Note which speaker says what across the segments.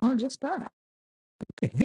Speaker 1: Oh, just that.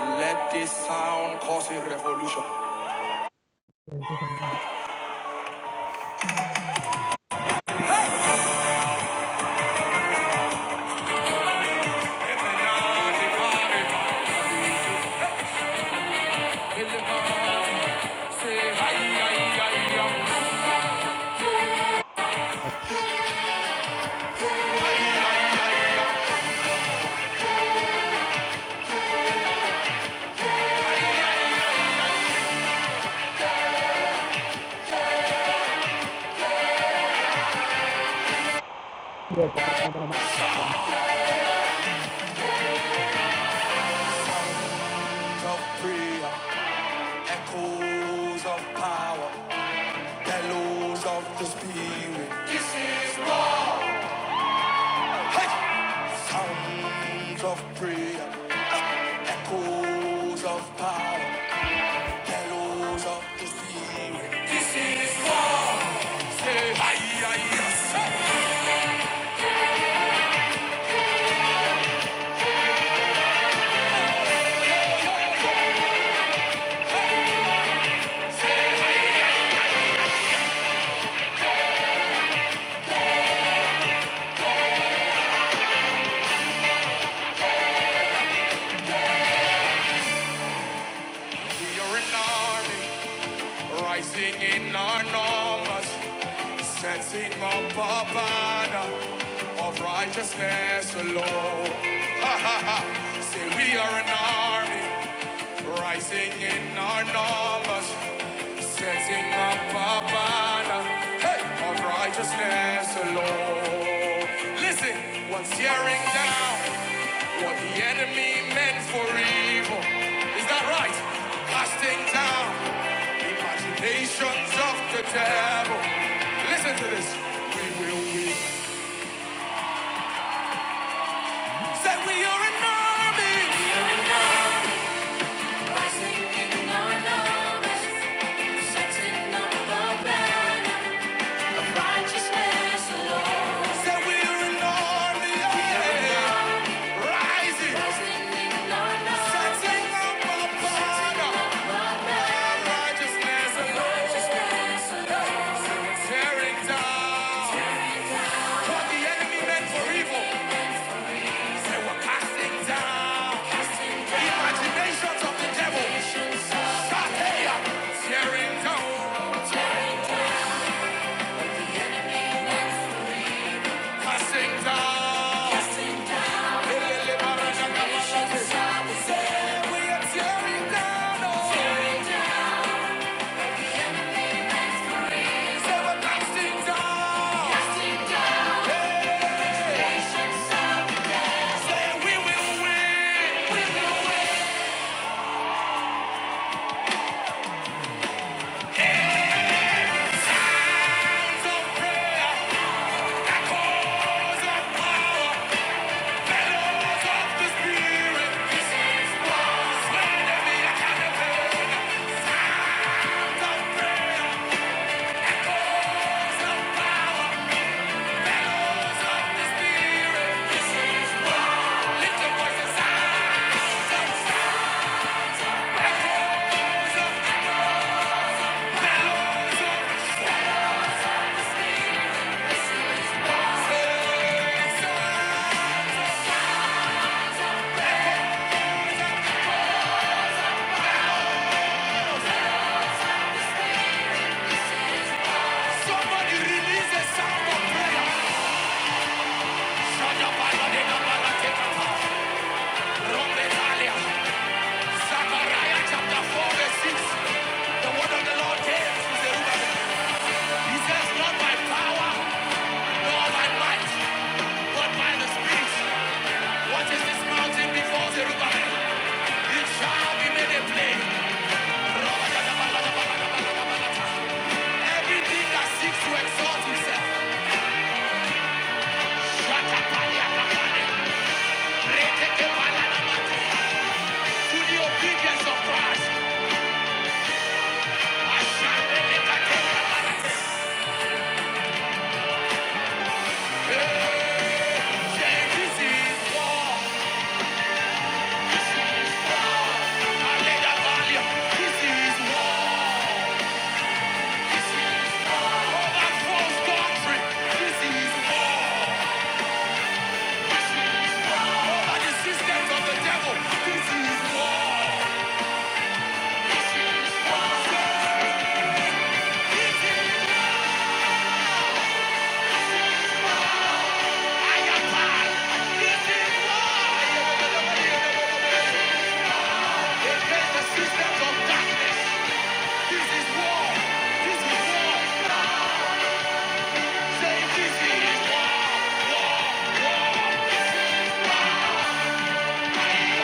Speaker 2: Let this sound cause a revolution. Of prayer, echoes of power, bellows of the spirit. Sounds of prayer, echoes of power, bellows of the spirit. Say, aye, aye, yes. We are an army, rising in our numbers, setting up a banner of righteousness alone. Say, we are an army. Rising in our numbers, setting up a banner hey, of righteousness alone. Listen, what's tearing down what the enemy meant for evil? Is that right? Casting down imaginations of the devil. Listen to this. We will win. Said we are an army. We are an army. Rising in our numbers, setting up a banner. Righteousness alone. we're an army of rising. Rising in the night. Setting up a banner. righteousness alone. Righteousness alone. Tearing down what the enemy meant for evil. we're casting down the imaginations of the devil. Shatea. Tearing down, casting down. Yes. The word of the Lord came to Zerubbabel. He says, not by power, Nor by might, but by the Spirit. What is this mountain before Zerubbabel? It shall be made a plain. Everything that seeks to exalt himself, Shakapaliakapale, Retekepalanamathe, to the obedience of Christ, I shall be This is war. This is war. Aledabalia. This is war. Over false doctrine. This is war. By the systems of the devil. This is war. This is I am mine. This is war. Against the systems of darkness. This is war. This is war. this is war. War. War. This is war.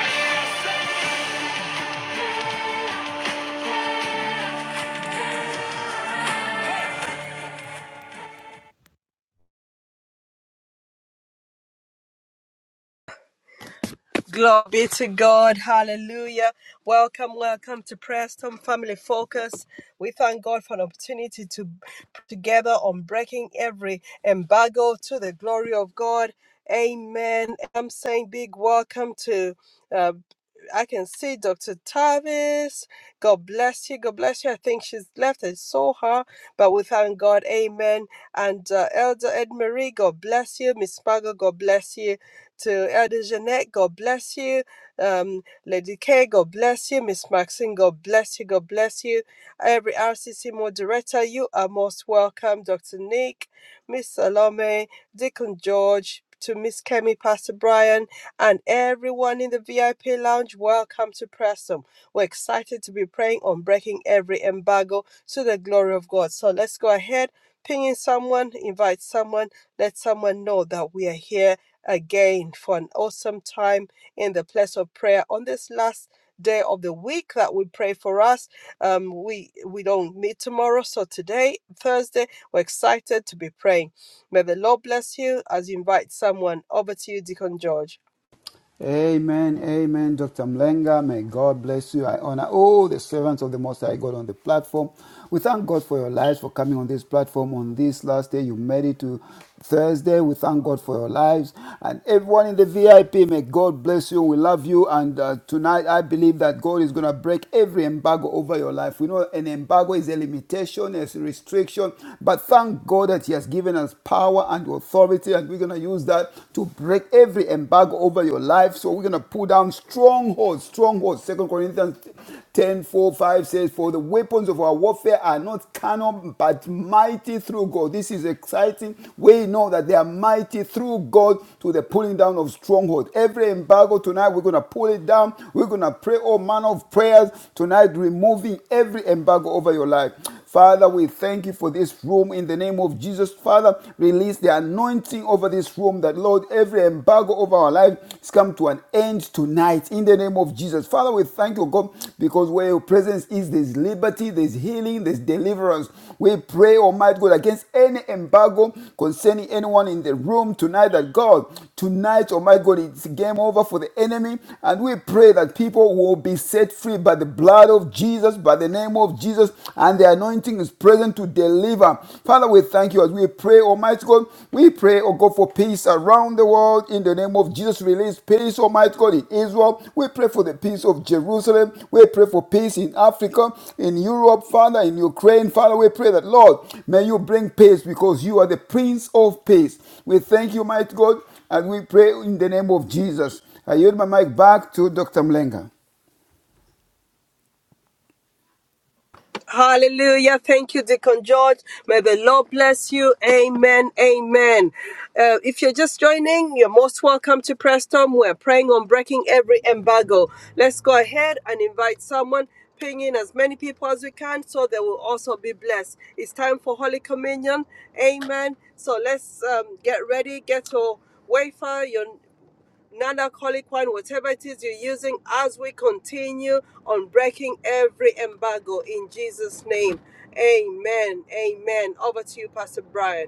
Speaker 3: Glory be to God. Hallelujah. Welcome, welcome to Preston Family Focus. We thank God for an opportunity to pray together on breaking every embargo to the glory of God. Amen. I'm saying big welcome to uh, I can see Dr. Tavis. God bless you. God bless you. I think she's left. I saw her, but we thank God. Amen. And uh, Elder Edmarie, God bless you. Miss Margot, God bless you. To Elder Jeanette, God bless you. Um, Lady K, God bless you. Miss Maxine, God bless you. God bless you. Every RCC moderator, you are most welcome. Dr. Nick, Miss Salome, Deacon George, to Miss Kemi, Pastor Brian, and everyone in the VIP lounge, welcome to Preston. We're excited to be praying on breaking every embargo to the glory of God. So let's go ahead Pinging someone, invite someone, let someone know that we are here again for an awesome time in the place of prayer on this last day of the week that we pray for us um we we don't meet tomorrow so today thursday we're excited to be praying may the lord bless you as you invite someone over to you deacon george
Speaker 4: Amen, amen, Dr. Mlenga. May God bless you. I honor all the servants of the Most High God on the platform. We thank God for your lives for coming on this platform on this last day. You made it to Thursday. We thank God for your lives and everyone in the VIP. May God bless you. We love you. And uh, tonight, I believe that God is going to break every embargo over your life. We know an embargo is a limitation, is a restriction, but thank God that He has given us power and authority. And that we're going to use that to break every embargo over your life. So we're going to pull down strongholds, strongholds. Second Corinthians ten four, 5 says, For the weapons of our warfare are not carnal, but mighty through God. This is exciting. We know that they are mighty through God to the pulling down of strongholds. Every embargo tonight, we're going to pull it down. We're going to pray all manner of prayers tonight, removing every embargo over your life. Father, we thank you for this room room in the name of Jesus. Father, release the anointing over this room that, Lord, every embargo over our life has come to an end tonight in the name of Jesus. Father, we thank you, God, because where your presence is, there's liberty, there's healing, there's deliverance. We pray, Almighty God, against any embargo concerning anyone in the room tonight that, God, Tonight, oh my God, it's game over for the enemy. And we pray that people will be set free by the blood of Jesus, by the name of Jesus, and the anointing is present to deliver. Father, we thank you as we pray, Almighty God. We pray, oh God, for peace around the world. In the name of Jesus, release peace, Almighty God, in Israel. We pray for the peace of Jerusalem. We pray for peace in Africa, in Europe, Father, in Ukraine. Father, we pray that, Lord, may you bring peace because you are the Prince of Peace. We thank you, mighty God. And we pray in the name of Jesus. I yield my mic back to Dr. Mlenga.
Speaker 3: Hallelujah. Thank you, Deacon George. May the Lord bless you. Amen. Amen. Uh, if you're just joining, you're most welcome to Preston. We're praying on breaking every embargo. Let's go ahead and invite someone. Ping in as many people as we can so they will also be blessed. It's time for Holy Communion. Amen. So let's um, get ready, get your wafer, your non wine, whatever it is you're using, as we continue on breaking every embargo in Jesus' name. Amen. Amen. Over to you, Pastor Brian.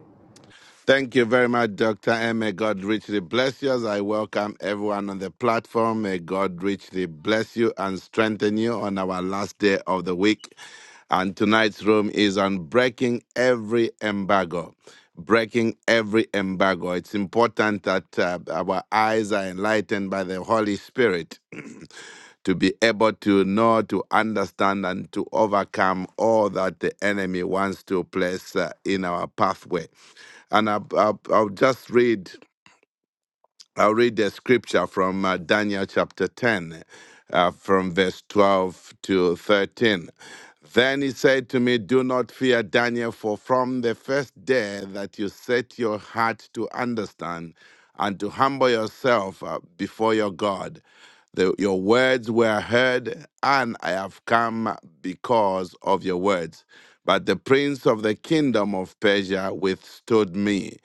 Speaker 5: Thank you very much, Dr. M. May God richly bless you as I welcome everyone on the platform. May God richly bless you and strengthen you on our last day of the week. And tonight's room is on breaking every embargo. Breaking every embargo. It's important that uh, our eyes are enlightened by the Holy Spirit to be able to know, to understand, and to overcome all that the enemy wants to place uh, in our pathway. And I, I, I'll just read, I'll read the scripture from uh, Daniel chapter 10, uh, from verse 12 to 13. Then he said to me, Do not fear, Daniel, for from the first day that you set your heart to understand and to humble yourself uh, before your God, the, your words were heard, and I have come because of your words. But the prince of the kingdom of Persia withstood me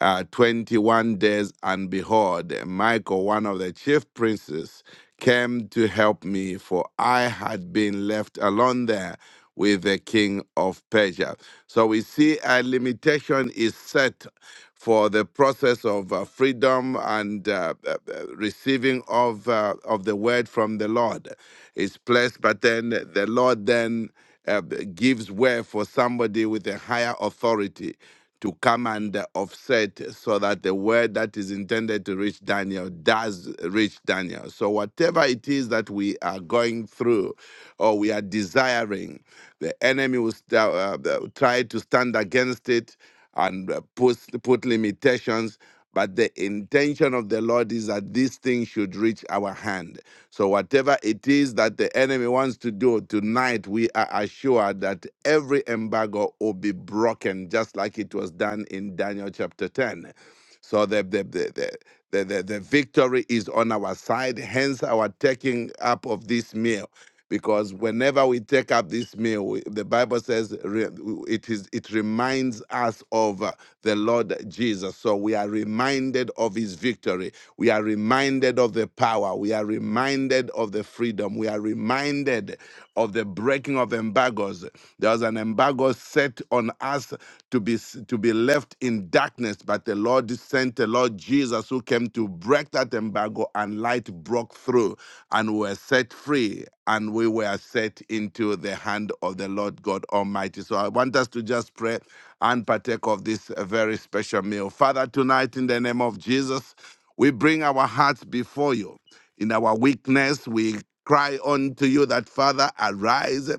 Speaker 5: uh, 21 days, and behold, Michael, one of the chief princes, came to help me, for I had been left alone there with the king of Persia. So we see a limitation is set for the process of uh, freedom and uh, uh, uh, receiving of uh, of the word from the Lord is placed, but then the Lord then uh, gives way for somebody with a higher authority to come and uh, offset so that the word that is intended to reach Daniel does reach Daniel. So, whatever it is that we are going through or we are desiring, the enemy will st- uh, uh, try to stand against it and uh, put, put limitations. But the intention of the Lord is that this thing should reach our hand. So, whatever it is that the enemy wants to do tonight, we are assured that every embargo will be broken, just like it was done in Daniel chapter 10. So the the the, the the, the, the victory is on our side, hence our taking up of this meal. Because whenever we take up this meal, we, the Bible says re, it is it reminds us of uh, the Lord Jesus. So we are reminded of His victory. We are reminded of the power. We are reminded of the freedom. We are reminded of the breaking speaking of embargoes, there was an embargo set on us to be to be left in darkness, but the Lord sent the Lord Jesus who came to break that embargo, and light broke through, and we were set free, and we were set into the hand of the Lord God Almighty. So I want us to just pray and partake of this uh, very special meal. Father, tonight in the name of Jesus, we bring our hearts before you. In our weakness, we cry unto you that, Father, arise,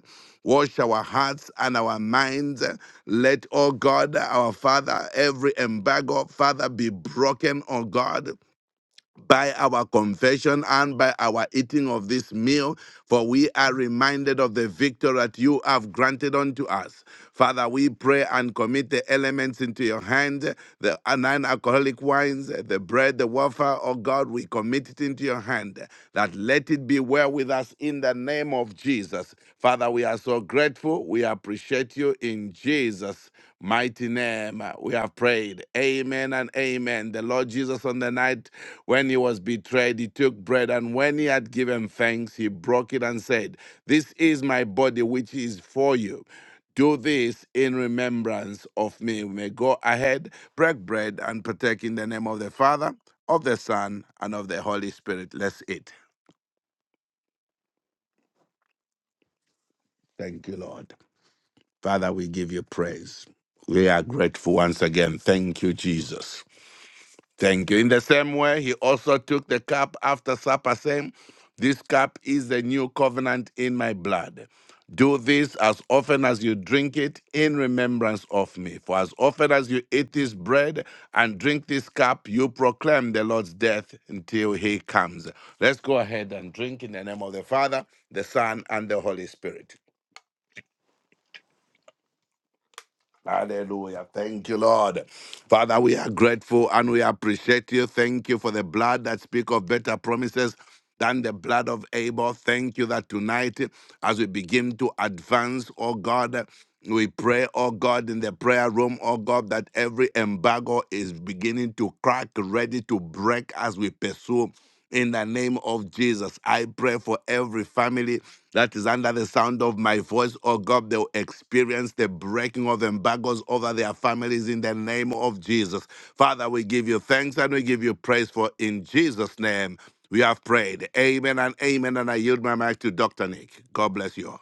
Speaker 5: wash our hearts and our minds. Let, O God, our Father, every embargo, Father, be broken, O God by our confession and by our eating of this meal, for we are reminded of the victory that you have granted unto us. Father, we pray and commit the elements into your hand, the non alcoholic wines, the bread, the wafer, oh God, we commit it into your hand, that let it be well with us in the name of Jesus. Father, we are so grateful. We appreciate you in Jesus' mighty name. We have prayed. Amen and amen. The Lord Jesus on the night when he was betrayed, he took bread, and when he had given thanks, he broke it and said, This is my body, which is for you. Do this in remembrance of me. We may go ahead, break bread, and partake in the name of the Father, of the Son, and of the Holy Spirit. Let's eat. Thank you, Lord. Father, we give you praise. We are grateful once again. Thank you, Jesus. Thank you. In the same way, he also took the cup after supper, saying, This cup is the new covenant in my blood. Do this as often as you drink it in remembrance of me. For as often as you eat this bread and drink this cup, you proclaim the Lord's death until he comes. Let's go ahead and drink in the name of the Father, the Son, and the Holy Spirit. Hallelujah. Thank you, Lord. Father, we are grateful and we appreciate you. Thank you for the blood that speak of better promises than the blood of Abel. Thank you that tonight, as we begin to advance, oh God, we pray, oh God, in the prayer room, oh God, that every embargo is beginning to crack, ready to break as we pursue. In the name of Jesus, I pray for every family that is under the sound of my voice. Oh God, they'll experience the breaking of embargoes over their families in the name of Jesus. Father, we give you thanks and we give you praise for in Jesus' name we have prayed. Amen and amen. And I yield my mic to Dr. Nick. God bless you. all.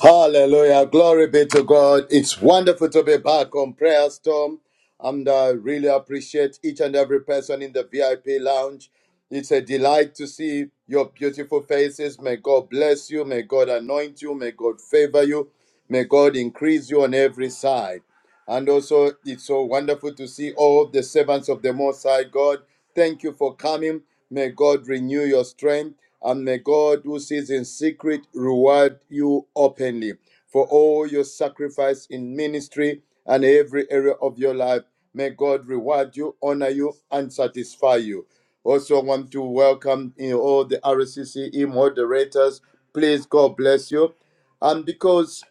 Speaker 6: Hallelujah. Glory be to God. It's wonderful to be back on Prayer Storm. And I really appreciate each and every person in the VIP lounge. It's a delight to see your beautiful faces. May God bless you. May God anoint you. May God favor you. May God increase you on every side. And also, it's so wonderful to see all the servants of the Most High God. Thank you for coming. May God renew your strength, and may God, who sees in secret, reward you openly for all your sacrifice in ministry and every area of your life. May God reward you, honor you, and satisfy you. Also, want to welcome you know, all the RCCE moderators. Please, God bless you. And because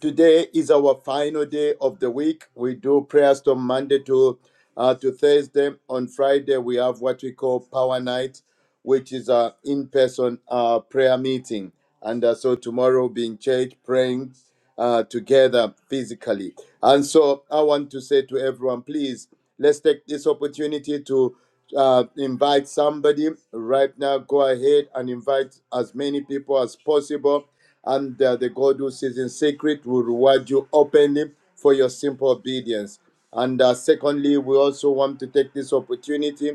Speaker 6: today is our final day of the week. We do prayers from Monday to uh, to Thursday. On Friday, we have what we call Power Night which is a in-person uh, prayer meeting. And uh, so tomorrow we'll be in church praying uh, together physically. And so I want to say to everyone, please, let's take this opportunity to uh, invite somebody right now. Go ahead and invite as many people as possible. And uh, the God who sees in secret will reward you openly for your simple obedience. And uh, secondly, we also want to take this opportunity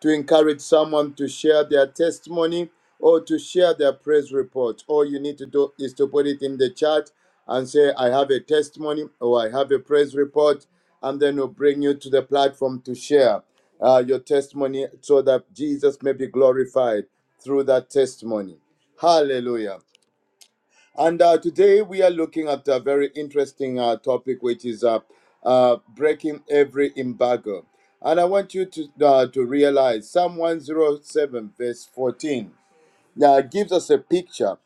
Speaker 6: to encourage someone to share their testimony or to share their praise report. All you need to do is to put it in the chat and say, I have a testimony or I have a praise report, and then we'll bring you to the platform to share uh, your testimony so that Jesus may be glorified through that testimony. Hallelujah. And uh, today we are looking at a very interesting uh, topic, which is uh, uh, breaking every embargo. And I want you to uh, to realize Psalm 107, verse 14. Now it gives us a picture,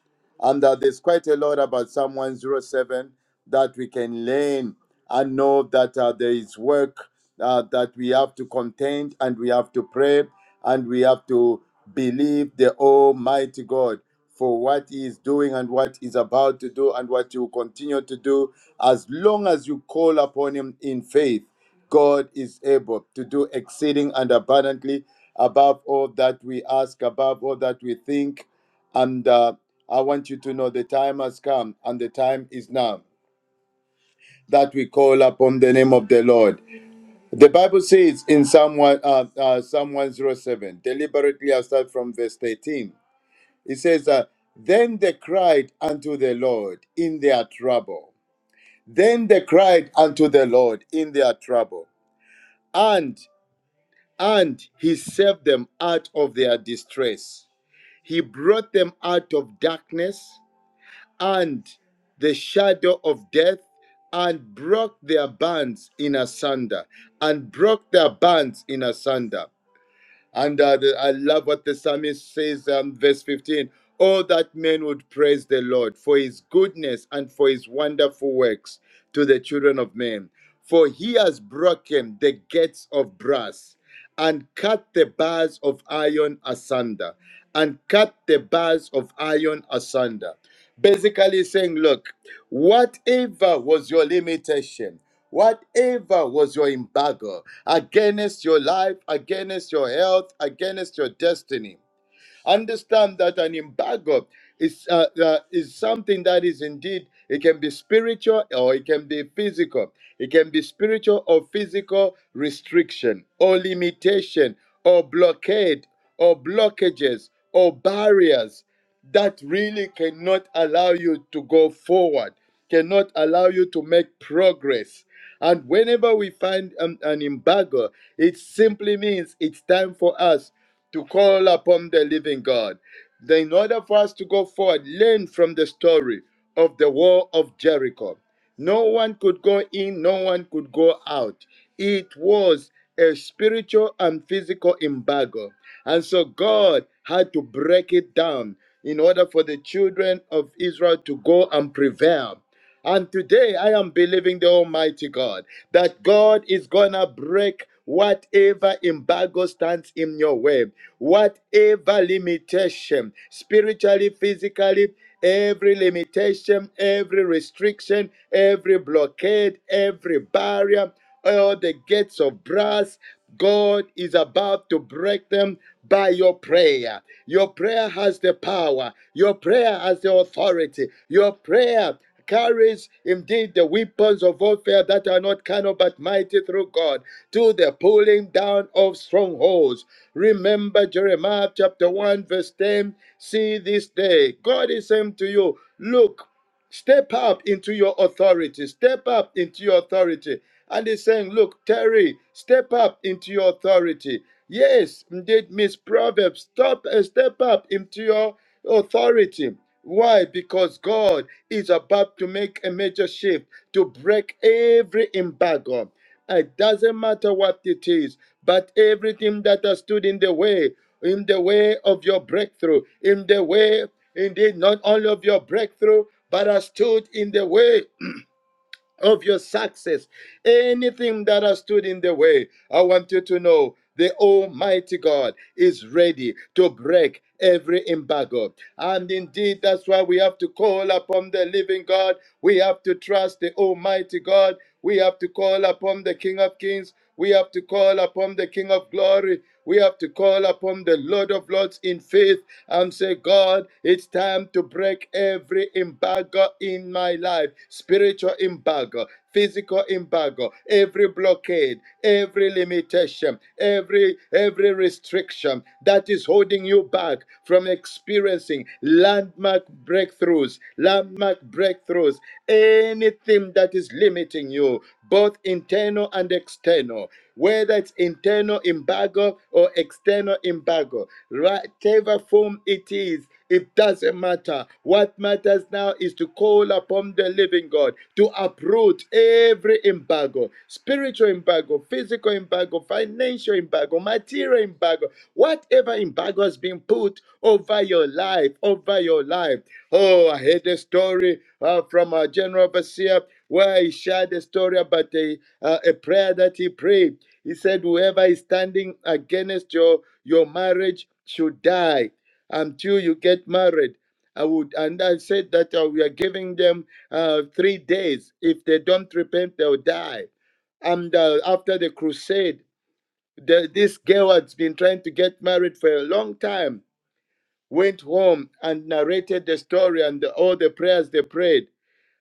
Speaker 6: and uh, there's quite a lot about Psalm 107 that we can learn and know that uh, there is work uh, that we have to contend and we have to pray and we have to believe the Almighty God for what He is doing and what He's about to do and what He will continue to do as long as you call upon Him in faith God is able to do exceeding and abundantly above all that we ask, above all that we think. And uh, I want you to know the time has come and the time is now that we call upon the name of the Lord. The Bible says in Psalm, one- uh, uh, Psalm 107, deliberately I start from verse 13. It says, uh, Then they cried unto the Lord in their trouble. Then they cried unto the Lord in their trouble And and he saved them out of their distress. He brought them out of darkness and the shadow of death and broke their bands in asunder and broke their bands in asunder. And uh, the- I love what the psalmist says, um, verse 15. Oh, that men would praise the Lord for his goodness and for his wonderful works to the children of men. For he has broken the gates of brass and cut the bars of iron asunder, and cut the bars of iron asunder basically saying, look, whatever was your limitation, whatever was your embargo against your life, against your health, against your destiny, understand that an embargo is uh, uh, is something that is indeed it can be spiritual or it can be physical. It can be spiritual or physical restriction or limitation or blockade or blockages or barriers that really cannot allow you to go forward, cannot allow you to make progress. And whenever we find an, an embargo, it simply means it's time for us to call upon the living God. Then in order for us to go forward, learn from the story of the wall of Jericho. No one could go in, no one could go out. It was a spiritual and physical embargo. And so God had to break it down in order for the children of Israel to go and prevail. And today I am believing the Almighty God that God is going to break whatever embargo stands in your way, whatever limitation, spiritually, physically, every limitation, every restriction, every blockade, every barrier, all the gates of brass, God is about to break them by your prayer. Your prayer has the power. Your prayer has the authority. Your prayer carries indeed the weapons of warfare that are not carnal but mighty through God to the pulling down of strongholds. Remember Jeremiah chapter 1, verse 10 see this day. God is saying to you, Look. Step up into your authority. Step up into your authority. And he's saying, Look, Terry, step up into your authority. Yes, indeed, Miss Proverbs, stop and step up into your authority. Why? Because God is about to make a major shift to break every embargo. It doesn't matter what it is, but everything that has stood in the way, in the way of your breakthrough, in the way, indeed, not only of your breakthrough, but has stood in the way of your success. Anything that has stood in the way, I want you to know the Almighty God is ready to break every embargo. And indeed, that's why we have to call upon the living God. We have to trust the Almighty God we have to call upon the King of Kings. We have to call upon the King of Glory. We have to call upon the Lord of Lords in faith and say, God, it's time to break every embargo in my life spiritual embargo, physical embargo, every blockade, every limitation, every every restriction that is holding you back landmark from experiencing landmark breakthroughs, landmark breakthroughs, anything that is limiting you, both internal and external, whether it's internal embargo or external embargo, whatever form it is, it doesn't matter. What matters now is to call upon the living God to uproot every embargo spiritual embargo, physical embargo, financial embargo, material embargo, whatever embargo has been put over your life, over your life. Oh, I heard a story uh, from our general overseer where he shared a story about a, uh, a prayer that he prayed. He said, Whoever is standing against your, your marriage should die until you get married. I would, and I said that uh, we are giving them uh, three days. If they don't repent, they'll die. And uh, after the crusade, the, this girl has been trying to get married for a long time. Went home and narrated the story and the- all the prayers they prayed.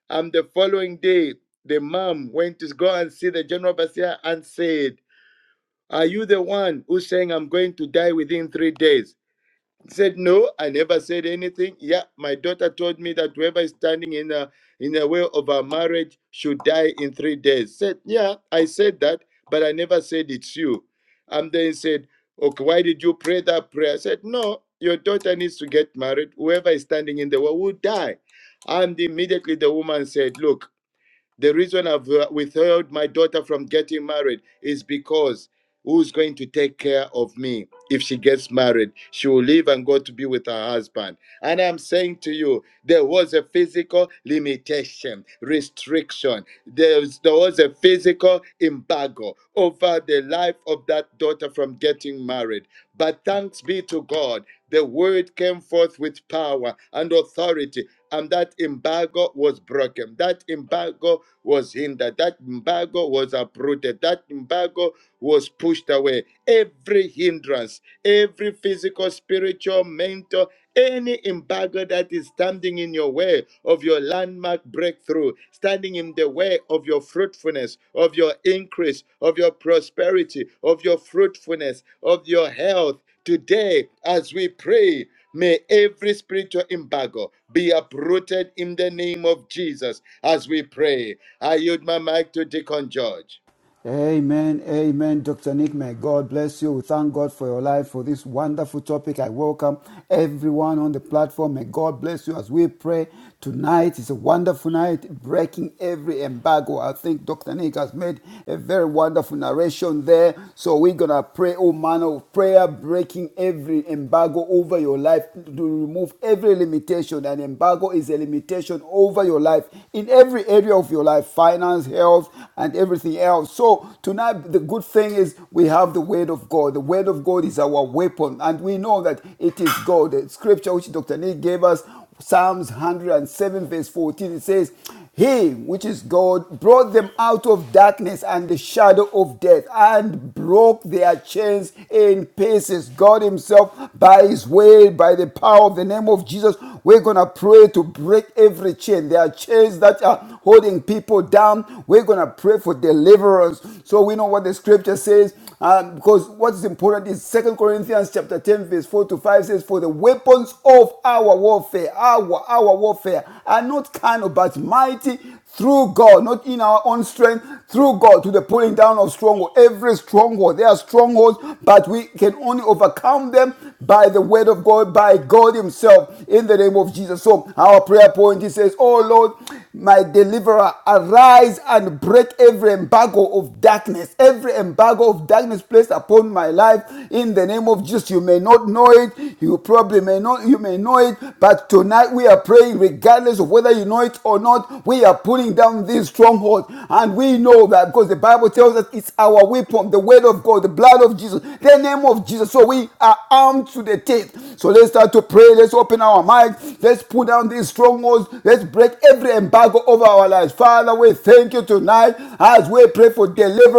Speaker 6: And the following day, the mom went to go and see the general Basia and said, Are you the one who's saying I'm going to die within three days? said no i never said anything yeah my daughter told me that whoever is standing in a in a way of our marriage should die in three days said yeah i said that but i never said it's you and then he said okay why did you pray that prayer i said no your daughter needs to get married whoever is standing in the way will die and immediately the woman said look the reason I've uh, withheld my daughter from getting married is because who's going to take care of me if she gets married? She will leave and go to be with her husband. And I'm saying to you, there was a physical limitation, restriction. There was, there was a physical embargo over the life of that daughter from getting married. But thanks be to God, the word came forth with power and authority and that embargo was broken. That embargo was hindered. That embargo was uprooted. That embargo was pushed away. Every hindrance, every physical, spiritual, mental, any embargo that is standing in your way of your landmark breakthrough, standing in the way of your fruitfulness, of your increase, of your prosperity, of your fruitfulness, of your health, today as we pray, may every spiritual embargo be uprooted in the name of Jesus as we pray. I yield my mic to Deacon George.
Speaker 4: Amen, amen, Dr. Nick. May God bless you. We thank God for your life, for this wonderful topic. I welcome everyone on the platform. May God bless you as we pray tonight. It's a wonderful night, breaking every embargo. I think Dr. Nick has made a very wonderful narration there. So we're going to pray, oh man, of prayer, breaking every embargo over your life to remove every limitation. An embargo is a limitation over your life in every area of your your life, finance, health, and everything else. So tonight, the good thing is we have the Word of God. The Word of God is our weapon, and we know that it is God. The scripture which Dr. Nick gave us, Psalms 107, verse 14, it says, He, which is God, brought them out of darkness and the shadow of death and broke their chains in pieces. God Himself, by His word, by the power of the name of Jesus, we're going to pray to break break every chain. There are chains that are holding people down. We're going to pray for deliverance. So we know what the scripture says. um, because what's important is Second Corinthians chapter 10, verse 4 to 5 says, For the weapons of our warfare, our our warfare are not carnal, but mighty through God, not in our own strength, through God to the pulling down of stronghold. Every stronghold, there are strongholds, but we can only overcome them by the word of God, by God Himself, in the name of Jesus. So our prayer point he says, Oh Lord, my deliverer, arise and break every embargo of darkness, every embargo of darkness placed upon my life in the name of Jesus. You may not know it, you probably may not, you may know it, but tonight we are praying, regardless of whether you know it or not, we are pulling down these strongholds. And we know that because the Bible tells us it's our weapon, the word of God, the blood of Jesus, the name of Jesus. So we are armed to the teeth. So let's start to pray. Let's open our minds. Let's pull down these strongholds. Let's break every embargo over our lives. Father, we thank you tonight as we pray for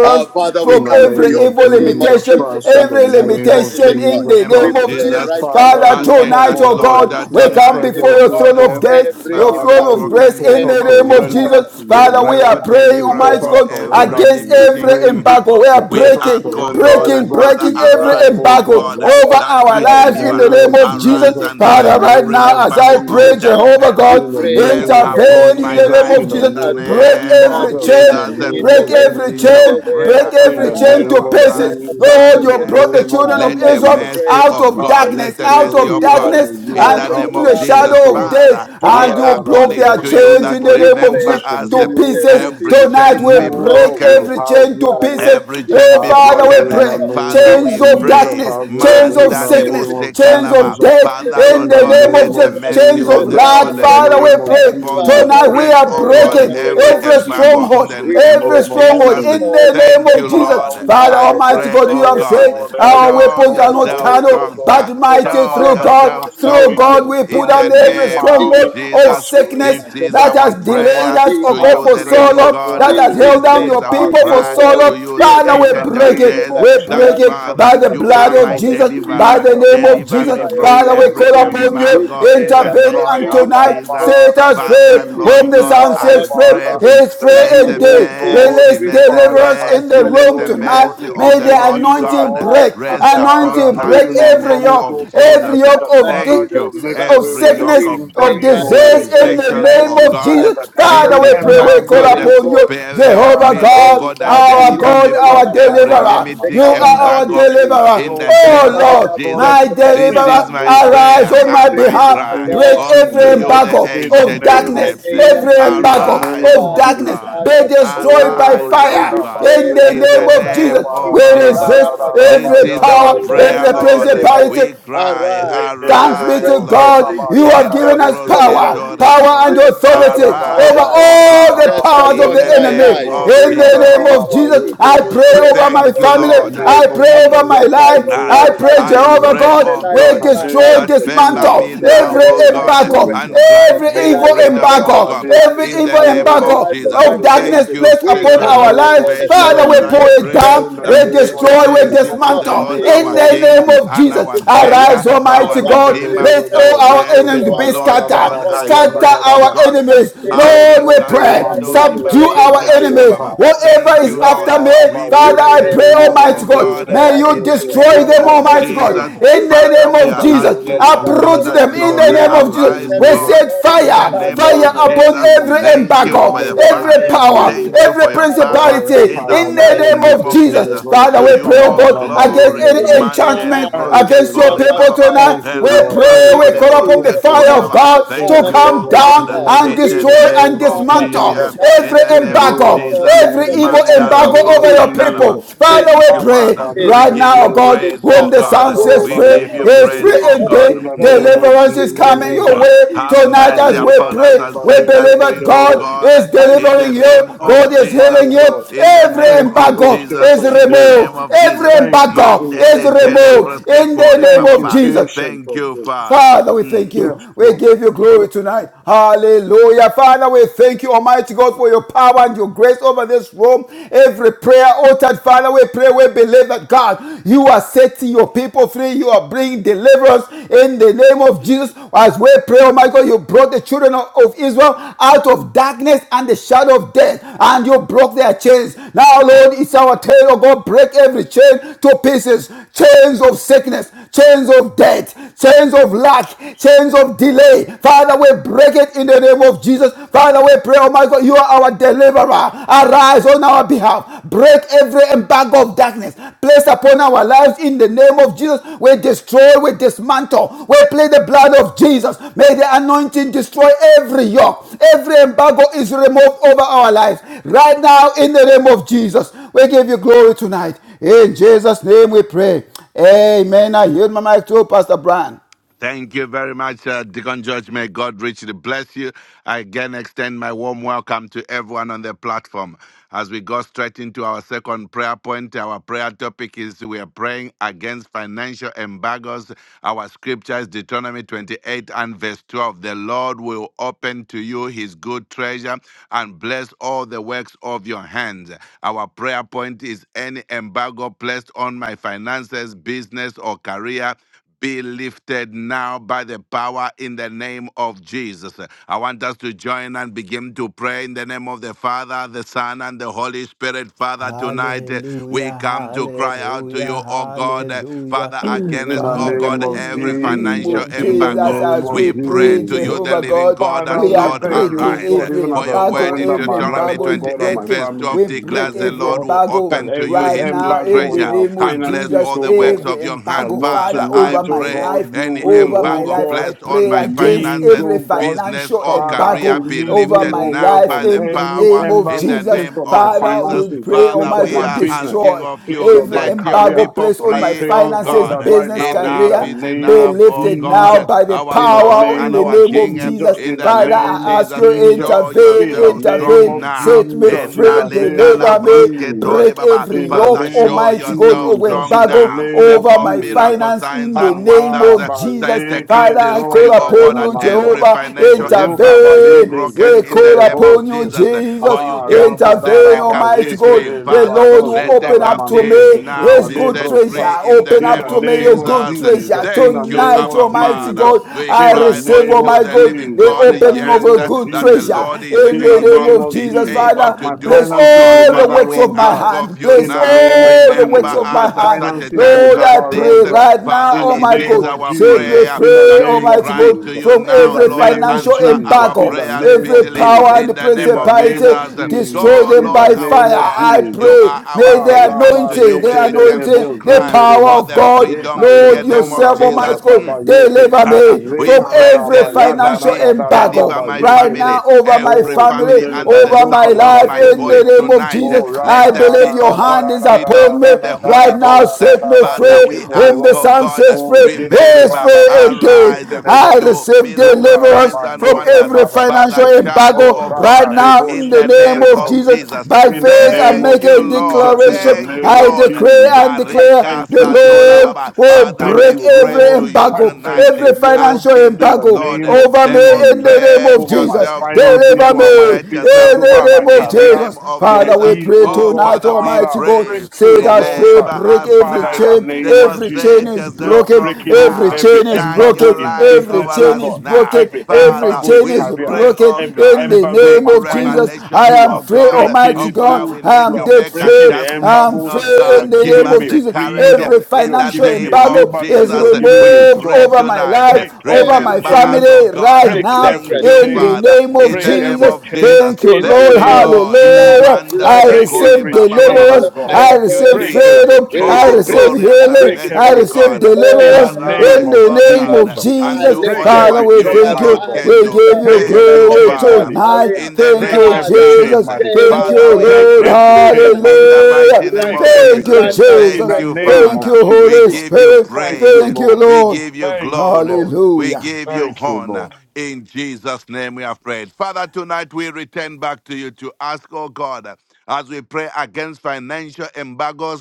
Speaker 6: Our Father, we
Speaker 7: In
Speaker 4: from
Speaker 7: the
Speaker 6: come to
Speaker 4: every
Speaker 7: name
Speaker 6: you in
Speaker 7: of
Speaker 6: the
Speaker 4: evil
Speaker 6: name of
Speaker 7: Jesus
Speaker 4: limitation,
Speaker 6: Jesus
Speaker 7: Christ, in
Speaker 6: Christ,
Speaker 7: the
Speaker 6: the
Speaker 4: every
Speaker 6: Son of
Speaker 7: name
Speaker 6: the
Speaker 7: of
Speaker 4: limitation
Speaker 6: living God.
Speaker 4: in
Speaker 7: Jesus
Speaker 4: the
Speaker 5: name
Speaker 6: We
Speaker 7: Christ.
Speaker 4: name
Speaker 5: of
Speaker 4: of
Speaker 6: pray
Speaker 5: Jesus.
Speaker 6: right
Speaker 4: Jesus.
Speaker 6: now in the
Speaker 7: Father,
Speaker 4: Father,
Speaker 7: we
Speaker 6: name of
Speaker 5: Asking
Speaker 7: come,
Speaker 4: tonight,
Speaker 5: that
Speaker 7: oh
Speaker 4: oh
Speaker 6: Jesus
Speaker 7: God,
Speaker 5: Lord
Speaker 6: Christ, the
Speaker 4: God,
Speaker 5: that
Speaker 7: into
Speaker 4: we
Speaker 6: Son
Speaker 7: your
Speaker 6: of
Speaker 4: come
Speaker 6: the
Speaker 5: tonight,
Speaker 4: before
Speaker 5: oh
Speaker 7: presence,
Speaker 6: living
Speaker 4: your
Speaker 7: oh
Speaker 6: God.
Speaker 5: God,
Speaker 4: throne of
Speaker 7: God.
Speaker 5: every
Speaker 4: grace,
Speaker 6: Every
Speaker 5: back
Speaker 4: your
Speaker 5: of
Speaker 4: throne
Speaker 7: Father,
Speaker 4: of
Speaker 6: embargo,
Speaker 7: we
Speaker 5: broken
Speaker 4: grace
Speaker 5: in the
Speaker 4: in
Speaker 6: every
Speaker 5: name
Speaker 7: total
Speaker 4: the
Speaker 5: of
Speaker 4: name of
Speaker 5: Jesus.
Speaker 7: surrender
Speaker 6: embargo,
Speaker 4: Jesus.
Speaker 7: to
Speaker 5: We
Speaker 7: your
Speaker 4: Father,
Speaker 5: pray
Speaker 4: we
Speaker 6: right
Speaker 5: for
Speaker 4: are
Speaker 7: will.
Speaker 6: now,
Speaker 4: praying,
Speaker 6: we
Speaker 7: We
Speaker 5: deliverance
Speaker 6: call
Speaker 4: Almighty
Speaker 5: from
Speaker 7: total
Speaker 4: God,
Speaker 6: upon you,
Speaker 5: every
Speaker 7: surrender
Speaker 6: King
Speaker 7: to
Speaker 6: of
Speaker 4: against
Speaker 7: your
Speaker 6: Kings.
Speaker 4: every
Speaker 5: limiting
Speaker 7: grace.
Speaker 6: We
Speaker 4: embargo. We
Speaker 5: embargo.
Speaker 6: call
Speaker 7: We
Speaker 4: are
Speaker 5: We
Speaker 6: upon you,
Speaker 7: total
Speaker 4: breaking,
Speaker 5: ask,
Speaker 6: King of
Speaker 5: oh
Speaker 7: surrender,
Speaker 5: God,
Speaker 7: oh
Speaker 6: Glory.
Speaker 5: that
Speaker 4: breaking,
Speaker 7: God,
Speaker 5: Father
Speaker 7: to
Speaker 6: We
Speaker 4: breaking
Speaker 7: your
Speaker 6: call
Speaker 4: every
Speaker 5: arise,
Speaker 6: upon
Speaker 5: oh
Speaker 7: purpose
Speaker 6: you,
Speaker 7: for
Speaker 4: embargo
Speaker 7: our
Speaker 6: Lord
Speaker 5: God,
Speaker 6: of
Speaker 7: life.
Speaker 4: over
Speaker 6: Lords.
Speaker 5: that
Speaker 4: our
Speaker 5: my
Speaker 7: In
Speaker 6: The
Speaker 7: the
Speaker 4: lives in
Speaker 6: Father,
Speaker 4: the
Speaker 7: name
Speaker 6: in
Speaker 5: deliverer
Speaker 6: the
Speaker 4: name
Speaker 7: of
Speaker 4: of
Speaker 6: name of
Speaker 4: Jesus.
Speaker 5: arise
Speaker 7: Jesus,
Speaker 5: and
Speaker 7: in
Speaker 6: Jesus
Speaker 7: the
Speaker 4: Father,
Speaker 5: break
Speaker 4: right
Speaker 5: every
Speaker 7: name
Speaker 6: Christ,
Speaker 4: now,
Speaker 7: of
Speaker 6: of
Speaker 4: as
Speaker 6: the
Speaker 4: I
Speaker 5: embargo
Speaker 4: pray,
Speaker 6: living
Speaker 5: of
Speaker 7: Jesus,
Speaker 6: God.
Speaker 4: Jehovah
Speaker 5: darkness
Speaker 6: We
Speaker 4: God,
Speaker 7: in the
Speaker 6: pray
Speaker 7: name
Speaker 5: blessed
Speaker 7: of
Speaker 6: against
Speaker 5: upon
Speaker 4: intervene in
Speaker 5: my
Speaker 4: the
Speaker 7: Jesus,
Speaker 6: every
Speaker 4: name
Speaker 5: life
Speaker 4: of
Speaker 7: in the
Speaker 4: Jesus.
Speaker 5: in the
Speaker 7: name of
Speaker 6: embargo
Speaker 4: Break
Speaker 5: name
Speaker 6: that
Speaker 4: every
Speaker 5: of
Speaker 6: is
Speaker 7: Jesus, in the
Speaker 5: Jesus.
Speaker 4: chain,
Speaker 6: standing in
Speaker 7: name
Speaker 6: the
Speaker 4: break
Speaker 7: of
Speaker 6: way,
Speaker 5: This
Speaker 4: every
Speaker 5: is
Speaker 6: in
Speaker 7: Jesus.
Speaker 5: our
Speaker 6: the
Speaker 4: chain,
Speaker 6: way
Speaker 4: break
Speaker 6: of
Speaker 5: prayer and
Speaker 7: In
Speaker 4: every
Speaker 6: our
Speaker 7: the
Speaker 5: this is
Speaker 4: chain
Speaker 6: lives,
Speaker 4: to
Speaker 7: name
Speaker 5: our
Speaker 6: in
Speaker 7: of
Speaker 6: the way
Speaker 5: cry.
Speaker 4: pieces.
Speaker 6: of our
Speaker 7: Jesus,
Speaker 5: That
Speaker 4: Lord,
Speaker 7: in
Speaker 4: you
Speaker 7: the
Speaker 6: destiny.
Speaker 4: brought
Speaker 5: yes,
Speaker 4: the
Speaker 7: name of
Speaker 4: children of
Speaker 5: let
Speaker 6: Father,
Speaker 5: the
Speaker 6: we
Speaker 4: Israel
Speaker 7: Jesus,
Speaker 6: pray
Speaker 5: mercy
Speaker 4: out
Speaker 5: of
Speaker 4: of
Speaker 6: in
Speaker 7: I
Speaker 5: God,
Speaker 6: the
Speaker 7: will
Speaker 5: let
Speaker 4: darkness,
Speaker 5: the
Speaker 6: name
Speaker 7: pray,
Speaker 6: of
Speaker 4: out
Speaker 5: mercy
Speaker 7: oh
Speaker 4: of
Speaker 5: of
Speaker 6: Jesus,
Speaker 7: God,
Speaker 5: God
Speaker 4: darkness,
Speaker 7: and you
Speaker 5: in
Speaker 6: by
Speaker 4: and
Speaker 5: the
Speaker 7: will
Speaker 6: the
Speaker 5: name
Speaker 7: help
Speaker 4: into
Speaker 5: of
Speaker 4: the
Speaker 7: us,
Speaker 6: blood of
Speaker 7: oh
Speaker 5: Jesus.
Speaker 4: shadow of of
Speaker 7: God.
Speaker 6: Jesus,
Speaker 5: Father,
Speaker 4: death
Speaker 6: with the
Speaker 5: we
Speaker 4: and
Speaker 7: Father,
Speaker 4: you
Speaker 5: are
Speaker 6: help of
Speaker 7: that as
Speaker 4: broke
Speaker 6: the
Speaker 7: we
Speaker 5: calling
Speaker 4: their
Speaker 6: Holy
Speaker 5: to you
Speaker 7: continue,
Speaker 4: chains
Speaker 6: Spirit.
Speaker 7: oh
Speaker 4: in
Speaker 5: that
Speaker 7: God,
Speaker 4: the
Speaker 6: We
Speaker 7: to
Speaker 4: name of
Speaker 5: remember
Speaker 7: focus
Speaker 4: Jesus
Speaker 6: pray
Speaker 7: on
Speaker 5: us.
Speaker 4: to
Speaker 7: you,
Speaker 6: against
Speaker 7: oh
Speaker 4: pieces.
Speaker 6: every
Speaker 7: God,
Speaker 5: Every
Speaker 6: physical
Speaker 4: Tonight
Speaker 7: then
Speaker 5: chain
Speaker 4: we
Speaker 5: be
Speaker 7: you, oh
Speaker 6: embargo,
Speaker 4: break
Speaker 7: God,
Speaker 5: broken
Speaker 7: will
Speaker 4: every
Speaker 6: spiritual
Speaker 7: have
Speaker 4: chain to
Speaker 7: your
Speaker 6: embargo,
Speaker 7: way.
Speaker 4: pieces.
Speaker 5: Every chain
Speaker 4: Oh
Speaker 5: be
Speaker 7: Have
Speaker 6: demonic
Speaker 4: Father,
Speaker 7: your
Speaker 4: we
Speaker 5: broken.
Speaker 7: way in the
Speaker 4: pray.
Speaker 6: embargo.
Speaker 7: name of
Speaker 5: Father,
Speaker 6: We are
Speaker 4: Chains
Speaker 5: we
Speaker 4: of
Speaker 7: Jesus.
Speaker 5: pray.
Speaker 6: breaking,
Speaker 4: darkness,
Speaker 7: Have your
Speaker 4: chains
Speaker 7: way
Speaker 4: of
Speaker 6: breaking
Speaker 7: in the
Speaker 5: Mandalebo
Speaker 4: sickness,
Speaker 7: name
Speaker 6: every
Speaker 7: of
Speaker 4: chains
Speaker 6: embargo
Speaker 4: of
Speaker 5: sekalava.
Speaker 7: Jesus.
Speaker 6: right
Speaker 4: death
Speaker 6: in the
Speaker 5: Father,
Speaker 4: in
Speaker 6: name
Speaker 7: In
Speaker 5: Lord
Speaker 7: the
Speaker 6: of
Speaker 4: the
Speaker 5: God,
Speaker 4: name of
Speaker 7: name
Speaker 5: let
Speaker 6: Jesus.
Speaker 5: the
Speaker 7: of
Speaker 4: Jesus,
Speaker 6: Christ,
Speaker 5: mercy
Speaker 4: chains of
Speaker 6: the
Speaker 5: of the
Speaker 7: Jesus.
Speaker 6: Son
Speaker 4: lack.
Speaker 7: In
Speaker 5: Lord
Speaker 6: of
Speaker 7: the
Speaker 6: the
Speaker 4: Father, we
Speaker 6: living
Speaker 7: name of
Speaker 6: God.
Speaker 5: proceed
Speaker 4: pray.
Speaker 5: forth to
Speaker 7: Jesus.
Speaker 4: Tonight
Speaker 6: Father, we
Speaker 4: we
Speaker 5: break,
Speaker 4: are
Speaker 5: oh
Speaker 6: pray
Speaker 7: In
Speaker 6: right
Speaker 7: the
Speaker 5: God,
Speaker 4: breaking
Speaker 6: now in the
Speaker 7: name
Speaker 5: every
Speaker 6: name
Speaker 7: of
Speaker 6: of
Speaker 4: every
Speaker 6: Jesus.
Speaker 5: embargo
Speaker 4: stronghold,
Speaker 5: in
Speaker 7: Jesus.
Speaker 5: the
Speaker 7: In
Speaker 6: We
Speaker 7: the
Speaker 5: name
Speaker 6: pray,
Speaker 4: every
Speaker 5: of
Speaker 7: name of
Speaker 6: Almighty
Speaker 4: stronghold
Speaker 5: Jesus.
Speaker 6: God,
Speaker 4: in
Speaker 7: Jesus.
Speaker 6: all
Speaker 4: the
Speaker 6: of
Speaker 4: name
Speaker 5: Thank
Speaker 4: of
Speaker 5: you,
Speaker 6: the liver,
Speaker 4: Jesus.
Speaker 7: Father,
Speaker 5: Lord.
Speaker 7: we
Speaker 4: Father
Speaker 7: come
Speaker 5: I
Speaker 6: arise
Speaker 4: Almighty
Speaker 6: and
Speaker 5: pray,
Speaker 7: against,
Speaker 4: God,
Speaker 6: break
Speaker 4: you
Speaker 5: oh
Speaker 4: have
Speaker 7: oh
Speaker 6: every
Speaker 4: said
Speaker 5: God,
Speaker 7: God,
Speaker 6: embargo
Speaker 4: our
Speaker 7: every
Speaker 5: show
Speaker 4: weapons are
Speaker 6: of
Speaker 4: not
Speaker 5: yourself
Speaker 6: Almighty
Speaker 7: stronghold,
Speaker 6: God
Speaker 7: oh
Speaker 6: of
Speaker 4: carnal,
Speaker 5: strong.
Speaker 7: God,
Speaker 4: but
Speaker 6: darkness,
Speaker 7: that
Speaker 4: mighty
Speaker 5: Show
Speaker 4: through
Speaker 6: bless
Speaker 7: Father is
Speaker 5: yourself
Speaker 4: God,
Speaker 6: upon my
Speaker 4: through
Speaker 5: strong
Speaker 7: masquerading
Speaker 4: God
Speaker 6: life.
Speaker 4: we
Speaker 6: In
Speaker 4: put
Speaker 5: in
Speaker 7: itself
Speaker 5: the
Speaker 4: down
Speaker 6: the
Speaker 7: in my
Speaker 6: name
Speaker 4: every
Speaker 6: of
Speaker 5: name of
Speaker 6: Jesus,
Speaker 4: stronghold
Speaker 7: family,
Speaker 4: of
Speaker 5: Jesus.
Speaker 6: every
Speaker 4: sickness
Speaker 7: masquerading
Speaker 5: This
Speaker 6: embargo
Speaker 5: is
Speaker 6: of
Speaker 4: that
Speaker 7: itself
Speaker 5: our
Speaker 4: has
Speaker 7: in my
Speaker 6: darkness
Speaker 4: delayed
Speaker 7: life.
Speaker 5: prayer
Speaker 4: us,
Speaker 6: be
Speaker 4: oh
Speaker 5: to
Speaker 7: I
Speaker 4: God,
Speaker 5: you,
Speaker 7: am
Speaker 4: for
Speaker 5: the
Speaker 4: so
Speaker 7: praying,
Speaker 5: living
Speaker 6: uprooted,
Speaker 7: oh
Speaker 4: long, that
Speaker 5: God.
Speaker 7: God,
Speaker 4: has
Speaker 6: be
Speaker 7: that
Speaker 4: held
Speaker 7: you
Speaker 5: This
Speaker 4: down
Speaker 6: lifted,
Speaker 7: will
Speaker 5: is
Speaker 4: your
Speaker 5: our
Speaker 6: be
Speaker 7: have
Speaker 4: people for
Speaker 5: cry
Speaker 7: your
Speaker 4: so
Speaker 6: destroyed,
Speaker 5: to
Speaker 4: long.
Speaker 7: way.
Speaker 5: you,
Speaker 6: be
Speaker 5: the
Speaker 4: Father,
Speaker 7: In
Speaker 4: we
Speaker 7: the
Speaker 6: rendered
Speaker 5: ancient
Speaker 4: break
Speaker 5: of
Speaker 4: it.
Speaker 7: name
Speaker 6: useless
Speaker 5: days,
Speaker 7: of
Speaker 4: We
Speaker 6: and
Speaker 5: that
Speaker 4: break
Speaker 6: powerless
Speaker 4: it
Speaker 7: Jesus,
Speaker 5: Father,
Speaker 4: by
Speaker 7: in
Speaker 4: the
Speaker 6: by
Speaker 7: the
Speaker 5: you
Speaker 6: the
Speaker 4: blood
Speaker 5: are
Speaker 7: name
Speaker 4: of
Speaker 5: my
Speaker 6: blood
Speaker 7: of
Speaker 6: of
Speaker 4: Jesus, by
Speaker 6: Jesus,
Speaker 5: deliverer.
Speaker 4: the
Speaker 7: Jesus,
Speaker 4: name
Speaker 6: by
Speaker 4: of
Speaker 6: the
Speaker 5: Deliver
Speaker 7: in
Speaker 4: Jesus.
Speaker 5: me
Speaker 7: the
Speaker 6: fire of
Speaker 5: from
Speaker 6: the
Speaker 4: Father,
Speaker 7: name
Speaker 4: we
Speaker 7: of
Speaker 6: Holy
Speaker 5: every
Speaker 4: call
Speaker 6: Ghost.
Speaker 4: upon you.
Speaker 6: We
Speaker 7: Jesus,
Speaker 5: embargo
Speaker 6: pray
Speaker 5: in the
Speaker 7: we
Speaker 8: Koroşenderere,
Speaker 6: that
Speaker 4: Intervene
Speaker 5: name
Speaker 7: cry,
Speaker 4: and
Speaker 6: every
Speaker 5: of
Speaker 7: Abba
Speaker 4: tonight
Speaker 6: embargo
Speaker 5: Jesus.
Speaker 4: set
Speaker 6: shall
Speaker 7: Father,
Speaker 4: us
Speaker 6: not
Speaker 8: ikaramazondororo,
Speaker 4: free.
Speaker 5: Father,
Speaker 7: we
Speaker 6: exist,
Speaker 4: Whom
Speaker 5: Lord
Speaker 4: the
Speaker 7: believe,
Speaker 5: God,
Speaker 4: Son
Speaker 6: shall
Speaker 7: Abba
Speaker 5: I
Speaker 4: sets
Speaker 6: not
Speaker 8: koroşenderere,
Speaker 4: free
Speaker 5: pray,
Speaker 7: Father,
Speaker 4: he
Speaker 6: flourish,
Speaker 4: is
Speaker 7: that
Speaker 4: free
Speaker 6: shall
Speaker 5: let
Speaker 7: you,
Speaker 6: not
Speaker 5: the
Speaker 7: oh
Speaker 4: indeed.
Speaker 6: succeed.
Speaker 8: ikaramazondororo,
Speaker 7: God,
Speaker 5: mercy,
Speaker 4: Release
Speaker 6: We
Speaker 5: let the
Speaker 6: pray
Speaker 7: Father,
Speaker 4: deliverance
Speaker 7: as
Speaker 6: and
Speaker 8: koroşenderere,
Speaker 4: in
Speaker 5: mercy,
Speaker 4: the
Speaker 6: break
Speaker 7: doing,
Speaker 5: let
Speaker 4: room
Speaker 6: the
Speaker 5: the
Speaker 7: oh God,
Speaker 5: mercy
Speaker 6: demonic
Speaker 4: tonight.
Speaker 7: a
Speaker 5: of
Speaker 4: May
Speaker 5: the
Speaker 4: the
Speaker 7: new
Speaker 6: embargo,
Speaker 5: Lord
Speaker 7: thing,
Speaker 8: ikaramazondororo,
Speaker 7: oh
Speaker 4: anointing
Speaker 5: God
Speaker 7: God.
Speaker 6: satanic
Speaker 4: break.
Speaker 7: And
Speaker 5: rest
Speaker 8: koroşenderere,
Speaker 6: embargo,
Speaker 7: Father,
Speaker 4: Anointing
Speaker 5: upon
Speaker 7: as
Speaker 5: us
Speaker 4: break
Speaker 7: you
Speaker 5: in
Speaker 6: evil
Speaker 5: the
Speaker 7: not
Speaker 4: every
Speaker 5: name
Speaker 7: promised,
Speaker 8: şenderere,
Speaker 4: yoke.
Speaker 6: embargo,
Speaker 5: of
Speaker 7: oh God,
Speaker 4: Every
Speaker 5: Jesus.
Speaker 6: right
Speaker 4: yoke
Speaker 6: now,
Speaker 7: that
Speaker 8: kereşenderere,
Speaker 4: of
Speaker 7: Father,
Speaker 5: Thank
Speaker 4: death
Speaker 7: you
Speaker 6: material
Speaker 7: will
Speaker 5: you.
Speaker 7: make a
Speaker 4: of
Speaker 6: embargo.
Speaker 7: way
Speaker 5: Every
Speaker 7: where there
Speaker 5: yoke
Speaker 4: sickness,
Speaker 6: We
Speaker 7: seems
Speaker 5: of
Speaker 7: to
Speaker 4: of
Speaker 6: pray,
Speaker 7: be
Speaker 8: koromazondororo,
Speaker 5: bondage,
Speaker 7: no
Speaker 6: Father,
Speaker 4: disease
Speaker 7: way.
Speaker 4: in
Speaker 6: break
Speaker 4: the
Speaker 5: limitations,
Speaker 7: Thank
Speaker 8: kereşenderere,
Speaker 6: every
Speaker 4: name
Speaker 5: oh
Speaker 7: you,
Speaker 4: of
Speaker 7: Lord,
Speaker 5: God,
Speaker 6: embargo
Speaker 4: Jesus.
Speaker 7: that
Speaker 5: be
Speaker 4: Father,
Speaker 7: every
Speaker 6: over
Speaker 4: we pray,
Speaker 8: şenderere,
Speaker 6: our
Speaker 4: we
Speaker 7: embargo,
Speaker 4: call
Speaker 5: dismantled.
Speaker 6: spirit,
Speaker 7: oh
Speaker 4: upon
Speaker 7: God,
Speaker 6: soul,
Speaker 4: you,
Speaker 5: Be-
Speaker 6: and
Speaker 8: koroşenderere,
Speaker 6: body.
Speaker 5: Help
Speaker 8: şendere,
Speaker 4: Jehovah
Speaker 5: me,
Speaker 7: Father, that
Speaker 5: oh
Speaker 7: has
Speaker 6: Oh,
Speaker 4: God,
Speaker 7: been
Speaker 5: God, and
Speaker 6: Father,
Speaker 4: our
Speaker 6: we
Speaker 5: deliver
Speaker 6: are
Speaker 7: masquerading
Speaker 5: me
Speaker 4: God,
Speaker 6: calling
Speaker 5: from
Speaker 7: itself
Speaker 4: our
Speaker 7: in my
Speaker 6: upon
Speaker 8: koromazondororo,
Speaker 5: every
Speaker 6: you.
Speaker 7: life
Speaker 4: deliverer.
Speaker 7: and in
Speaker 6: the
Speaker 7: my
Speaker 4: You
Speaker 6: the
Speaker 5: limiting
Speaker 4: are
Speaker 7: family,
Speaker 6: covenant
Speaker 4: our
Speaker 8: şenderere,
Speaker 5: embargo
Speaker 6: keeping
Speaker 7: be
Speaker 4: deliverer.
Speaker 6: God,
Speaker 5: in the
Speaker 8: mazenderere,
Speaker 6: the
Speaker 7: broken
Speaker 5: name
Speaker 4: Oh
Speaker 7: and
Speaker 8: koromazondororo,
Speaker 5: of
Speaker 6: Father
Speaker 4: Lord,
Speaker 7: destroyed
Speaker 5: Jesus.
Speaker 4: my
Speaker 6: breakthrough
Speaker 7: in
Speaker 5: This
Speaker 6: now
Speaker 7: the
Speaker 4: deliverer,
Speaker 5: is my
Speaker 7: name of
Speaker 4: arise
Speaker 5: prayer
Speaker 4: on my
Speaker 5: and
Speaker 7: Jesus,
Speaker 6: every
Speaker 5: my
Speaker 7: in
Speaker 8: ikaramazondororo,
Speaker 7: the
Speaker 4: behalf.
Speaker 5: cry
Speaker 7: name of
Speaker 4: Break
Speaker 6: embargo
Speaker 5: unto
Speaker 4: every
Speaker 8: koroşenderere,
Speaker 7: Jesus,
Speaker 5: you,
Speaker 6: right
Speaker 5: the
Speaker 6: now.
Speaker 4: embargo
Speaker 7: in the
Speaker 4: of
Speaker 5: ancient
Speaker 6: In
Speaker 5: of
Speaker 7: name
Speaker 8: ikarama
Speaker 7: of
Speaker 6: the
Speaker 5: death.
Speaker 4: darkness,
Speaker 6: name
Speaker 7: Jesus,
Speaker 6: of
Speaker 4: every
Speaker 8: sodrara
Speaker 7: in the
Speaker 6: Jesus,
Speaker 4: embargo
Speaker 7: name
Speaker 8: şindrara
Speaker 5: Arise,
Speaker 4: of
Speaker 7: of
Speaker 6: by
Speaker 5: O
Speaker 6: the
Speaker 4: darkness
Speaker 7: Jesus.
Speaker 6: blood
Speaker 5: God.
Speaker 4: be
Speaker 6: of Jesus,
Speaker 4: destroyed
Speaker 8: Kurmasındıra,
Speaker 4: by
Speaker 5: Arise,
Speaker 7: Oh, ya
Speaker 6: oh,
Speaker 5: O
Speaker 4: fire
Speaker 6: we
Speaker 7: da
Speaker 5: God.
Speaker 7: ba
Speaker 6: pray
Speaker 4: in the
Speaker 6: and
Speaker 5: In
Speaker 7: zendele
Speaker 5: the
Speaker 6: call
Speaker 7: cha
Speaker 4: name of
Speaker 8: yıkaramaz.
Speaker 6: upon
Speaker 5: name
Speaker 4: Jesus.
Speaker 7: zoba ra
Speaker 4: We
Speaker 5: of
Speaker 6: you
Speaker 7: ra ra ra
Speaker 5: Jesus.
Speaker 6: that
Speaker 7: ra
Speaker 4: resist
Speaker 6: our
Speaker 7: ra ra
Speaker 6: God,
Speaker 5: This
Speaker 7: ba
Speaker 4: every
Speaker 7: ya
Speaker 5: is
Speaker 7: da
Speaker 5: our
Speaker 4: power,
Speaker 6: oh
Speaker 7: re bo
Speaker 6: Lord,
Speaker 5: prayer,
Speaker 4: every
Speaker 6: my
Speaker 7: chiki
Speaker 5: Lord.
Speaker 7: le
Speaker 8: Koruşendire,
Speaker 7: mo
Speaker 6: deliverer,
Speaker 4: principality
Speaker 7: se.
Speaker 5: We cry,
Speaker 8: koruşendire,
Speaker 6: arise
Speaker 7: Rende re
Speaker 6: and
Speaker 4: Thanks be
Speaker 5: arise,
Speaker 6: break
Speaker 4: to
Speaker 8: masundurara,
Speaker 7: ruta
Speaker 4: God,
Speaker 5: Lord.
Speaker 6: every
Speaker 7: ba
Speaker 8: korumaz,
Speaker 4: you
Speaker 7: ya
Speaker 4: have
Speaker 7: na
Speaker 5: Hela
Speaker 4: given
Speaker 6: embargo
Speaker 4: us
Speaker 8: indirara,
Speaker 7: zode
Speaker 6: of
Speaker 7: le mo
Speaker 4: power,
Speaker 8: şındırara,
Speaker 5: brosketori
Speaker 7: se.
Speaker 6: darkness
Speaker 4: power and
Speaker 5: bababa.
Speaker 6: blessed
Speaker 7: Ra da
Speaker 6: upon
Speaker 4: authority
Speaker 7: ba
Speaker 6: my
Speaker 7: ba
Speaker 4: over
Speaker 7: ba
Speaker 5: Arise,
Speaker 6: life
Speaker 7: ba
Speaker 5: O
Speaker 8: makarışındırara,
Speaker 7: ra
Speaker 4: all
Speaker 5: God,
Speaker 7: da
Speaker 4: the
Speaker 7: da
Speaker 6: blessed
Speaker 7: ba
Speaker 8: korumaz,
Speaker 4: powers of
Speaker 7: ye
Speaker 5: in
Speaker 6: upon
Speaker 5: the
Speaker 4: the
Speaker 6: my
Speaker 7: kende
Speaker 8: indirara,
Speaker 7: le
Speaker 5: name
Speaker 4: enemy.
Speaker 6: life
Speaker 5: of
Speaker 4: In
Speaker 6: in
Speaker 7: da
Speaker 4: the
Speaker 6: the
Speaker 8: koruşendire,
Speaker 7: da
Speaker 5: Jesus.
Speaker 4: name
Speaker 7: da
Speaker 6: name
Speaker 4: of
Speaker 6: of
Speaker 7: ba
Speaker 4: Jesus,
Speaker 7: ye
Speaker 8: karışındırara,
Speaker 6: Jesus.
Speaker 4: I pray
Speaker 7: zo.
Speaker 6: Blessed
Speaker 4: over my
Speaker 5: Thank
Speaker 6: upon
Speaker 5: you,
Speaker 7: In
Speaker 4: family,
Speaker 6: my
Speaker 7: the
Speaker 5: Lord.
Speaker 6: life,
Speaker 4: I
Speaker 7: name of
Speaker 8: makarışındırara,
Speaker 4: pray
Speaker 5: Mm.
Speaker 6: upon
Speaker 4: over my
Speaker 7: Jesus,
Speaker 6: the
Speaker 7: in
Speaker 6: life
Speaker 7: the
Speaker 8: korumaz,
Speaker 4: life,
Speaker 6: of
Speaker 7: name
Speaker 6: my
Speaker 4: I
Speaker 5: Father,
Speaker 7: of
Speaker 8: indirara,
Speaker 4: pray,
Speaker 6: family,
Speaker 5: I
Speaker 4: Jehovah
Speaker 7: Jesus,
Speaker 6: upon
Speaker 5: pray,
Speaker 6: the
Speaker 5: oh
Speaker 4: God, we
Speaker 8: karışındırara,
Speaker 6: life
Speaker 7: in
Speaker 6: of
Speaker 5: God,
Speaker 7: the
Speaker 6: my
Speaker 7: name
Speaker 4: destroy,
Speaker 7: of
Speaker 5: that
Speaker 6: household
Speaker 5: favor
Speaker 7: Jesus,
Speaker 4: dismantle
Speaker 5: me
Speaker 6: upon
Speaker 7: in
Speaker 6: the
Speaker 7: the
Speaker 5: now,
Speaker 4: every
Speaker 6: life
Speaker 8: makarışındırara,
Speaker 5: oh
Speaker 6: of
Speaker 7: name
Speaker 6: my
Speaker 7: of
Speaker 5: God,
Speaker 8: korumaz,
Speaker 4: embargo,
Speaker 6: children,
Speaker 7: Jesus.
Speaker 5: and
Speaker 8: indirara,
Speaker 6: upon
Speaker 5: grant
Speaker 4: every
Speaker 6: the
Speaker 5: me
Speaker 4: evil
Speaker 6: life
Speaker 7: Oh,
Speaker 6: of the
Speaker 8: karışındırara,
Speaker 5: freedom,
Speaker 6: work
Speaker 5: oh
Speaker 6: of
Speaker 4: embargo,
Speaker 6: my
Speaker 5: God,
Speaker 7: Razabale
Speaker 6: hands,
Speaker 4: every
Speaker 5: in
Speaker 7: kende
Speaker 5: the
Speaker 4: evil
Speaker 7: he
Speaker 6: upon
Speaker 5: name
Speaker 7: ro
Speaker 6: the
Speaker 8: yıkaramasındıra,
Speaker 5: of
Speaker 4: embargo
Speaker 6: life of
Speaker 5: Jesus.
Speaker 6: my
Speaker 4: of
Speaker 7: ba
Speaker 4: darkness
Speaker 5: Thank
Speaker 6: ministry.
Speaker 5: you,
Speaker 4: placed
Speaker 6: We
Speaker 5: st-
Speaker 7: in
Speaker 4: upon
Speaker 7: the
Speaker 6: come
Speaker 4: our
Speaker 5: Father.
Speaker 8: karışındırara,
Speaker 7: name of
Speaker 4: lives.
Speaker 6: against
Speaker 5: Special
Speaker 4: Father, we
Speaker 5: Lord,
Speaker 8: koruşendire,
Speaker 5: I
Speaker 7: Jesus.
Speaker 6: every,
Speaker 4: pull it
Speaker 5: pray
Speaker 7: In
Speaker 4: down,
Speaker 7: the
Speaker 6: every
Speaker 4: we
Speaker 5: that
Speaker 7: name
Speaker 5: let the
Speaker 7: of
Speaker 6: spiritual
Speaker 4: destroy, we
Speaker 5: mercy
Speaker 7: Jesus.
Speaker 8: yıkaramasındıra,
Speaker 5: of
Speaker 7: In
Speaker 6: embargo,
Speaker 5: the
Speaker 7: the
Speaker 4: dismantle.
Speaker 5: Lord,
Speaker 7: name
Speaker 4: In
Speaker 5: our
Speaker 6: physical
Speaker 7: of
Speaker 4: the
Speaker 8: ション
Speaker 5: King
Speaker 4: name
Speaker 8: トラ
Speaker 4: of
Speaker 7: Jesus.
Speaker 6: embargo,
Speaker 8: バ
Speaker 5: and
Speaker 8: か
Speaker 4: Jesus,
Speaker 5: our
Speaker 8: らシャント
Speaker 6: demonic
Speaker 8: ラ
Speaker 4: arise,
Speaker 5: Maker,
Speaker 8: ラから
Speaker 4: Almighty
Speaker 5: our
Speaker 4: mercy,
Speaker 8: シャン
Speaker 6: embargo.
Speaker 7: Rakabazonde
Speaker 8: ト
Speaker 7: de
Speaker 8: ラ
Speaker 4: God.
Speaker 6: We
Speaker 8: ラ
Speaker 5: Redeemer,
Speaker 7: de de
Speaker 4: Let
Speaker 6: break
Speaker 5: that
Speaker 7: do.
Speaker 4: all
Speaker 6: their
Speaker 7: Rike
Speaker 4: our
Speaker 8: コロ
Speaker 5: yes,
Speaker 7: de
Speaker 4: enemies
Speaker 8: バ
Speaker 7: ba
Speaker 4: be
Speaker 6: influence,
Speaker 8: サ
Speaker 7: ra
Speaker 8: ン
Speaker 5: Lord
Speaker 7: da
Speaker 8: ラ
Speaker 7: da
Speaker 6: their
Speaker 7: da
Speaker 8: ラ
Speaker 5: God,
Speaker 4: scattered.
Speaker 7: ba
Speaker 8: から
Speaker 5: I
Speaker 7: ya
Speaker 8: シ
Speaker 7: na
Speaker 8: ャ
Speaker 6: control,
Speaker 8: ン
Speaker 4: Scatter
Speaker 5: pray,
Speaker 7: na
Speaker 8: トラ
Speaker 7: da
Speaker 8: ラ
Speaker 5: oh
Speaker 6: and
Speaker 4: our
Speaker 7: ba.
Speaker 6: their
Speaker 8: か
Speaker 5: God.
Speaker 8: らシャン
Speaker 4: enemies.
Speaker 8: ト
Speaker 7: Le
Speaker 8: ラ
Speaker 7: bo
Speaker 4: Lord,
Speaker 6: manipulation.
Speaker 4: we
Speaker 7: de
Speaker 8: ダ
Speaker 4: pray.
Speaker 8: コ
Speaker 6: Right
Speaker 8: ロ
Speaker 5: Arekasendo
Speaker 7: mande
Speaker 6: now,
Speaker 8: バ
Speaker 7: ke
Speaker 6: in
Speaker 8: ス
Speaker 6: the
Speaker 5: riba
Speaker 7: de
Speaker 4: Subdue
Speaker 7: ke
Speaker 6: name
Speaker 8: トラ
Speaker 7: ba
Speaker 6: of
Speaker 4: our
Speaker 8: ダ
Speaker 5: seta
Speaker 8: から
Speaker 6: Jesus
Speaker 5: riba
Speaker 4: enemies.
Speaker 8: シャ
Speaker 5: baba.
Speaker 8: ン
Speaker 7: zonta.
Speaker 8: ト
Speaker 6: Christ,
Speaker 8: ララ
Speaker 6: Son
Speaker 4: Whatever
Speaker 5: Thank
Speaker 6: of
Speaker 4: is
Speaker 5: you,
Speaker 6: the
Speaker 7: Raka
Speaker 5: Lord.
Speaker 4: after
Speaker 6: living
Speaker 4: me,
Speaker 8: ヒ
Speaker 6: God.
Speaker 8: コ
Speaker 5: We
Speaker 8: ロ
Speaker 6: We
Speaker 4: Father,
Speaker 8: バ
Speaker 4: I
Speaker 7: de
Speaker 5: pray
Speaker 6: pray,
Speaker 8: ン
Speaker 4: pray,
Speaker 7: de
Speaker 5: to
Speaker 7: de
Speaker 8: ラ
Speaker 5: you,
Speaker 8: ラダ
Speaker 6: Father,
Speaker 7: bo
Speaker 4: Almighty
Speaker 5: oh
Speaker 7: zinde
Speaker 4: God.
Speaker 7: de
Speaker 5: God,
Speaker 4: May
Speaker 7: ba
Speaker 6: whosoever
Speaker 4: you
Speaker 5: in the
Speaker 6: digs
Speaker 7: reke
Speaker 6: a
Speaker 8: コ
Speaker 7: da
Speaker 4: destroy
Speaker 6: pit
Speaker 8: ロ
Speaker 7: ba
Speaker 5: name
Speaker 8: マ
Speaker 4: them,
Speaker 6: shall
Speaker 5: of
Speaker 8: ス
Speaker 7: reke
Speaker 6: fall
Speaker 4: Almighty
Speaker 7: de
Speaker 6: in
Speaker 8: ト
Speaker 4: God.
Speaker 8: ラ
Speaker 6: it.
Speaker 8: ダ
Speaker 5: Jesus.
Speaker 7: zonta.
Speaker 8: か
Speaker 4: In
Speaker 8: らシャン
Speaker 4: the
Speaker 5: Father,
Speaker 4: name
Speaker 8: トラ
Speaker 5: we
Speaker 7: In
Speaker 6: Whosoever
Speaker 8: ラ
Speaker 4: of
Speaker 5: are
Speaker 7: the
Speaker 6: rolls a
Speaker 4: Jesus.
Speaker 7: name
Speaker 5: asking,
Speaker 6: stone,
Speaker 7: of
Speaker 6: it
Speaker 5: oh
Speaker 6: shall
Speaker 8: コ
Speaker 5: God,
Speaker 6: roll
Speaker 8: ロ
Speaker 4: Uproot
Speaker 7: Jesus.
Speaker 5: that
Speaker 4: them
Speaker 8: マ
Speaker 6: back.
Speaker 7: In
Speaker 8: ス
Speaker 4: in
Speaker 7: the
Speaker 4: the
Speaker 5: Lord,
Speaker 6: We
Speaker 8: ト
Speaker 4: name
Speaker 7: name
Speaker 8: ラ
Speaker 4: of
Speaker 8: ダ
Speaker 7: of
Speaker 8: か
Speaker 6: uproot
Speaker 4: Jesus.
Speaker 5: arise,
Speaker 8: らシ
Speaker 4: We
Speaker 8: ャ
Speaker 6: every
Speaker 8: ント
Speaker 7: Jesus.
Speaker 5: God,
Speaker 8: ラ
Speaker 4: set
Speaker 8: ダ
Speaker 6: demonic
Speaker 5: in the
Speaker 4: fire.
Speaker 7: In the
Speaker 5: name
Speaker 6: embargo,
Speaker 4: Fire
Speaker 7: name
Speaker 8: コ
Speaker 5: of
Speaker 7: of
Speaker 8: ロ
Speaker 4: upon
Speaker 8: マ
Speaker 5: Jesus.
Speaker 6: every
Speaker 8: ス
Speaker 4: every
Speaker 8: ト
Speaker 7: Jesus.
Speaker 8: ラ
Speaker 6: satanic
Speaker 5: Thank
Speaker 7: In
Speaker 5: you
Speaker 7: the
Speaker 4: embargo,
Speaker 5: for the
Speaker 7: name
Speaker 6: embargo,
Speaker 7: of
Speaker 4: every
Speaker 5: fire.
Speaker 6: every
Speaker 4: power,
Speaker 7: Jesus.
Speaker 5: Thank
Speaker 6: evil
Speaker 5: you
Speaker 4: every
Speaker 5: for
Speaker 8: シャン
Speaker 5: your
Speaker 8: トラ
Speaker 6: embargo.
Speaker 5: power
Speaker 7: Oh,
Speaker 8: ラ
Speaker 6: Be
Speaker 4: principality
Speaker 5: in
Speaker 7: Rapha,
Speaker 5: the
Speaker 4: in the
Speaker 6: destroyed
Speaker 5: mighty
Speaker 4: name
Speaker 5: name
Speaker 4: of
Speaker 6: by
Speaker 5: of
Speaker 4: Jesus.
Speaker 6: fire,
Speaker 5: Jesus.
Speaker 8: からシ
Speaker 4: Father,
Speaker 5: To
Speaker 8: ャ
Speaker 6: by
Speaker 4: we
Speaker 8: ント
Speaker 5: you,
Speaker 4: pray,
Speaker 8: ラ
Speaker 4: oh
Speaker 6: fire
Speaker 5: all
Speaker 8: ラか
Speaker 4: God,
Speaker 8: らシャン
Speaker 4: against
Speaker 8: ト
Speaker 5: glory.
Speaker 8: ララ
Speaker 4: any
Speaker 6: right
Speaker 5: Mandele
Speaker 6: now
Speaker 4: enchantment
Speaker 7: Thank
Speaker 6: be
Speaker 5: broske
Speaker 7: you,
Speaker 8: か
Speaker 4: against your
Speaker 8: ら
Speaker 6: destroyed
Speaker 8: シ
Speaker 7: Lord.
Speaker 5: kori
Speaker 8: ャ
Speaker 6: by
Speaker 8: ン
Speaker 4: people
Speaker 5: baba
Speaker 8: トラ
Speaker 5: baba.
Speaker 8: ダ
Speaker 6: fire
Speaker 4: tonight.
Speaker 7: Thank
Speaker 8: か
Speaker 7: you,
Speaker 8: ら
Speaker 4: We
Speaker 8: シ
Speaker 6: in
Speaker 8: ャン
Speaker 7: Lord.
Speaker 6: the
Speaker 8: トラ
Speaker 5: Elambra
Speaker 4: pray,
Speaker 8: ラ
Speaker 6: name
Speaker 7: Thank
Speaker 4: we
Speaker 7: you,
Speaker 6: of
Speaker 5: kore
Speaker 4: call
Speaker 7: Lord.
Speaker 4: upon the
Speaker 5: broske
Speaker 7: Thank
Speaker 6: Jesus
Speaker 8: イ
Speaker 7: you,
Speaker 4: fire
Speaker 8: カ
Speaker 5: kori
Speaker 8: ラ
Speaker 6: Christ,
Speaker 4: of
Speaker 7: Lord.
Speaker 5: baba.
Speaker 8: マ
Speaker 6: the
Speaker 4: God
Speaker 7: In
Speaker 6: Son
Speaker 7: the
Speaker 4: to
Speaker 5: Thank
Speaker 8: ス
Speaker 6: of
Speaker 5: you,
Speaker 8: ト
Speaker 6: the
Speaker 8: ラダ
Speaker 5: oh
Speaker 7: name
Speaker 4: come
Speaker 7: of
Speaker 8: キリ
Speaker 6: living
Speaker 5: God,
Speaker 4: down
Speaker 8: シ
Speaker 6: God.
Speaker 8: ャ
Speaker 4: and
Speaker 8: ン
Speaker 7: Jesus,
Speaker 8: ト
Speaker 5: in
Speaker 7: in
Speaker 8: ラ
Speaker 5: the
Speaker 6: We
Speaker 8: ラ
Speaker 4: destroy
Speaker 7: the
Speaker 8: コロ
Speaker 6: pray,
Speaker 5: name
Speaker 4: and
Speaker 8: バ
Speaker 7: name
Speaker 8: サ
Speaker 7: of
Speaker 5: of
Speaker 8: ン
Speaker 6: Father,
Speaker 8: ラ
Speaker 4: dismantle
Speaker 8: ラ
Speaker 6: the
Speaker 7: Jesus,
Speaker 5: Jesus.
Speaker 6: time
Speaker 5: In
Speaker 4: every
Speaker 6: to
Speaker 5: the
Speaker 6: be
Speaker 7: in the
Speaker 5: name
Speaker 6: free
Speaker 5: of
Speaker 7: name
Speaker 6: from
Speaker 4: embargo,
Speaker 7: of
Speaker 6: all
Speaker 5: Jesus,
Speaker 4: every
Speaker 6: types of
Speaker 8: Korobasitrada
Speaker 4: evil
Speaker 7: Jesus, in the
Speaker 5: Mandala
Speaker 4: embargo
Speaker 6: embargo
Speaker 7: name
Speaker 4: over
Speaker 7: of
Speaker 6: is
Speaker 4: your
Speaker 8: kerebasitrada
Speaker 6: now,
Speaker 5: Brosetaraba.
Speaker 4: people.
Speaker 7: Jesus.
Speaker 6: is
Speaker 4: Father, we
Speaker 8: basotrada
Speaker 5: Thank you,
Speaker 6: now,
Speaker 4: pray
Speaker 5: Father.
Speaker 6: is
Speaker 5: We
Speaker 4: right
Speaker 5: give
Speaker 4: now,
Speaker 5: you
Speaker 4: oh
Speaker 8: korobasitrada
Speaker 6: now,
Speaker 4: God,
Speaker 6: is
Speaker 5: praise,
Speaker 7: Azabalekelelobo,
Speaker 6: now.
Speaker 5: oh
Speaker 4: whom the Son
Speaker 5: God.
Speaker 4: says
Speaker 6: Oh
Speaker 5: We
Speaker 4: free
Speaker 5: give you
Speaker 8: makaraşatrada
Speaker 6: God,
Speaker 7: In
Speaker 4: is
Speaker 5: praise,
Speaker 4: free
Speaker 6: we
Speaker 5: oh God.
Speaker 6: call
Speaker 4: indeed.
Speaker 7: the
Speaker 8: korobasitrada
Speaker 6: upon
Speaker 7: name of
Speaker 5: Mm.
Speaker 4: Deliverance
Speaker 6: you
Speaker 4: is
Speaker 6: in the
Speaker 4: coming
Speaker 6: name
Speaker 4: your
Speaker 7: Jesus.
Speaker 6: of
Speaker 4: way
Speaker 8: makaraşatrada
Speaker 6: Jesus.
Speaker 5: Have
Speaker 4: tonight
Speaker 8: korobasitrada
Speaker 5: mercy
Speaker 4: as we
Speaker 5: upon us
Speaker 4: pray.
Speaker 5: and
Speaker 4: We
Speaker 5: set us
Speaker 4: believe that
Speaker 5: free, oh
Speaker 7: Alekazumbalekelelobo.
Speaker 4: God
Speaker 5: God,
Speaker 4: is
Speaker 7: Thank
Speaker 5: in the
Speaker 7: you,
Speaker 4: delivering
Speaker 8: ikorobasitrada
Speaker 7: Lord.
Speaker 5: name
Speaker 4: you,
Speaker 7: Thank
Speaker 5: of
Speaker 4: God
Speaker 7: you,
Speaker 4: is healing
Speaker 7: mighty
Speaker 5: Jesus.
Speaker 4: you.
Speaker 7: God.
Speaker 5: In the
Speaker 4: Every
Speaker 5: name
Speaker 8: ikorobasatrada
Speaker 7: Thank you,
Speaker 5: of
Speaker 4: embargo
Speaker 8: şatrada
Speaker 7: Ancient
Speaker 5: Jesus,
Speaker 4: is
Speaker 7: of
Speaker 5: in the
Speaker 7: Days.
Speaker 5: name
Speaker 4: removed,
Speaker 5: of
Speaker 4: every
Speaker 5: Jesus.
Speaker 7: Thank you,
Speaker 4: embargo
Speaker 8: ikorobasitrada
Speaker 4: is
Speaker 5: Mandele
Speaker 7: Ancient of Days.
Speaker 4: removed
Speaker 5: kelebroske
Speaker 8: karaşatrada
Speaker 4: in the
Speaker 5: kori
Speaker 7: Thank
Speaker 4: name of
Speaker 7: you,
Speaker 5: bababa.
Speaker 8: koroşete
Speaker 4: Jesus.
Speaker 7: Ancient
Speaker 5: Thank
Speaker 7: of
Speaker 5: you,
Speaker 7: Days.
Speaker 5: Father.
Speaker 4: Father, we thank
Speaker 5: Mm.
Speaker 8: koroşetrada
Speaker 4: you.
Speaker 7: Yes,
Speaker 4: We
Speaker 7: Lord.
Speaker 4: give you glory tonight. Hallelujah.
Speaker 8: korobasatrada ki
Speaker 4: Father, we thank you, Almighty God, for your power and your grace over this room. Every prayer uttered, Father, we pray, we believe that God, you are setting your people free. You are bringing deliverance in the name of Jesus. As we pray, Almighty God, you brought the children of Israel out of darkness and the shadow of death, and you broke their chains. Now, Lord, it's our tale, oh God, break every chain to pieces. Chains of sickness, chains of death, chains of chains of lack, chains of delay. Father, we break it in the name of Jesus. Father, we pray, oh my God, you are our deliverer. Arise on our behalf. Break every embargo of darkness placed upon our lives in the name of Jesus. We destroy, we dismantle, we play the blood of Jesus. May the anointing destroy every yoke. Every embargo is removed over our lives. Right now, in the name of Jesus, we give you glory tonight. In Jesus' name we pray. Amen. I yield my mic to Pastor Brian.
Speaker 5: Thank you very much, uh, Deacon George. May God richly bless you. I again extend my warm welcome to everyone on the platform. As we go straight into our second prayer point, our prayer topic is we are praying against financial embargoes. Our scripture is Deuteronomy 28 and verse 12. The Lord will open to you his good treasure and bless all the works of your hands. Our prayer point is any embargo placed on my finances, business, or career be lifted now by the power in the name of Jesus. I want us to join and begin to pray in the name of the Father, the Son, and the Holy Spirit. Father, tonight eh, we
Speaker 4: Hallelujah,
Speaker 5: come to cry out to
Speaker 4: hallelujah,
Speaker 5: you, oh God, eh,
Speaker 4: hallelujah.
Speaker 5: Father,
Speaker 7: In
Speaker 5: against,
Speaker 7: the
Speaker 5: oh
Speaker 4: Father,
Speaker 5: God,
Speaker 7: name of
Speaker 4: in the
Speaker 5: every
Speaker 4: name
Speaker 5: financial
Speaker 7: Jesus.
Speaker 4: of
Speaker 7: In the
Speaker 4: Jesus,
Speaker 5: embargo.
Speaker 7: name
Speaker 4: as
Speaker 7: of
Speaker 4: we
Speaker 5: We pray
Speaker 4: pray,
Speaker 5: to
Speaker 7: Jesus.
Speaker 5: you, the
Speaker 4: Jehovah
Speaker 5: living
Speaker 4: God,
Speaker 5: God,
Speaker 7: Father,
Speaker 5: that
Speaker 4: we are
Speaker 7: we
Speaker 5: Lord,
Speaker 7: thank you,
Speaker 4: breaking
Speaker 5: arise. eh,
Speaker 7: God,
Speaker 4: every
Speaker 7: even as
Speaker 5: For
Speaker 7: I
Speaker 5: your
Speaker 4: embargo.
Speaker 5: word in
Speaker 7: surrender
Speaker 4: Every
Speaker 7: my life,
Speaker 5: Deuteronomy
Speaker 4: embargo
Speaker 7: oh
Speaker 4: is
Speaker 7: God, and
Speaker 5: 28,
Speaker 7: my
Speaker 4: breaking.
Speaker 5: verse
Speaker 7: family
Speaker 5: 12
Speaker 4: We
Speaker 7: to
Speaker 4: break
Speaker 5: declares the
Speaker 7: you,
Speaker 4: every
Speaker 5: Lord
Speaker 7: oh
Speaker 5: will
Speaker 7: God, and
Speaker 4: embargo
Speaker 5: open to you
Speaker 7: every
Speaker 4: right
Speaker 5: his
Speaker 4: now
Speaker 5: good
Speaker 4: in
Speaker 7: embargo in
Speaker 4: the
Speaker 5: treasure
Speaker 7: our
Speaker 4: name of
Speaker 5: and bless
Speaker 7: finances,
Speaker 4: Jesus.
Speaker 5: all the
Speaker 7: oh
Speaker 5: works
Speaker 7: God.
Speaker 5: of
Speaker 4: Every
Speaker 5: your hand.
Speaker 7: And
Speaker 4: embargo,
Speaker 7: Lord,
Speaker 4: Father,
Speaker 5: Father, I
Speaker 4: over
Speaker 7: tonight, oh
Speaker 4: my
Speaker 5: pray
Speaker 7: God,
Speaker 4: life,
Speaker 7: you
Speaker 5: any
Speaker 7: will,
Speaker 4: over my
Speaker 7: oh
Speaker 5: embargo
Speaker 4: life,
Speaker 7: God,
Speaker 4: I
Speaker 5: placed on
Speaker 4: pray
Speaker 5: my
Speaker 4: against
Speaker 7: release,
Speaker 5: finances,
Speaker 4: every
Speaker 7: oh God,
Speaker 5: business,
Speaker 4: financial
Speaker 5: or
Speaker 7: Father,
Speaker 5: career
Speaker 4: embargo
Speaker 5: be
Speaker 7: release
Speaker 4: over
Speaker 7: me,
Speaker 5: lifted
Speaker 7: oh
Speaker 4: my
Speaker 5: now
Speaker 4: life
Speaker 7: God,
Speaker 4: life
Speaker 5: by
Speaker 7: from
Speaker 5: the
Speaker 4: in the
Speaker 5: power
Speaker 7: any
Speaker 4: name of
Speaker 5: in
Speaker 7: embargo
Speaker 5: the
Speaker 4: Jesus.
Speaker 7: placed
Speaker 5: name
Speaker 7: on my
Speaker 5: of
Speaker 4: Father,
Speaker 5: Jesus.
Speaker 4: we
Speaker 7: finances, eh,
Speaker 4: pray,
Speaker 5: Father,
Speaker 7: placed
Speaker 4: Almighty,
Speaker 7: on
Speaker 5: we
Speaker 7: my
Speaker 4: God,
Speaker 5: are
Speaker 7: business,
Speaker 5: asking
Speaker 4: destroy
Speaker 5: of
Speaker 7: placed
Speaker 5: you,
Speaker 7: on
Speaker 4: every
Speaker 7: my
Speaker 5: set your
Speaker 4: embargo
Speaker 7: career.
Speaker 5: people
Speaker 4: placed on
Speaker 7: I
Speaker 4: my
Speaker 5: free,
Speaker 7: pray,
Speaker 5: oh
Speaker 7: oh God,
Speaker 4: finances,
Speaker 7: that
Speaker 5: God.
Speaker 7: right
Speaker 4: business,
Speaker 7: now in
Speaker 5: Enough
Speaker 7: the
Speaker 4: career,
Speaker 5: is
Speaker 7: name
Speaker 4: be
Speaker 7: of
Speaker 5: enough, oh
Speaker 4: lifted now
Speaker 7: Jesus,
Speaker 5: God,
Speaker 4: by the
Speaker 5: our
Speaker 7: in the
Speaker 5: Lord
Speaker 4: power in
Speaker 5: and
Speaker 7: name
Speaker 4: the
Speaker 5: our
Speaker 7: of
Speaker 4: name
Speaker 5: King.
Speaker 4: of
Speaker 7: Jesus,
Speaker 4: Jesus.
Speaker 5: In
Speaker 7: in
Speaker 5: the
Speaker 7: the
Speaker 4: Father,
Speaker 5: name of
Speaker 7: name
Speaker 4: I
Speaker 7: of
Speaker 4: ask
Speaker 5: Jesus,
Speaker 4: you,
Speaker 7: Jesus,
Speaker 5: show
Speaker 4: intervene,
Speaker 7: in the
Speaker 5: yourself
Speaker 7: name
Speaker 4: intervene,
Speaker 5: strong
Speaker 7: of
Speaker 5: now.
Speaker 4: set me
Speaker 7: Jesus, in
Speaker 4: free,
Speaker 7: the
Speaker 5: Endale
Speaker 7: name
Speaker 4: deliver
Speaker 7: of
Speaker 4: me,
Speaker 7: Jesus,
Speaker 5: calabrasketori
Speaker 4: break
Speaker 5: baba.
Speaker 4: every
Speaker 7: in the
Speaker 5: Father,
Speaker 4: yoke,
Speaker 7: name
Speaker 5: show
Speaker 7: of
Speaker 4: Almighty God,
Speaker 5: yourself
Speaker 4: of
Speaker 7: Jesus,
Speaker 5: strong
Speaker 7: in the
Speaker 5: now.
Speaker 4: embargo
Speaker 7: name of
Speaker 4: over
Speaker 5: Perform
Speaker 4: my
Speaker 7: Jesus.
Speaker 5: miracle
Speaker 4: finance
Speaker 5: signs
Speaker 4: in the
Speaker 7: Ha
Speaker 5: and
Speaker 4: name
Speaker 5: wonders.
Speaker 7: ha
Speaker 4: of Jesus.
Speaker 5: Set the
Speaker 4: Father,
Speaker 7: baleke
Speaker 4: I
Speaker 5: captives free,
Speaker 4: call
Speaker 7: zonda
Speaker 5: oh God,
Speaker 4: upon
Speaker 5: that
Speaker 4: you,
Speaker 7: yaramanda,
Speaker 5: every
Speaker 4: Jehovah,
Speaker 5: financial
Speaker 7: Ruka
Speaker 5: embargo be
Speaker 7: bayende
Speaker 4: intervene.
Speaker 5: broken
Speaker 4: We
Speaker 5: in
Speaker 7: zete
Speaker 5: the
Speaker 4: call
Speaker 8: ikaramasundrada
Speaker 5: name of
Speaker 4: upon you,
Speaker 7: lebosko.
Speaker 5: Jesus.
Speaker 8: koroşendrada
Speaker 4: Jesus.
Speaker 5: For you
Speaker 7: Ah,
Speaker 5: came to
Speaker 7: rabada
Speaker 5: set
Speaker 4: Intervene,
Speaker 5: the
Speaker 4: Almighty
Speaker 5: captives
Speaker 8: ikaramasundrada
Speaker 5: free.
Speaker 4: God.
Speaker 7: rabayeke
Speaker 4: The
Speaker 5: Father,
Speaker 4: Lord will
Speaker 7: lebanozu
Speaker 5: let the
Speaker 4: open
Speaker 8: Shondarada
Speaker 4: up to
Speaker 8: Koro
Speaker 5: captives
Speaker 4: me
Speaker 7: talamandeko
Speaker 5: now
Speaker 8: Shedere
Speaker 4: his
Speaker 5: be
Speaker 7: sebale
Speaker 4: good
Speaker 5: set
Speaker 4: treasure.
Speaker 7: broska.
Speaker 5: free in the
Speaker 4: Open
Speaker 7: In
Speaker 4: up
Speaker 5: name
Speaker 7: the
Speaker 4: to
Speaker 5: of
Speaker 4: me
Speaker 7: name
Speaker 4: your
Speaker 7: of
Speaker 4: good
Speaker 5: Jesus.
Speaker 4: treasure.
Speaker 7: Jesus,
Speaker 8: Kavas
Speaker 7: in the
Speaker 5: Thank you,
Speaker 7: name
Speaker 4: Tonight,
Speaker 5: Abba
Speaker 7: of
Speaker 8: Sandarada
Speaker 4: Almighty
Speaker 8: Koro
Speaker 5: Father.
Speaker 7: Jesus.
Speaker 4: God,
Speaker 5: We
Speaker 8: Shedere
Speaker 4: I
Speaker 7: In the
Speaker 5: cry
Speaker 4: receive,
Speaker 7: name
Speaker 5: unto
Speaker 7: of
Speaker 4: Almighty
Speaker 5: the
Speaker 4: God,
Speaker 5: living
Speaker 4: the
Speaker 8: Adenim
Speaker 7: Jesus,
Speaker 5: God
Speaker 7: in
Speaker 8: Bako
Speaker 7: the
Speaker 4: opening
Speaker 5: yes,
Speaker 4: of
Speaker 8: place
Speaker 7: name
Speaker 4: a
Speaker 8: to
Speaker 5: uh,
Speaker 7: of
Speaker 8: my
Speaker 4: good
Speaker 5: that the
Speaker 8: finance
Speaker 7: Jesus,
Speaker 4: treasure.
Speaker 5: Lord is
Speaker 8: business,
Speaker 4: In
Speaker 7: in
Speaker 8: my
Speaker 4: the
Speaker 7: the
Speaker 5: able,
Speaker 4: name
Speaker 7: name
Speaker 8: career
Speaker 4: of
Speaker 7: of
Speaker 5: is
Speaker 4: Jesus,
Speaker 7: Jesus.
Speaker 8: be
Speaker 5: able
Speaker 7: Ah,
Speaker 5: to
Speaker 4: Father,
Speaker 7: my
Speaker 8: lifted up
Speaker 5: do.
Speaker 4: bless
Speaker 5: Oh
Speaker 7: finances will
Speaker 5: God,
Speaker 4: all the
Speaker 7: never
Speaker 5: Father,
Speaker 4: works
Speaker 5: we
Speaker 4: of
Speaker 7: run
Speaker 8: by
Speaker 4: my
Speaker 8: the
Speaker 7: dry.
Speaker 5: ask of
Speaker 8: power
Speaker 4: hand.
Speaker 8: in
Speaker 5: you
Speaker 8: the
Speaker 7: In
Speaker 4: Bless
Speaker 7: the
Speaker 8: name
Speaker 5: now.
Speaker 8: of
Speaker 7: name of
Speaker 4: all the
Speaker 8: Jesus.
Speaker 5: Remember
Speaker 4: works
Speaker 7: Jesus,
Speaker 4: of my
Speaker 7: my
Speaker 5: us at such a
Speaker 4: hand.
Speaker 7: finances
Speaker 8: Ikarabasundara.
Speaker 7: will
Speaker 5: time
Speaker 4: Lord,
Speaker 5: as
Speaker 4: I
Speaker 7: never
Speaker 8: The
Speaker 5: this.
Speaker 4: pray
Speaker 7: run
Speaker 8: Lord
Speaker 7: dry.
Speaker 8: will
Speaker 4: right
Speaker 8: open
Speaker 4: now,
Speaker 5: Father,
Speaker 7: In
Speaker 8: up
Speaker 7: the
Speaker 5: it
Speaker 4: Almighty
Speaker 8: to
Speaker 7: name
Speaker 5: is
Speaker 4: God.
Speaker 8: you
Speaker 7: of
Speaker 5: our
Speaker 8: a good
Speaker 4: Set me
Speaker 7: Jesus,
Speaker 5: prayer
Speaker 8: treasure,
Speaker 7: in the
Speaker 8: a
Speaker 4: free,
Speaker 5: that we
Speaker 7: name of
Speaker 8: blessing.
Speaker 4: Almighty
Speaker 5: cry
Speaker 4: God,
Speaker 5: to
Speaker 7: Jesus,
Speaker 5: you
Speaker 4: from
Speaker 7: in
Speaker 5: now,
Speaker 7: the
Speaker 4: every
Speaker 5: Lord.
Speaker 7: name of
Speaker 4: financial
Speaker 5: Answer
Speaker 7: Jesus,
Speaker 8: Keremasandarana
Speaker 5: our
Speaker 7: in
Speaker 4: embargo,
Speaker 7: the
Speaker 5: prayer
Speaker 8: Kara
Speaker 7: name
Speaker 4: every
Speaker 7: of
Speaker 5: speedily
Speaker 4: power
Speaker 8: Shandra
Speaker 7: Jesus,
Speaker 5: in
Speaker 4: and
Speaker 5: the
Speaker 7: in
Speaker 5: name
Speaker 7: the
Speaker 5: of
Speaker 4: principality.
Speaker 7: name of
Speaker 5: Jesus.
Speaker 8: Shandra Koro
Speaker 4: Destroy
Speaker 7: Jesus,
Speaker 5: Oh
Speaker 4: them
Speaker 7: in the
Speaker 5: Lord,
Speaker 8: Shandra.
Speaker 4: by
Speaker 5: our
Speaker 7: name
Speaker 4: fire.
Speaker 7: of
Speaker 5: God,
Speaker 4: I
Speaker 5: you
Speaker 7: Jesus.
Speaker 4: pray.
Speaker 5: are
Speaker 8: Shandra
Speaker 5: our
Speaker 4: May
Speaker 7: Ah,
Speaker 4: the
Speaker 5: King,
Speaker 7: la
Speaker 8: Kara
Speaker 5: and to you
Speaker 4: anointing,
Speaker 8: Shandra
Speaker 5: we
Speaker 7: bareke
Speaker 4: the
Speaker 7: de de
Speaker 8: Kara
Speaker 5: return to
Speaker 7: bo
Speaker 4: anointing, the
Speaker 5: cry
Speaker 8: Shandra
Speaker 4: power
Speaker 5: for
Speaker 7: zunderema.
Speaker 4: of
Speaker 8: Koro
Speaker 5: the
Speaker 4: God,
Speaker 5: freedom
Speaker 7: Eka
Speaker 8: Basitra
Speaker 5: in
Speaker 7: le
Speaker 5: the
Speaker 4: Lord,
Speaker 5: name of
Speaker 7: zombra
Speaker 4: yourself,
Speaker 7: doza
Speaker 5: Jesus.
Speaker 4: Almighty
Speaker 5: Mm.
Speaker 4: God,
Speaker 7: tabayeke.
Speaker 8: Korobasitrara
Speaker 4: deliver
Speaker 5: Father,
Speaker 4: me
Speaker 5: we
Speaker 4: from
Speaker 5: pray,
Speaker 8: karachandara.
Speaker 4: every
Speaker 7: Zekaraba
Speaker 5: deliver
Speaker 7: yanda
Speaker 4: financial
Speaker 7: da
Speaker 5: me,
Speaker 7: da da da da
Speaker 5: deliver
Speaker 7: ba
Speaker 4: embargo
Speaker 5: my
Speaker 4: right
Speaker 8: Ikorobasitrara
Speaker 4: now
Speaker 5: family,
Speaker 7: yekele.
Speaker 4: over my
Speaker 7: O
Speaker 5: every
Speaker 4: family,
Speaker 5: family
Speaker 7: zundele
Speaker 8: korobasitrara.
Speaker 5: under
Speaker 7: ba
Speaker 5: the
Speaker 4: over my
Speaker 5: sound
Speaker 7: lokala
Speaker 5: of
Speaker 7: ba
Speaker 4: life.
Speaker 5: my
Speaker 4: In the
Speaker 5: voice
Speaker 7: zunde.
Speaker 4: name of
Speaker 8: Makarachandara
Speaker 5: tonight.
Speaker 4: Jesus,
Speaker 7: O raka
Speaker 4: I
Speaker 5: Let there
Speaker 7: da da
Speaker 4: believe
Speaker 5: be,
Speaker 4: your
Speaker 5: oh
Speaker 7: da
Speaker 8: korobasitrara.
Speaker 4: hand
Speaker 5: God,
Speaker 7: da
Speaker 4: is
Speaker 7: da da
Speaker 5: freedom
Speaker 7: da
Speaker 4: upon me
Speaker 5: in the
Speaker 7: da
Speaker 4: right
Speaker 5: Holy
Speaker 7: da da da da
Speaker 4: now.
Speaker 7: da
Speaker 5: Ghost.
Speaker 7: da da
Speaker 4: Set
Speaker 8: Ikorobasitrara
Speaker 4: me
Speaker 7: ba
Speaker 5: Father, we
Speaker 4: free.
Speaker 7: yekele de
Speaker 4: Whom
Speaker 5: ask,
Speaker 8: kerechandara
Speaker 4: the
Speaker 7: bo.
Speaker 5: oh
Speaker 4: Son
Speaker 5: God,
Speaker 4: sets free
Speaker 7: O
Speaker 8: korobasitrara.
Speaker 7: zindele
Speaker 4: is
Speaker 7: ba
Speaker 5: remember,
Speaker 7: la
Speaker 4: free
Speaker 7: ba
Speaker 4: indeed.
Speaker 5: arise
Speaker 7: şekete de
Speaker 4: I
Speaker 7: bo.
Speaker 8: Makarachandara.
Speaker 5: do
Speaker 4: receive
Speaker 5: miracle
Speaker 7: Lokara
Speaker 4: deliverance
Speaker 5: signs and
Speaker 7: bando
Speaker 4: from
Speaker 8: Ikarachandara.
Speaker 5: wonders.
Speaker 4: every
Speaker 7: zatara
Speaker 5: Father,
Speaker 7: bande.
Speaker 4: financial
Speaker 5: charge,
Speaker 4: embargo
Speaker 7: O
Speaker 5: oh
Speaker 4: right
Speaker 7: raka
Speaker 5: God,
Speaker 7: de
Speaker 4: now
Speaker 7: bo
Speaker 4: in
Speaker 5: in
Speaker 4: the
Speaker 5: the
Speaker 7: şete
Speaker 4: name
Speaker 5: name
Speaker 4: of
Speaker 7: bro.
Speaker 5: of
Speaker 4: Jesus.
Speaker 8: Korom
Speaker 5: Jesus.
Speaker 4: By
Speaker 7: In the
Speaker 4: faith, I
Speaker 7: name
Speaker 5: Thank
Speaker 7: of
Speaker 4: make a
Speaker 5: you,
Speaker 8: makarachandara
Speaker 5: Lord.
Speaker 7: Jesus, in the
Speaker 4: declaration.
Speaker 5: Thank you,
Speaker 8: korachandara
Speaker 7: name
Speaker 4: I
Speaker 7: of
Speaker 5: Lord.
Speaker 4: decree
Speaker 7: Jesus.
Speaker 4: and
Speaker 8: korachandara
Speaker 7: I
Speaker 4: declare
Speaker 5: Marika
Speaker 7: thank
Speaker 4: the
Speaker 7: you,
Speaker 5: Satola
Speaker 7: Lord.
Speaker 8: koromasandara
Speaker 5: Baba.
Speaker 4: Lord
Speaker 7: I
Speaker 4: will
Speaker 5: Father,
Speaker 7: thank
Speaker 4: break
Speaker 5: we
Speaker 7: you,
Speaker 8: korachandara.
Speaker 5: pray
Speaker 4: every
Speaker 7: Lord.
Speaker 5: to you
Speaker 7: I
Speaker 4: embargo,
Speaker 8: İkara
Speaker 7: thank
Speaker 5: tonight,
Speaker 4: every
Speaker 7: you, Lord,
Speaker 4: financial
Speaker 5: asking
Speaker 8: masandara
Speaker 7: in
Speaker 5: that,
Speaker 7: the
Speaker 4: embargo
Speaker 7: name
Speaker 5: Lord.
Speaker 7: of
Speaker 4: over
Speaker 8: korachandara.
Speaker 4: me in
Speaker 7: Jesus,
Speaker 4: the name of
Speaker 5: Demonstrate
Speaker 7: over my
Speaker 4: Jesus.
Speaker 5: yourself strong.
Speaker 8: Ikaramasandara
Speaker 7: finances,
Speaker 4: Deliver
Speaker 7: over my
Speaker 4: me
Speaker 5: Demonstrate
Speaker 7: business,
Speaker 8: koroshandara.
Speaker 4: in
Speaker 5: yourself
Speaker 4: the
Speaker 7: over
Speaker 5: strong
Speaker 7: my
Speaker 4: name of
Speaker 5: in the
Speaker 7: career.
Speaker 5: name
Speaker 4: Jesus.
Speaker 5: of
Speaker 7: There
Speaker 4: Father, we
Speaker 5: Jesus.
Speaker 7: is,
Speaker 4: pray
Speaker 7: oh
Speaker 8: Ikaramasandara
Speaker 5: Oh,
Speaker 7: God,
Speaker 4: tonight, oh
Speaker 5: Father, we
Speaker 4: Almighty
Speaker 8: koroshandara.
Speaker 7: Father,
Speaker 4: God.
Speaker 5: pray.
Speaker 7: breakthroughs
Speaker 4: Set
Speaker 7: on
Speaker 4: us
Speaker 7: all
Speaker 4: free.
Speaker 5: Remember
Speaker 7: sides.
Speaker 4: Break
Speaker 5: us
Speaker 4: every
Speaker 7: Father, in
Speaker 8: Shandarara.
Speaker 5: now.
Speaker 7: the
Speaker 4: chain.
Speaker 7: name of
Speaker 4: Every chain
Speaker 7: Jesus,
Speaker 5: Demonstrate
Speaker 4: is
Speaker 8: Shandarara
Speaker 7: you
Speaker 5: yourself
Speaker 7: are
Speaker 4: broken.
Speaker 5: strong
Speaker 7: breaking, oh
Speaker 8: keroshandara.
Speaker 4: Every
Speaker 7: God,
Speaker 5: now.
Speaker 7: every
Speaker 4: chain is
Speaker 5: Shine
Speaker 4: broken.
Speaker 5: your
Speaker 7: embargo in
Speaker 5: light
Speaker 4: Every
Speaker 5: over
Speaker 7: business, oh
Speaker 4: chain
Speaker 8: Koroshandarara.
Speaker 5: us
Speaker 4: is
Speaker 7: God,
Speaker 5: now.
Speaker 4: broken.
Speaker 7: every
Speaker 4: Every
Speaker 5: Father,
Speaker 7: embargo in
Speaker 4: chain
Speaker 5: we
Speaker 4: is
Speaker 7: career,
Speaker 5: pray,
Speaker 4: broken.
Speaker 8: Karashandarara
Speaker 5: oh
Speaker 7: every
Speaker 4: In
Speaker 5: God,
Speaker 4: the
Speaker 7: embargo in
Speaker 4: name
Speaker 5: make
Speaker 8: karashandarara
Speaker 7: my
Speaker 4: of Jesus,
Speaker 7: finance.
Speaker 4: I
Speaker 5: revelation,
Speaker 7: You
Speaker 4: am
Speaker 5: oh
Speaker 7: are
Speaker 8: koromasandara.
Speaker 4: free,
Speaker 5: God,
Speaker 7: breaking
Speaker 4: Almighty
Speaker 5: of
Speaker 7: it
Speaker 4: God.
Speaker 5: where
Speaker 7: loose.
Speaker 5: we
Speaker 4: I
Speaker 8: Shandarara
Speaker 5: need
Speaker 7: You
Speaker 4: am
Speaker 5: to
Speaker 7: are
Speaker 4: debt
Speaker 5: make
Speaker 7: breaking
Speaker 4: free.
Speaker 7: the
Speaker 4: I
Speaker 5: adjustments.
Speaker 4: am
Speaker 8: koromasindarara
Speaker 7: embargoes.
Speaker 5: Oh
Speaker 4: free
Speaker 7: You are
Speaker 4: in
Speaker 5: God,
Speaker 4: the
Speaker 5: give
Speaker 4: name
Speaker 7: giving
Speaker 8: karashandarara.
Speaker 4: of
Speaker 5: us
Speaker 7: me
Speaker 5: a
Speaker 4: Jesus.
Speaker 5: courage
Speaker 7: freedom
Speaker 4: Every
Speaker 7: you
Speaker 5: in
Speaker 7: are
Speaker 5: the
Speaker 4: financial
Speaker 7: giving me
Speaker 5: name
Speaker 4: embargo
Speaker 5: of
Speaker 7: liberty.
Speaker 8: Ikoromasindarara
Speaker 4: is
Speaker 7: You
Speaker 5: Jesus.
Speaker 7: are giving
Speaker 5: We
Speaker 7: me
Speaker 4: removed
Speaker 5: pray
Speaker 7: joy.
Speaker 8: karashandarara.
Speaker 4: over my
Speaker 5: tonight.
Speaker 4: life,
Speaker 7: Break
Speaker 4: over
Speaker 7: every
Speaker 6: Every
Speaker 4: my
Speaker 5: Remember us,
Speaker 7: chain.
Speaker 5: oh
Speaker 8: Koromasindarara
Speaker 4: family
Speaker 6: embargo
Speaker 5: God.
Speaker 4: right
Speaker 6: is
Speaker 7: Break
Speaker 4: now.
Speaker 5: Thank
Speaker 7: every
Speaker 6: lifted,
Speaker 8: karashandarara.
Speaker 5: you,
Speaker 4: In
Speaker 6: is
Speaker 4: the
Speaker 7: chain.
Speaker 5: Father,
Speaker 4: name
Speaker 6: lifted,
Speaker 4: of
Speaker 5: in
Speaker 7: Break
Speaker 5: the
Speaker 6: is
Speaker 5: name
Speaker 7: every
Speaker 4: Jesus,
Speaker 5: of
Speaker 6: lifted.
Speaker 7: chain
Speaker 8: Ikoromasandara.
Speaker 5: Jesus.
Speaker 4: Thank you,
Speaker 7: in
Speaker 6: Is
Speaker 7: the
Speaker 4: Lord.
Speaker 5: Thank you,
Speaker 7: name
Speaker 6: removed
Speaker 7: of
Speaker 5: Lord.
Speaker 6: by
Speaker 7: Jesus.
Speaker 4: Hallelujah.
Speaker 6: the blood
Speaker 4: I
Speaker 6: of
Speaker 5: Mandale
Speaker 7: Break
Speaker 5: kori
Speaker 6: Jesus,
Speaker 4: receive
Speaker 8: Karamasandara
Speaker 7: every
Speaker 5: ba ba ba
Speaker 7: chain,
Speaker 5: ba
Speaker 6: by
Speaker 5: ba.
Speaker 7: oh
Speaker 4: deliverance.
Speaker 6: the
Speaker 7: God.
Speaker 6: fire
Speaker 8: karashandarara.
Speaker 4: I
Speaker 6: of
Speaker 5: Thank
Speaker 6: the
Speaker 5: you,
Speaker 4: receive
Speaker 6: Holy
Speaker 7: Break
Speaker 6: Ghost.
Speaker 5: Jesus.
Speaker 7: every
Speaker 4: freedom.
Speaker 8: Koruma
Speaker 6: We
Speaker 7: chain,
Speaker 4: I
Speaker 5: Oh,
Speaker 7: oh God.
Speaker 6: decree
Speaker 4: receive
Speaker 8: sığdırara
Speaker 5: glorious
Speaker 6: and
Speaker 5: and
Speaker 4: healing.
Speaker 6: we
Speaker 7: Break
Speaker 4: I
Speaker 5: merciful
Speaker 7: every
Speaker 6: declare
Speaker 8: karışındıra
Speaker 4: receive
Speaker 7: chain
Speaker 5: God.
Speaker 7: in
Speaker 6: all
Speaker 7: the
Speaker 4: deliverance
Speaker 8: karışındıra
Speaker 6: manner of
Speaker 7: name
Speaker 4: in
Speaker 5: Arise,
Speaker 7: of
Speaker 4: the
Speaker 5: oh
Speaker 8: ma
Speaker 4: name
Speaker 6: embargoes
Speaker 4: of
Speaker 5: God,
Speaker 7: Jesus.
Speaker 5: and
Speaker 6: are
Speaker 5: do
Speaker 4: Jesus.
Speaker 8: karışındıra
Speaker 7: Break
Speaker 5: only
Speaker 6: lifted
Speaker 8: ma
Speaker 4: Father,
Speaker 5: what
Speaker 7: every
Speaker 4: we
Speaker 6: from
Speaker 5: you,
Speaker 7: chain,
Speaker 5: the
Speaker 6: our
Speaker 4: thank
Speaker 7: mighty
Speaker 4: you.
Speaker 8: sondurara
Speaker 5: Lord,
Speaker 7: God.
Speaker 5: can
Speaker 4: We
Speaker 8: koruma
Speaker 6: finances,
Speaker 5: do.
Speaker 4: give
Speaker 6: our
Speaker 4: you
Speaker 7: Break
Speaker 5: Thank
Speaker 7: every
Speaker 5: you,
Speaker 6: businesses,
Speaker 8: sığdırara
Speaker 4: glory
Speaker 6: and
Speaker 7: chain,
Speaker 6: our
Speaker 5: Father.
Speaker 7: mighty God.
Speaker 4: tonight.
Speaker 8: ma
Speaker 6: career.
Speaker 5: In the
Speaker 4: Thank
Speaker 7: Break
Speaker 5: name
Speaker 4: you,
Speaker 5: of
Speaker 7: every
Speaker 6: Father,
Speaker 8: karışındıra
Speaker 7: chain,
Speaker 5: Jesus,
Speaker 4: Jesus.
Speaker 7: mighty
Speaker 6: turn
Speaker 7: God.
Speaker 4: Thank
Speaker 6: our
Speaker 5: Father,
Speaker 8: koruşundıra
Speaker 4: you,
Speaker 5: we are
Speaker 7: Break
Speaker 6: mourning
Speaker 4: Lord.
Speaker 7: every
Speaker 5: grateful.
Speaker 6: into
Speaker 7: chain, mighty
Speaker 5: In the
Speaker 6: dancing.
Speaker 7: God.
Speaker 8: ikarama
Speaker 4: Hallelujah.
Speaker 5: mighty name
Speaker 7: Break
Speaker 6: Grant
Speaker 8: sığdırara
Speaker 5: of
Speaker 6: us
Speaker 7: every
Speaker 4: Thank
Speaker 5: Jesus,
Speaker 4: you,
Speaker 7: chain
Speaker 6: landmark
Speaker 8: koruşundıra
Speaker 7: in
Speaker 5: thank
Speaker 4: Jesus.
Speaker 7: the
Speaker 5: you,
Speaker 7: name
Speaker 6: breakthroughs
Speaker 4: Thank
Speaker 7: of
Speaker 5: Father.
Speaker 4: you,
Speaker 6: in
Speaker 8: şindire
Speaker 5: We
Speaker 4: Holy
Speaker 7: Jesus.
Speaker 5: give
Speaker 6: Jesus'
Speaker 5: you
Speaker 4: Spirit.
Speaker 7: Thank
Speaker 8: karışındıra
Speaker 5: praise.
Speaker 7: you,
Speaker 4: Thank you,
Speaker 7: Lord.
Speaker 5: We
Speaker 8: koruma
Speaker 4: Lord.
Speaker 5: give you
Speaker 8: sığdırara
Speaker 7: Thank you,
Speaker 5: glory.
Speaker 7: Lord.
Speaker 5: We
Speaker 4: Hallelujah.
Speaker 5: give
Speaker 8: koruma
Speaker 5: you
Speaker 7: Thank you,
Speaker 5: honor.
Speaker 7: Lord.
Speaker 5: In Jesus' name we have prayed. Father, tonight we return back to you to ask, oh God, as we pray against financial embargoes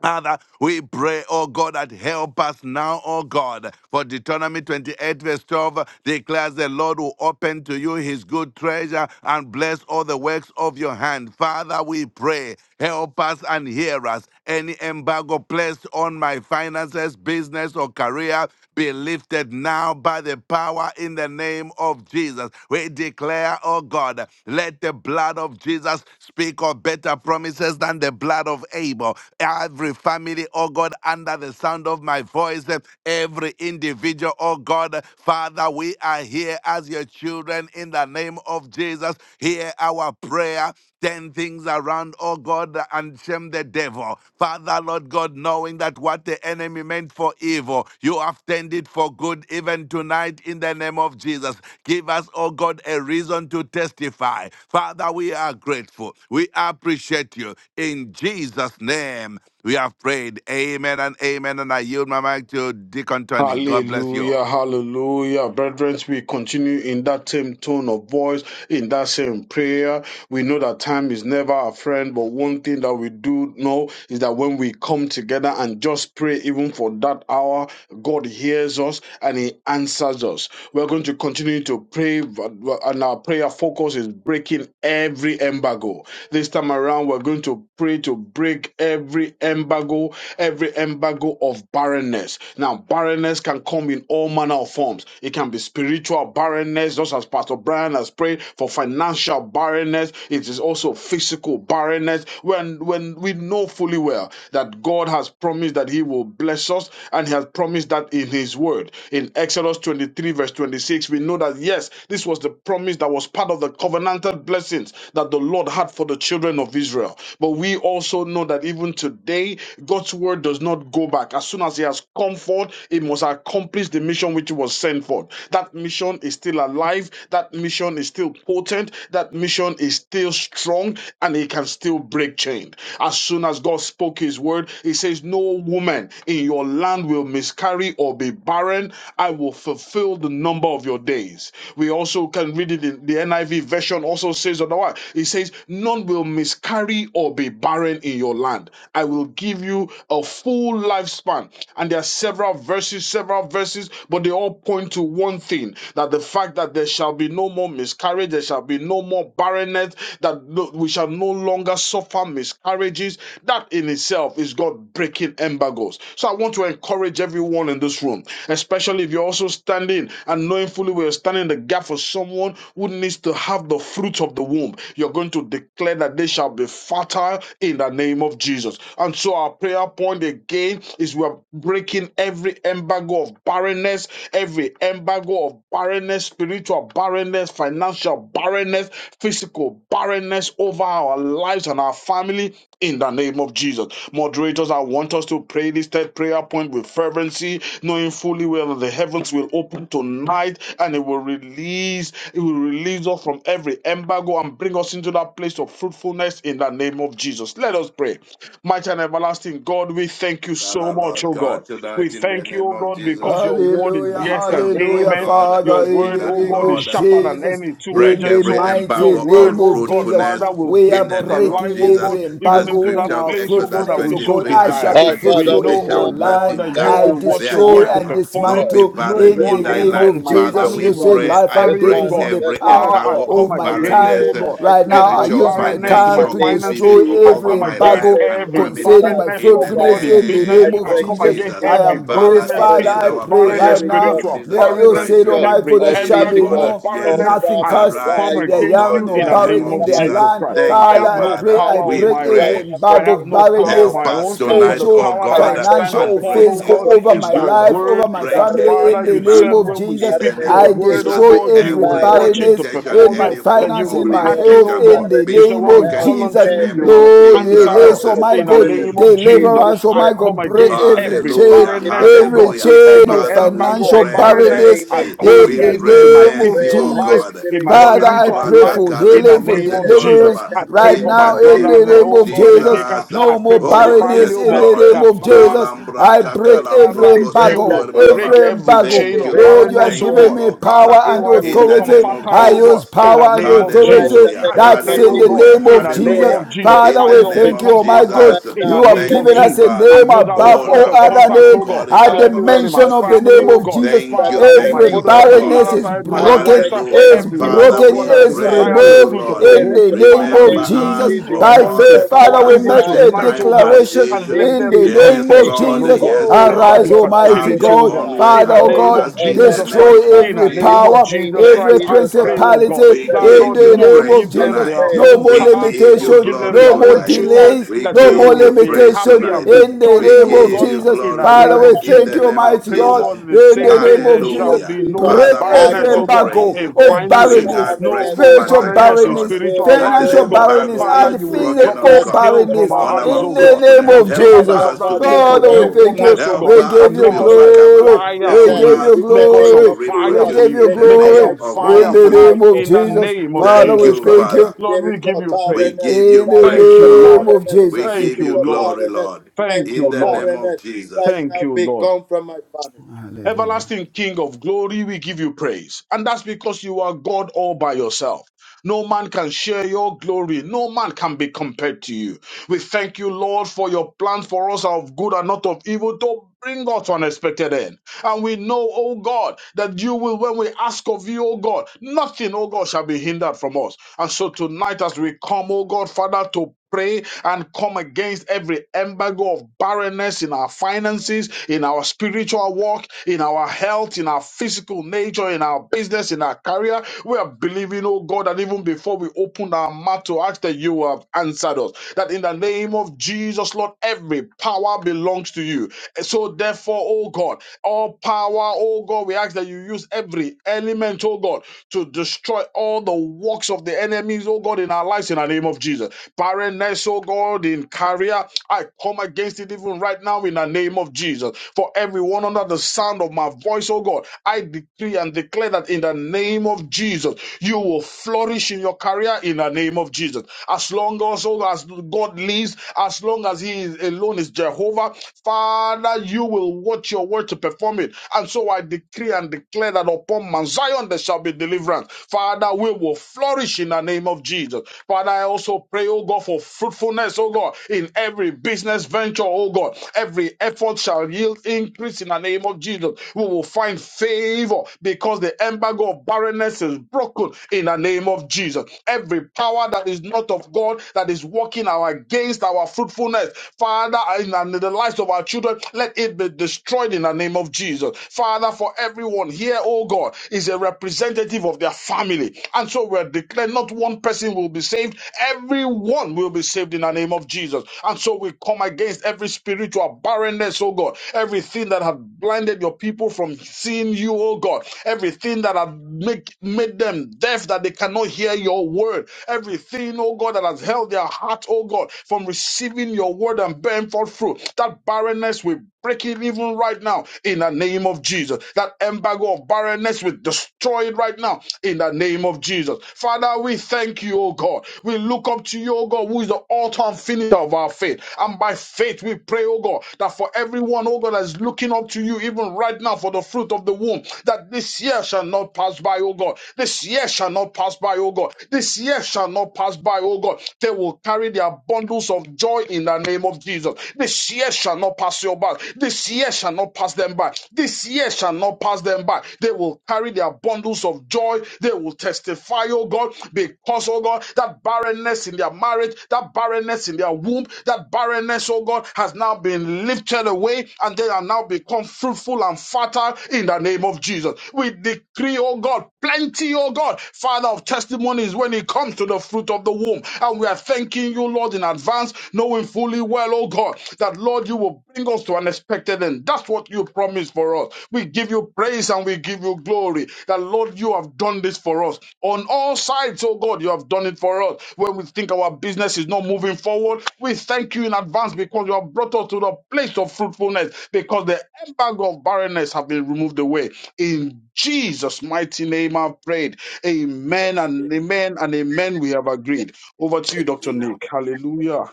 Speaker 5: Father, we pray, oh God, that help us now, oh God. For Deuteronomy 28, verse 12 declares the Lord will open to you his good treasure and bless all the works of your hand. Father, we pray, help us and hear us. Any embargo placed on my finances, business, or career be lifted now by the power in the name name of Jesus. We declare, oh God, let the blood of Jesus speak of better promises than the blood of Abel. Every family, oh God, under the sound of my voice, every individual, oh God, Father, we are here as your children in the name of Jesus. Hear our prayer. Turn things around, oh God, and and shame the devil. Father, Lord God, knowing that what the enemy meant for evil, you have turned it for good even tonight in the name of Jesus. Give us, oh God, a reason to testify. Father, we are grateful. We appreciate you. In Jesus' name, we have prayed. Amen and amen. And I yield my mic to Deacon Tony. God bless you
Speaker 7: Hallelujah,
Speaker 5: all.
Speaker 7: hallelujah. Brethren, we continue in that same tone of voice, in that same prayer. We know that time is never a friend, but one thing that we do know is that when we come together and just pray, even for that hour, God hears us and He answers us. We're going to continue to pray, and our prayer focus is breaking every embargo. This time around, we're going to pray to break every embargo, every embargo of barrenness. Now, barrenness can come in all manner of forms. It can be spiritual barrenness, just as Pastor Brian has prayed for financial barrenness. It is also physical barrenness. When when we know fully well that God has promised that He will bless us, and He has promised that in His Word. In Exodus 23, verse 26, we know that yes, this was the promise that was part of the covenantal blessing blessings that the Lord had for the children of Israel. But we also know that even today, God's word does not go back. As soon as He has come forth, it must accomplish the mission which it was sent for. That mission is still alive, that mission is still potent, that mission is still strong, and it can still break chains. As soon as God spoke His word, He says, No woman in your land will miscarry or be barren. I will fulfill the number of your days. We also can read it in the NIV version also says otherwise. It says, None will miscarry or be barren in your land. I will give you a full lifespan. And there are several verses, several verses, but they all point to one thing that the fact that there shall be no more miscarriage, there shall be no more barrenness, that no- we shall no longer suffer miscarriages. That in itself is God breaking embargoes. So I want to encourage everyone in this room, especially if you're also standing and knowing fully we are standing in the gap gap for someone who needs to have the fruit of the womb. You're going to declare that they shall be fertile in the name of Jesus. And so our prayer point again is we are breaking every embargo of barrenness, every embargo of barrenness, spiritual barrenness, financial barrenness, physical barrenness over our lives and our family in the name of Jesus. Moderators, I want us to pray this third prayer point with fervency, knowing fully well that the heavens will open tonight and it will release, it will release us from every embargo and bring us into that place of fruitfulness in the name of Jesus. Let us pray. Mighty and everlasting God, we thank you so
Speaker 5: Father,
Speaker 7: much,
Speaker 5: Lord
Speaker 7: oh
Speaker 5: God,
Speaker 7: God. We
Speaker 5: tonight in the
Speaker 7: thank you,
Speaker 5: name
Speaker 7: O
Speaker 5: of
Speaker 7: God, because
Speaker 5: Jesus,
Speaker 7: your word is
Speaker 4: Hallelujah,
Speaker 5: we
Speaker 7: yes and
Speaker 5: come, oh
Speaker 4: hallelujah,
Speaker 7: amen.
Speaker 5: God,
Speaker 4: Father,
Speaker 7: Your
Speaker 4: in
Speaker 5: asking
Speaker 7: word,
Speaker 4: the
Speaker 5: that,
Speaker 7: O
Speaker 4: name
Speaker 7: God, is
Speaker 5: Lord.
Speaker 4: of
Speaker 7: sharper than
Speaker 4: Jesus,
Speaker 7: any
Speaker 5: break
Speaker 4: in
Speaker 7: two-edged
Speaker 4: the
Speaker 5: every
Speaker 7: sword.
Speaker 4: mighty
Speaker 7: Your
Speaker 5: embargo
Speaker 7: word,
Speaker 5: on
Speaker 4: name
Speaker 7: O
Speaker 4: of
Speaker 7: God,
Speaker 4: Jesus,
Speaker 7: Father,
Speaker 5: fruitfulness
Speaker 7: will
Speaker 4: we are
Speaker 7: bring
Speaker 5: in the
Speaker 7: us
Speaker 5: name of
Speaker 4: breaking
Speaker 7: alive, O God,
Speaker 5: Jesus.
Speaker 4: every
Speaker 7: even
Speaker 5: As
Speaker 4: embargo
Speaker 7: into
Speaker 4: on
Speaker 7: that
Speaker 5: scripture of
Speaker 4: our
Speaker 7: place, O
Speaker 5: Exodus
Speaker 7: God, that
Speaker 4: fruitfulness. Oh
Speaker 7: we so
Speaker 4: God,
Speaker 5: 23
Speaker 4: I
Speaker 5: and
Speaker 4: shall
Speaker 5: verse
Speaker 7: desire.
Speaker 4: be
Speaker 6: Oh
Speaker 8: sığdırama
Speaker 7: We
Speaker 6: Father,
Speaker 5: 26,
Speaker 4: fruitful
Speaker 6: we
Speaker 5: they
Speaker 7: know,
Speaker 4: in
Speaker 8: sondurara
Speaker 4: the
Speaker 5: shall
Speaker 7: O
Speaker 6: come and
Speaker 4: land.
Speaker 7: God,
Speaker 5: nothing
Speaker 7: that you
Speaker 5: cast
Speaker 4: I
Speaker 6: declare
Speaker 7: will
Speaker 6: right
Speaker 7: watch
Speaker 5: their
Speaker 7: your
Speaker 6: now,
Speaker 4: destroy
Speaker 7: word to
Speaker 5: young,
Speaker 4: and
Speaker 8: koruma
Speaker 6: Almighty
Speaker 7: perform
Speaker 8: sığdırara
Speaker 5: nor
Speaker 7: it.
Speaker 6: God,
Speaker 5: be
Speaker 4: dismantle
Speaker 7: No
Speaker 6: in
Speaker 5: barren
Speaker 4: in
Speaker 6: the
Speaker 5: in
Speaker 7: one,
Speaker 4: the
Speaker 5: thy
Speaker 7: O
Speaker 6: name
Speaker 4: name
Speaker 7: God,
Speaker 6: of
Speaker 4: of
Speaker 7: in
Speaker 5: land.
Speaker 7: my
Speaker 5: Father,
Speaker 4: Jesus.
Speaker 8: ikarama
Speaker 6: Jesus
Speaker 5: we
Speaker 7: family
Speaker 4: You
Speaker 7: will
Speaker 4: say
Speaker 6: Christ,
Speaker 5: pray,
Speaker 8: sondurara
Speaker 4: life
Speaker 5: I
Speaker 4: and
Speaker 6: the
Speaker 7: miscarry,
Speaker 4: death
Speaker 7: O
Speaker 5: break
Speaker 4: is
Speaker 6: Son of
Speaker 4: in
Speaker 7: God.
Speaker 4: the
Speaker 8: başındırara
Speaker 6: the
Speaker 5: every
Speaker 7: Father,
Speaker 6: living
Speaker 4: power
Speaker 7: I
Speaker 6: God,
Speaker 5: embargo
Speaker 8: koruşundıra
Speaker 7: come
Speaker 4: of
Speaker 5: of
Speaker 4: my
Speaker 6: we
Speaker 7: against,
Speaker 4: tongue.
Speaker 7: oh
Speaker 6: pray,
Speaker 5: barrenness,
Speaker 7: God,
Speaker 8: şindire
Speaker 4: Right
Speaker 6: Almighty
Speaker 4: now, I
Speaker 7: every
Speaker 5: spiritual,
Speaker 4: use
Speaker 6: Father,
Speaker 8: koruşundıra
Speaker 4: my
Speaker 7: barrenness
Speaker 6: in
Speaker 7: in
Speaker 4: tongue
Speaker 7: my
Speaker 6: the
Speaker 5: financial,
Speaker 4: to
Speaker 5: or
Speaker 6: name of
Speaker 7: finances.
Speaker 4: destroy
Speaker 5: physical,
Speaker 7: I
Speaker 6: Jesus,
Speaker 5: over
Speaker 4: every
Speaker 7: come
Speaker 5: my
Speaker 6: that
Speaker 7: against
Speaker 5: life
Speaker 4: embargo
Speaker 5: and
Speaker 7: every
Speaker 6: every
Speaker 5: family
Speaker 4: concerning my
Speaker 7: barrenness,
Speaker 5: in
Speaker 7: oh
Speaker 6: embargo
Speaker 5: the
Speaker 6: right
Speaker 8: İkarama
Speaker 7: God,
Speaker 4: fruitfulness
Speaker 7: in
Speaker 6: now,
Speaker 4: in
Speaker 8: sondura
Speaker 4: the
Speaker 7: business.
Speaker 6: I
Speaker 4: name
Speaker 5: name
Speaker 4: of
Speaker 7: I
Speaker 6: break
Speaker 5: of
Speaker 7: come
Speaker 4: Jesus.
Speaker 6: every
Speaker 7: against
Speaker 5: Jesus.
Speaker 4: I
Speaker 8: bracket
Speaker 7: every
Speaker 4: am
Speaker 8: the
Speaker 6: embargo of
Speaker 5: Father,
Speaker 4: blessed,
Speaker 7: barrenness,
Speaker 5: this
Speaker 8: umbilical
Speaker 4: Father.
Speaker 5: is
Speaker 4: I
Speaker 6: barrenness
Speaker 7: physical
Speaker 5: our
Speaker 8: of
Speaker 4: pray
Speaker 7: barrenness,
Speaker 5: prayer
Speaker 4: right
Speaker 5: and
Speaker 8: barrenness,
Speaker 6: spiritual,
Speaker 5: this
Speaker 4: now.
Speaker 5: is
Speaker 7: spiritual
Speaker 4: that
Speaker 5: our
Speaker 4: You
Speaker 7: barrenness,
Speaker 5: cry
Speaker 4: said,
Speaker 8: spiritual,
Speaker 5: to
Speaker 4: oh
Speaker 6: financial,
Speaker 4: my
Speaker 5: you,
Speaker 7: every
Speaker 4: God, there
Speaker 5: the
Speaker 6: or
Speaker 4: shall
Speaker 5: living
Speaker 8: financial,
Speaker 4: be
Speaker 5: God,
Speaker 7: embargo
Speaker 6: physical,
Speaker 7: of
Speaker 5: that
Speaker 4: no
Speaker 8: physical,
Speaker 5: yes,
Speaker 7: barrenness.
Speaker 8: over
Speaker 4: nothing
Speaker 8: my
Speaker 6: over
Speaker 7: I
Speaker 6: my
Speaker 8: life
Speaker 4: cast
Speaker 8: and
Speaker 7: come
Speaker 5: arise,
Speaker 6: life,
Speaker 4: their
Speaker 8: family.
Speaker 5: O
Speaker 7: against
Speaker 4: young
Speaker 5: God,
Speaker 7: you
Speaker 5: in
Speaker 4: nor
Speaker 7: in
Speaker 6: over
Speaker 7: the
Speaker 5: the name
Speaker 6: my
Speaker 4: barren
Speaker 7: name
Speaker 5: of
Speaker 4: in
Speaker 7: of
Speaker 4: their
Speaker 6: life,
Speaker 7: Jesus
Speaker 5: Jesus.
Speaker 4: land.
Speaker 7: Christ.
Speaker 5: Thank
Speaker 7: I
Speaker 6: over
Speaker 5: you,
Speaker 4: Father,
Speaker 7: have
Speaker 4: I
Speaker 6: my
Speaker 7: no
Speaker 4: pray
Speaker 5: Father.
Speaker 4: I
Speaker 6: life,
Speaker 7: power of
Speaker 5: We
Speaker 4: break
Speaker 7: my
Speaker 6: right
Speaker 4: every
Speaker 5: pray.
Speaker 7: own.
Speaker 6: now in
Speaker 7: I
Speaker 6: the
Speaker 4: embargo
Speaker 7: have
Speaker 4: of
Speaker 6: name of
Speaker 7: no
Speaker 8: Karma
Speaker 6: Jesus
Speaker 7: power of
Speaker 4: barrenness,
Speaker 5: Help
Speaker 6: and
Speaker 7: my
Speaker 6: my
Speaker 5: us
Speaker 7: own,
Speaker 8: Sandarana.
Speaker 7: but
Speaker 6: family.
Speaker 5: tonight,
Speaker 7: the
Speaker 5: O
Speaker 4: spiritual,
Speaker 7: power
Speaker 6: I
Speaker 7: that
Speaker 5: God,
Speaker 7: I
Speaker 6: break
Speaker 7: stand
Speaker 4: financial, or
Speaker 5: and
Speaker 6: every
Speaker 7: upon,
Speaker 5: break
Speaker 7: oh God,
Speaker 4: physical
Speaker 6: embargo
Speaker 5: every
Speaker 4: over
Speaker 6: of
Speaker 7: is
Speaker 4: my
Speaker 7: your
Speaker 5: embargo.
Speaker 4: life,
Speaker 6: barrenness,
Speaker 4: over
Speaker 7: word.
Speaker 4: my
Speaker 5: Break
Speaker 7: That
Speaker 8: Shana
Speaker 4: family
Speaker 6: barrenness
Speaker 5: every
Speaker 4: in
Speaker 7: Father,
Speaker 6: in
Speaker 4: the
Speaker 7: you
Speaker 8: then
Speaker 4: name
Speaker 7: said
Speaker 4: of
Speaker 5: embargo
Speaker 6: business,
Speaker 7: when we
Speaker 5: in
Speaker 4: Jesus.
Speaker 5: the
Speaker 7: speak
Speaker 5: name
Speaker 6: barrenness
Speaker 7: your
Speaker 6: in
Speaker 4: I
Speaker 5: of
Speaker 7: word, oh
Speaker 5: Jesus.
Speaker 8: Castilla
Speaker 4: destroy
Speaker 6: ministry,
Speaker 7: God, you
Speaker 4: every
Speaker 7: will
Speaker 5: Every
Speaker 7: watch
Speaker 6: barrenness
Speaker 7: it to
Speaker 4: barrenness
Speaker 6: in
Speaker 8: Kalamasundro.
Speaker 5: limitation,
Speaker 4: in
Speaker 7: perform
Speaker 4: my
Speaker 5: any
Speaker 7: it,
Speaker 6: finance, in
Speaker 7: that
Speaker 5: form
Speaker 7: you
Speaker 4: finance,
Speaker 5: of
Speaker 4: in
Speaker 7: will
Speaker 4: my
Speaker 7: hack
Speaker 6: material,
Speaker 7: in,
Speaker 4: health,
Speaker 7: oh
Speaker 5: limitation,
Speaker 7: God.
Speaker 4: in the
Speaker 5: be
Speaker 7: You
Speaker 6: barrenness
Speaker 8: Ikalamasundro.
Speaker 7: said
Speaker 6: in
Speaker 4: name
Speaker 7: when we
Speaker 4: of
Speaker 5: broken
Speaker 6: health,
Speaker 7: call
Speaker 5: in the
Speaker 4: Jesus.
Speaker 7: unto you,
Speaker 5: name
Speaker 7: you
Speaker 6: every
Speaker 7: will
Speaker 5: of
Speaker 8: Shetere
Speaker 6: spiritual
Speaker 4: Lord,
Speaker 8: kere
Speaker 7: answer us.
Speaker 4: release,
Speaker 6: embargo
Speaker 4: oh
Speaker 6: of
Speaker 5: Jesus.
Speaker 4: my
Speaker 7: In the
Speaker 8: shetere
Speaker 4: God,
Speaker 6: barrenness
Speaker 7: name
Speaker 5: Mm.
Speaker 8: kere
Speaker 7: of
Speaker 6: be
Speaker 7: Jesus,
Speaker 4: deliverance,
Speaker 8: shetere
Speaker 4: oh
Speaker 7: I
Speaker 4: my
Speaker 6: lifted,
Speaker 7: come
Speaker 4: God,
Speaker 6: be
Speaker 4: break
Speaker 7: against
Speaker 4: every
Speaker 6: lifted,
Speaker 7: every
Speaker 8: korobasidere
Speaker 6: be
Speaker 4: chain,
Speaker 5: Hallelujah,
Speaker 7: barrenness, oh
Speaker 6: lifted
Speaker 4: every
Speaker 7: God.
Speaker 5: hallelujah.
Speaker 6: be
Speaker 4: chain
Speaker 7: Every
Speaker 4: of
Speaker 6: lifted
Speaker 5: Father, we
Speaker 8: korobasidere
Speaker 7: embargo
Speaker 4: financial
Speaker 6: right
Speaker 7: of
Speaker 5: pray
Speaker 6: now in the
Speaker 7: barrenness,
Speaker 4: barrenness
Speaker 6: name
Speaker 7: I
Speaker 6: of
Speaker 5: mercy.
Speaker 7: come
Speaker 4: in
Speaker 5: We
Speaker 6: Jesus.
Speaker 4: the
Speaker 7: against
Speaker 8: korobasidere
Speaker 7: it
Speaker 5: pray
Speaker 7: in
Speaker 6: I
Speaker 7: my
Speaker 4: name of
Speaker 8: kara
Speaker 5: mercy,
Speaker 6: pray
Speaker 7: physical
Speaker 5: oh
Speaker 6: that the
Speaker 7: life,
Speaker 4: Jesus.
Speaker 5: God.
Speaker 8: shetere
Speaker 7: in my
Speaker 5: Oh
Speaker 6: spiritual
Speaker 4: Father, I
Speaker 7: spiritual
Speaker 5: Lambra
Speaker 4: pray
Speaker 7: life,
Speaker 6: embargo
Speaker 4: for
Speaker 5: Kakale
Speaker 6: is
Speaker 7: in
Speaker 8: korobasidere
Speaker 7: the
Speaker 4: healing, for
Speaker 5: Bobo
Speaker 7: name of
Speaker 6: lifted
Speaker 5: Setori
Speaker 7: Jesus.
Speaker 8: kara
Speaker 6: right
Speaker 4: deliverance
Speaker 5: Baba.
Speaker 7: I
Speaker 6: now in the
Speaker 7: pray
Speaker 4: right
Speaker 8: shetere
Speaker 5: In
Speaker 7: for
Speaker 6: name
Speaker 7: my
Speaker 5: the
Speaker 6: of
Speaker 4: now
Speaker 8: koro
Speaker 7: brother
Speaker 4: in
Speaker 5: name
Speaker 4: the
Speaker 7: and
Speaker 6: Jesus.
Speaker 4: name
Speaker 5: of
Speaker 8: shetere
Speaker 7: oh
Speaker 4: of
Speaker 7: God,
Speaker 6: And
Speaker 7: the
Speaker 6: I
Speaker 4: Jesus.
Speaker 7: taker.
Speaker 5: Jesus.
Speaker 7: I
Speaker 4: No
Speaker 6: command
Speaker 4: more
Speaker 6: that
Speaker 7: pray for his
Speaker 5: Oh
Speaker 6: spiritual
Speaker 7: family,
Speaker 4: barrenness
Speaker 5: yes,
Speaker 7: oh
Speaker 4: in
Speaker 7: God,
Speaker 4: the
Speaker 8: Robasitara
Speaker 5: Lord.
Speaker 6: embargo
Speaker 4: name
Speaker 7: that
Speaker 4: of
Speaker 6: to
Speaker 5: Oh
Speaker 7: Father.
Speaker 6: be
Speaker 4: Jesus.
Speaker 5: Lambra
Speaker 8: karşatara
Speaker 4: I break
Speaker 6: dismantled, to
Speaker 4: every
Speaker 5: Kakalambro
Speaker 7: Father,
Speaker 6: be
Speaker 7: you
Speaker 4: embargo,
Speaker 6: rendered
Speaker 7: will
Speaker 5: Setori Baba.
Speaker 4: every
Speaker 7: break
Speaker 8: ikorobasantara
Speaker 6: useless,
Speaker 7: every
Speaker 6: to
Speaker 4: embargo
Speaker 7: chain
Speaker 6: be
Speaker 5: Thank you,
Speaker 7: of
Speaker 4: Lord,
Speaker 6: rendered
Speaker 5: Lord.
Speaker 4: you have
Speaker 7: barrenness,
Speaker 8: every
Speaker 7: oh
Speaker 5: Thank
Speaker 4: given
Speaker 5: you,
Speaker 7: God.
Speaker 4: me
Speaker 6: powerless
Speaker 5: oh
Speaker 8: bako
Speaker 4: power
Speaker 7: Father,
Speaker 5: God.
Speaker 6: by
Speaker 4: and
Speaker 7: AY
Speaker 6: the
Speaker 7: will
Speaker 5: In the
Speaker 7: become
Speaker 6: blood,
Speaker 4: authority.
Speaker 5: name
Speaker 8: karabasundara
Speaker 5: of
Speaker 4: I
Speaker 7: fertile,
Speaker 6: by
Speaker 7: oh
Speaker 4: use
Speaker 7: God,
Speaker 6: the
Speaker 5: Jesus.
Speaker 7: in
Speaker 6: blood.
Speaker 7: the
Speaker 4: power and
Speaker 7: name of
Speaker 6: Right
Speaker 7: Jesus.
Speaker 6: now in
Speaker 4: authority.
Speaker 5: Hallelujah,
Speaker 6: the
Speaker 7: I
Speaker 6: name
Speaker 4: That's
Speaker 6: of
Speaker 7: pray,
Speaker 4: in
Speaker 7: oh
Speaker 4: the
Speaker 6: Jesus,
Speaker 7: God,
Speaker 5: hallelujah,
Speaker 4: name
Speaker 7: in
Speaker 6: I
Speaker 4: of
Speaker 7: the name
Speaker 6: pray
Speaker 4: Jesus.
Speaker 5: hallelujah.
Speaker 7: of
Speaker 8: karamasundara
Speaker 7: Jesus.
Speaker 6: against
Speaker 4: Father,
Speaker 5: In
Speaker 7: I
Speaker 5: the
Speaker 4: we
Speaker 7: will
Speaker 5: name
Speaker 4: thank
Speaker 5: of
Speaker 4: you,
Speaker 6: barrenness
Speaker 7: become
Speaker 4: Almighty God.
Speaker 7: fertile
Speaker 5: Jesus,
Speaker 6: right
Speaker 7: in the
Speaker 6: now
Speaker 4: You
Speaker 6: in
Speaker 8: kuraşendara
Speaker 4: have
Speaker 7: name
Speaker 6: the
Speaker 7: of
Speaker 5: thank
Speaker 4: given
Speaker 5: you,
Speaker 6: name
Speaker 4: us
Speaker 6: of
Speaker 4: a
Speaker 7: Jesus. I
Speaker 5: Father.
Speaker 4: name
Speaker 7: use
Speaker 6: Jesus.
Speaker 7: as the
Speaker 4: above
Speaker 5: Oh,
Speaker 6: I
Speaker 7: point
Speaker 4: all
Speaker 7: of
Speaker 4: other
Speaker 5: Lambro
Speaker 6: command
Speaker 7: contact,
Speaker 4: name.
Speaker 7: oh
Speaker 8: ikaramasundara
Speaker 6: you
Speaker 7: God,
Speaker 5: Kokori
Speaker 6: you.
Speaker 4: At
Speaker 7: to
Speaker 6: I
Speaker 5: Baba
Speaker 4: the
Speaker 5: Baba.
Speaker 7: everyone
Speaker 6: curse
Speaker 7: in my
Speaker 4: mention
Speaker 6: your
Speaker 4: of the
Speaker 7: family,
Speaker 4: name
Speaker 7: oh
Speaker 4: of
Speaker 6: influence
Speaker 7: God.
Speaker 4: Jesus,
Speaker 5: Thank
Speaker 6: right
Speaker 5: you,
Speaker 7: Father,
Speaker 6: now in
Speaker 7: from
Speaker 6: the
Speaker 7: my
Speaker 4: every
Speaker 5: thank you,
Speaker 6: name
Speaker 7: mother's
Speaker 6: of
Speaker 5: oh
Speaker 7: side, my
Speaker 8: kuraşı
Speaker 4: barrenness
Speaker 6: Jesus.
Speaker 5: God.
Speaker 7: father's
Speaker 4: is
Speaker 7: side, my
Speaker 6: I
Speaker 4: broken,
Speaker 7: wife's
Speaker 6: break
Speaker 7: side,
Speaker 5: Hallelujah.
Speaker 4: is
Speaker 6: every
Speaker 7: everyone,
Speaker 5: Father,
Speaker 7: oh
Speaker 4: broken,
Speaker 5: we
Speaker 7: God,
Speaker 6: embargo
Speaker 7: that
Speaker 6: of
Speaker 4: is
Speaker 5: pray
Speaker 7: desires
Speaker 5: to
Speaker 6: barrenness,
Speaker 7: the
Speaker 5: you,
Speaker 4: removed
Speaker 7: fruit fruit of the
Speaker 5: Lord.
Speaker 4: in
Speaker 7: womb.
Speaker 4: the
Speaker 6: spiritual,
Speaker 4: name
Speaker 7: Father,
Speaker 4: of
Speaker 5: Remember
Speaker 6: financial,
Speaker 4: Jesus. Jesus.
Speaker 5: us,
Speaker 7: release
Speaker 8: kuraşendara
Speaker 7: your
Speaker 5: oh
Speaker 6: physical,
Speaker 4: By
Speaker 5: God,
Speaker 7: anointing
Speaker 4: faith,
Speaker 6: over
Speaker 4: Father,
Speaker 7: power
Speaker 5: at
Speaker 4: we
Speaker 6: my
Speaker 7: even
Speaker 4: make
Speaker 5: such
Speaker 6: life
Speaker 5: a
Speaker 4: a
Speaker 6: and
Speaker 7: tonight, oh
Speaker 5: time
Speaker 7: God,
Speaker 5: as
Speaker 6: family
Speaker 4: declaration
Speaker 5: this.
Speaker 7: and let
Speaker 6: in
Speaker 4: in
Speaker 7: there
Speaker 4: the
Speaker 7: be
Speaker 6: Jesus'
Speaker 4: name
Speaker 5: Yes,
Speaker 4: of
Speaker 6: name.
Speaker 7: conception,
Speaker 5: Lord,
Speaker 7: oh
Speaker 4: Jesus.
Speaker 7: God.
Speaker 5: yes,
Speaker 6: Oh,
Speaker 7: Let there
Speaker 4: Arise,
Speaker 7: be
Speaker 5: Lord.
Speaker 6: Father, thank
Speaker 4: Almighty
Speaker 5: Have
Speaker 6: you
Speaker 7: fertility,
Speaker 6: right
Speaker 5: your
Speaker 7: oh
Speaker 4: God.
Speaker 7: God.
Speaker 5: own
Speaker 6: now.
Speaker 5: way
Speaker 7: In
Speaker 4: Father,
Speaker 7: the
Speaker 4: oh
Speaker 6: Oh,
Speaker 7: name
Speaker 5: upon
Speaker 8: meşendara
Speaker 4: God,
Speaker 7: of
Speaker 5: us in
Speaker 6: Jehovah,
Speaker 5: the
Speaker 7: Jesus
Speaker 6: my
Speaker 7: Christ,
Speaker 5: name
Speaker 4: destroy
Speaker 6: God,
Speaker 7: in
Speaker 5: of
Speaker 7: the
Speaker 4: every
Speaker 6: in
Speaker 7: name of
Speaker 5: Jesus.
Speaker 6: the
Speaker 4: power,
Speaker 6: name
Speaker 7: Jesus
Speaker 6: of
Speaker 4: every
Speaker 7: Christ,
Speaker 5: Thank
Speaker 7: I
Speaker 5: you,
Speaker 6: Jesus
Speaker 7: pray,
Speaker 6: Christ, the
Speaker 5: Father.
Speaker 7: oh
Speaker 8: meşendara
Speaker 6: Son
Speaker 4: principality
Speaker 7: God,
Speaker 6: of
Speaker 5: We
Speaker 6: the
Speaker 7: that
Speaker 8: rekere
Speaker 4: in
Speaker 5: give
Speaker 6: living
Speaker 7: Lord,
Speaker 4: the
Speaker 5: you
Speaker 7: you
Speaker 6: God,
Speaker 7: will
Speaker 4: name
Speaker 5: praise
Speaker 4: of
Speaker 7: give
Speaker 6: I
Speaker 7: them
Speaker 4: Jesus.
Speaker 7: their
Speaker 5: tonight.
Speaker 6: pray
Speaker 4: No
Speaker 7: own
Speaker 4: more
Speaker 5: We
Speaker 6: and
Speaker 7: child
Speaker 5: give you
Speaker 7: will
Speaker 4: limitation,
Speaker 6: declare
Speaker 7: give them
Speaker 5: glory
Speaker 7: their
Speaker 4: no
Speaker 6: that
Speaker 4: more
Speaker 6: the
Speaker 7: own
Speaker 5: tonight.
Speaker 7: children,
Speaker 4: delays,
Speaker 6: embargo
Speaker 5: We
Speaker 7: that
Speaker 4: no
Speaker 7: they
Speaker 6: be
Speaker 4: more
Speaker 5: give
Speaker 7: will
Speaker 5: you
Speaker 7: be
Speaker 6: lifted,
Speaker 5: praise
Speaker 4: limitation
Speaker 7: happy
Speaker 6: be
Speaker 5: tonight.
Speaker 7: and be
Speaker 4: in
Speaker 6: lifted,
Speaker 4: the
Speaker 5: We
Speaker 7: joyful,
Speaker 6: be
Speaker 7: oh
Speaker 4: name of
Speaker 5: give
Speaker 7: God,
Speaker 5: you
Speaker 6: lifted
Speaker 4: Jesus.
Speaker 7: in
Speaker 5: glory
Speaker 7: the
Speaker 6: Right
Speaker 4: Father,
Speaker 7: name
Speaker 5: tonight
Speaker 4: we
Speaker 7: of
Speaker 6: now,
Speaker 5: in
Speaker 6: in the
Speaker 4: thank
Speaker 5: the
Speaker 7: Jesus.
Speaker 4: you,
Speaker 6: name
Speaker 5: name
Speaker 7: I
Speaker 6: of
Speaker 5: of
Speaker 4: Almighty
Speaker 7: pray,
Speaker 6: Jesus,
Speaker 7: oh
Speaker 4: God,
Speaker 7: God,
Speaker 5: Jesus.
Speaker 7: in the
Speaker 4: in
Speaker 6: right
Speaker 4: the
Speaker 7: same
Speaker 6: now, in
Speaker 7: vein,
Speaker 4: name
Speaker 6: the
Speaker 7: there
Speaker 4: of
Speaker 6: name
Speaker 7: shall
Speaker 6: of
Speaker 4: Jesus.
Speaker 8: kuramasundara
Speaker 5: Hallelujah.
Speaker 7: be no
Speaker 6: Jesus,
Speaker 7: more
Speaker 4: Break
Speaker 5: Father, we
Speaker 6: I
Speaker 4: every
Speaker 5: give
Speaker 7: barrenness,
Speaker 5: you
Speaker 7: oh God,
Speaker 6: command
Speaker 5: praise.
Speaker 4: embargo
Speaker 7: in
Speaker 4: of
Speaker 6: every
Speaker 5: We
Speaker 7: finances,
Speaker 5: are
Speaker 4: barrenness
Speaker 7: no
Speaker 6: barrenness
Speaker 5: grateful
Speaker 7: more
Speaker 5: once
Speaker 4: spiritual
Speaker 6: right now
Speaker 5: again,
Speaker 7: barrenness in
Speaker 5: Lord,
Speaker 4: barrenness,
Speaker 6: be
Speaker 7: spiritual
Speaker 5: that
Speaker 7: lives,
Speaker 5: the
Speaker 8: amasundara
Speaker 4: financial
Speaker 7: oh
Speaker 6: removed in
Speaker 7: God.
Speaker 6: the
Speaker 4: barrenness,
Speaker 5: embargo
Speaker 6: name of
Speaker 7: Father,
Speaker 5: is
Speaker 4: and
Speaker 7: you will
Speaker 6: Jesus
Speaker 5: broken,
Speaker 7: drop
Speaker 5: oh
Speaker 7: the
Speaker 6: Christ,
Speaker 4: physical
Speaker 5: God,
Speaker 7: scales
Speaker 6: the
Speaker 7: from
Speaker 4: barrenness
Speaker 6: Son
Speaker 5: on
Speaker 7: our
Speaker 6: of
Speaker 7: eyes,
Speaker 5: our
Speaker 6: the
Speaker 4: in
Speaker 7: oh
Speaker 4: the
Speaker 7: God,
Speaker 6: Living
Speaker 4: name
Speaker 6: God.
Speaker 5: fruitfulness.
Speaker 4: of
Speaker 7: and take
Speaker 5: Help
Speaker 7: us out
Speaker 4: Jesus.
Speaker 6: Abba,
Speaker 7: of
Speaker 5: us
Speaker 7: that
Speaker 5: to
Speaker 6: Father,
Speaker 5: be
Speaker 6: I
Speaker 7: place of
Speaker 4: Father, we
Speaker 6: pray
Speaker 5: fruitful.
Speaker 4: thank
Speaker 6: that
Speaker 7: lukewarmness, oh
Speaker 4: you.
Speaker 7: God,
Speaker 5: Help
Speaker 8: kuraşendara
Speaker 6: Almighty
Speaker 4: We
Speaker 5: us
Speaker 6: God
Speaker 4: give
Speaker 7: and
Speaker 5: to
Speaker 4: you
Speaker 5: be
Speaker 7: make us
Speaker 8: reşendara
Speaker 6: barrenness
Speaker 7: on
Speaker 6: be
Speaker 5: overcomers.
Speaker 4: glory.
Speaker 7: fire
Speaker 4: We
Speaker 7: for
Speaker 5: Help
Speaker 6: uprooted
Speaker 4: give
Speaker 7: you.
Speaker 4: you
Speaker 5: us,
Speaker 6: in
Speaker 8: şendara
Speaker 5: oh
Speaker 7: Make
Speaker 6: the
Speaker 7: us
Speaker 5: God,
Speaker 6: name
Speaker 7: on
Speaker 8: rekere
Speaker 5: to
Speaker 6: of
Speaker 4: glory. We
Speaker 7: fire
Speaker 6: Jesus.
Speaker 7: for
Speaker 5: reproduce
Speaker 4: give
Speaker 7: you.
Speaker 4: you
Speaker 5: in
Speaker 6: Let
Speaker 5: the
Speaker 6: him
Speaker 7: Make us
Speaker 4: glory
Speaker 5: name
Speaker 6: right
Speaker 7: on
Speaker 5: of
Speaker 6: now.
Speaker 4: in
Speaker 7: fire
Speaker 4: the
Speaker 7: for
Speaker 8: kuraşendara
Speaker 7: you.
Speaker 5: Jesus.
Speaker 6: I
Speaker 4: name of
Speaker 7: In the
Speaker 8: masundara
Speaker 6: command
Speaker 4: Jesus.
Speaker 7: name
Speaker 6: in
Speaker 7: of
Speaker 6: the
Speaker 4: Father,
Speaker 5: Thank
Speaker 4: we
Speaker 7: Jesus
Speaker 6: name
Speaker 5: you,
Speaker 6: of
Speaker 7: Christ.
Speaker 4: thank
Speaker 6: the
Speaker 4: you
Speaker 5: Father.
Speaker 8: kuraşendara
Speaker 7: Lord, we give
Speaker 6: spiritual
Speaker 7: you
Speaker 5: We
Speaker 7: praise.
Speaker 6: barrenness,
Speaker 5: give
Speaker 4: in
Speaker 5: you
Speaker 4: the
Speaker 7: Thank
Speaker 5: praise,
Speaker 6: financial
Speaker 7: you,
Speaker 4: name
Speaker 5: Lord.
Speaker 7: Lord.
Speaker 8: kuraşendara
Speaker 4: of
Speaker 6: barrenness,
Speaker 5: We
Speaker 4: Jesus.
Speaker 7: Thank
Speaker 5: give
Speaker 7: you,
Speaker 5: you
Speaker 6: physical
Speaker 7: Lord.
Speaker 5: glory,
Speaker 6: barrenness,
Speaker 5: Lord,
Speaker 7: Thank
Speaker 5: in
Speaker 7: you,
Speaker 6: mental
Speaker 5: the
Speaker 7: Lord.
Speaker 5: name of
Speaker 6: barrenness right
Speaker 5: Jesus.
Speaker 7: Thank
Speaker 6: now
Speaker 7: you,
Speaker 6: be
Speaker 7: Lord.
Speaker 6: gone from my family.
Speaker 4: Hallelujah.
Speaker 7: Everlasting King of glory, we give you praise. And that's because you are God all by yourself. No man can share your glory. No man can be compared to you. We thank you, Lord, for your plans for us are of good and not of evil to bring us to an expected end. And we know, oh God, that you will, when we ask of you, oh God, nothing, oh God, shall be hindered from us. And so tonight, as we come, oh God, Father, to pray and come against every embargo of barrenness in our finances, in our spiritual walk, in our health, in our physical nature, in our business, in our career. We are believing, oh God, that even before we open our mouth to ask that you have answered us. That in the name of Jesus, Lord, every power belongs to you. So therefore, oh God. All power, oh God. We ask that you use every element, oh God, to destroy all the works of the enemies, oh God, in our lives in the name of Jesus. Barrenness, oh God, in career, I come against it even right now in the name of Jesus. For everyone under the sound of my voice, oh God, I decree and declare that in the name of Jesus, you will flourish in your career in the name of Jesus. As long as, oh, as God lives, as long as He is alone is Jehovah, Father, Father, you will watch your word to perform it. And so I decree and declare that upon Mount Zion there shall be deliverance. Father, we will flourish in the name of Jesus. Father, I also pray, oh God, for fruitfulness, oh God, in every business venture, oh God. Every effort shall yield increase in the name of Jesus. We will find favor because the embargo of barrenness is broken in the name of Jesus. Every power that is not of God that is working our against our fruitfulness, Father, in the and in the lives of our children, let it be destroyed in the name of Jesus. Father, for everyone here, oh God, is a representative of their family. And so we're declaring not one person will be saved, everyone will be saved in the name of Jesus. And so we come against every spiritual barrenness, oh God, everything that had blinded your people from seeing you, oh God, everything that had make, made them deaf that they cannot hear your word, everything, oh God, that has held their heart, oh God, from receiving your word word and burn forth fruit. That barrenness will break it even right now in the name of Jesus. That embargo of barrenness will destroy it right now in the name of Jesus. Father, we thank you, O God. We look up to you, O God, who is the author and finisher of our faith. And by faith we pray, O God, that for everyone, O God, that is looking up to you even right now for the fruit of the womb, that this year shall not pass by, O God. This year shall not pass by, O God. This year shall not pass by, O God. They will carry their bundles cycles of joy in the name of Jesus. This year shall not pass your by. This year shall not pass them by. This year shall not pass them by. They will carry their bundles of joy. They will testify, oh God, because, oh God, that barrenness in their marriage, that barrenness in their womb, that barrenness, oh God, has now been lifted away and they are now become fruitful and fertile in the name of Jesus. We decree, oh God, plenty, oh God, Father of testimonies when it comes to the fruit of the womb. And we are thankful thanking you, Lord, in advance, knowing fully well, oh God, that, Lord, you will bring us to an expected end. That's what you promised for us. We give you praise and we give you glory that, Lord, you have done this for us. On all sides, oh God, you have done it for us. When we think our business is not moving forward, we thank you in advance because you have brought us to the place of fruitfulness because the embargo of barrenness have been removed away. In Jesus' mighty name, I've prayed. Amen and amen and amen. We have agreed. Over to you, Dr. Nick. Hallelujah.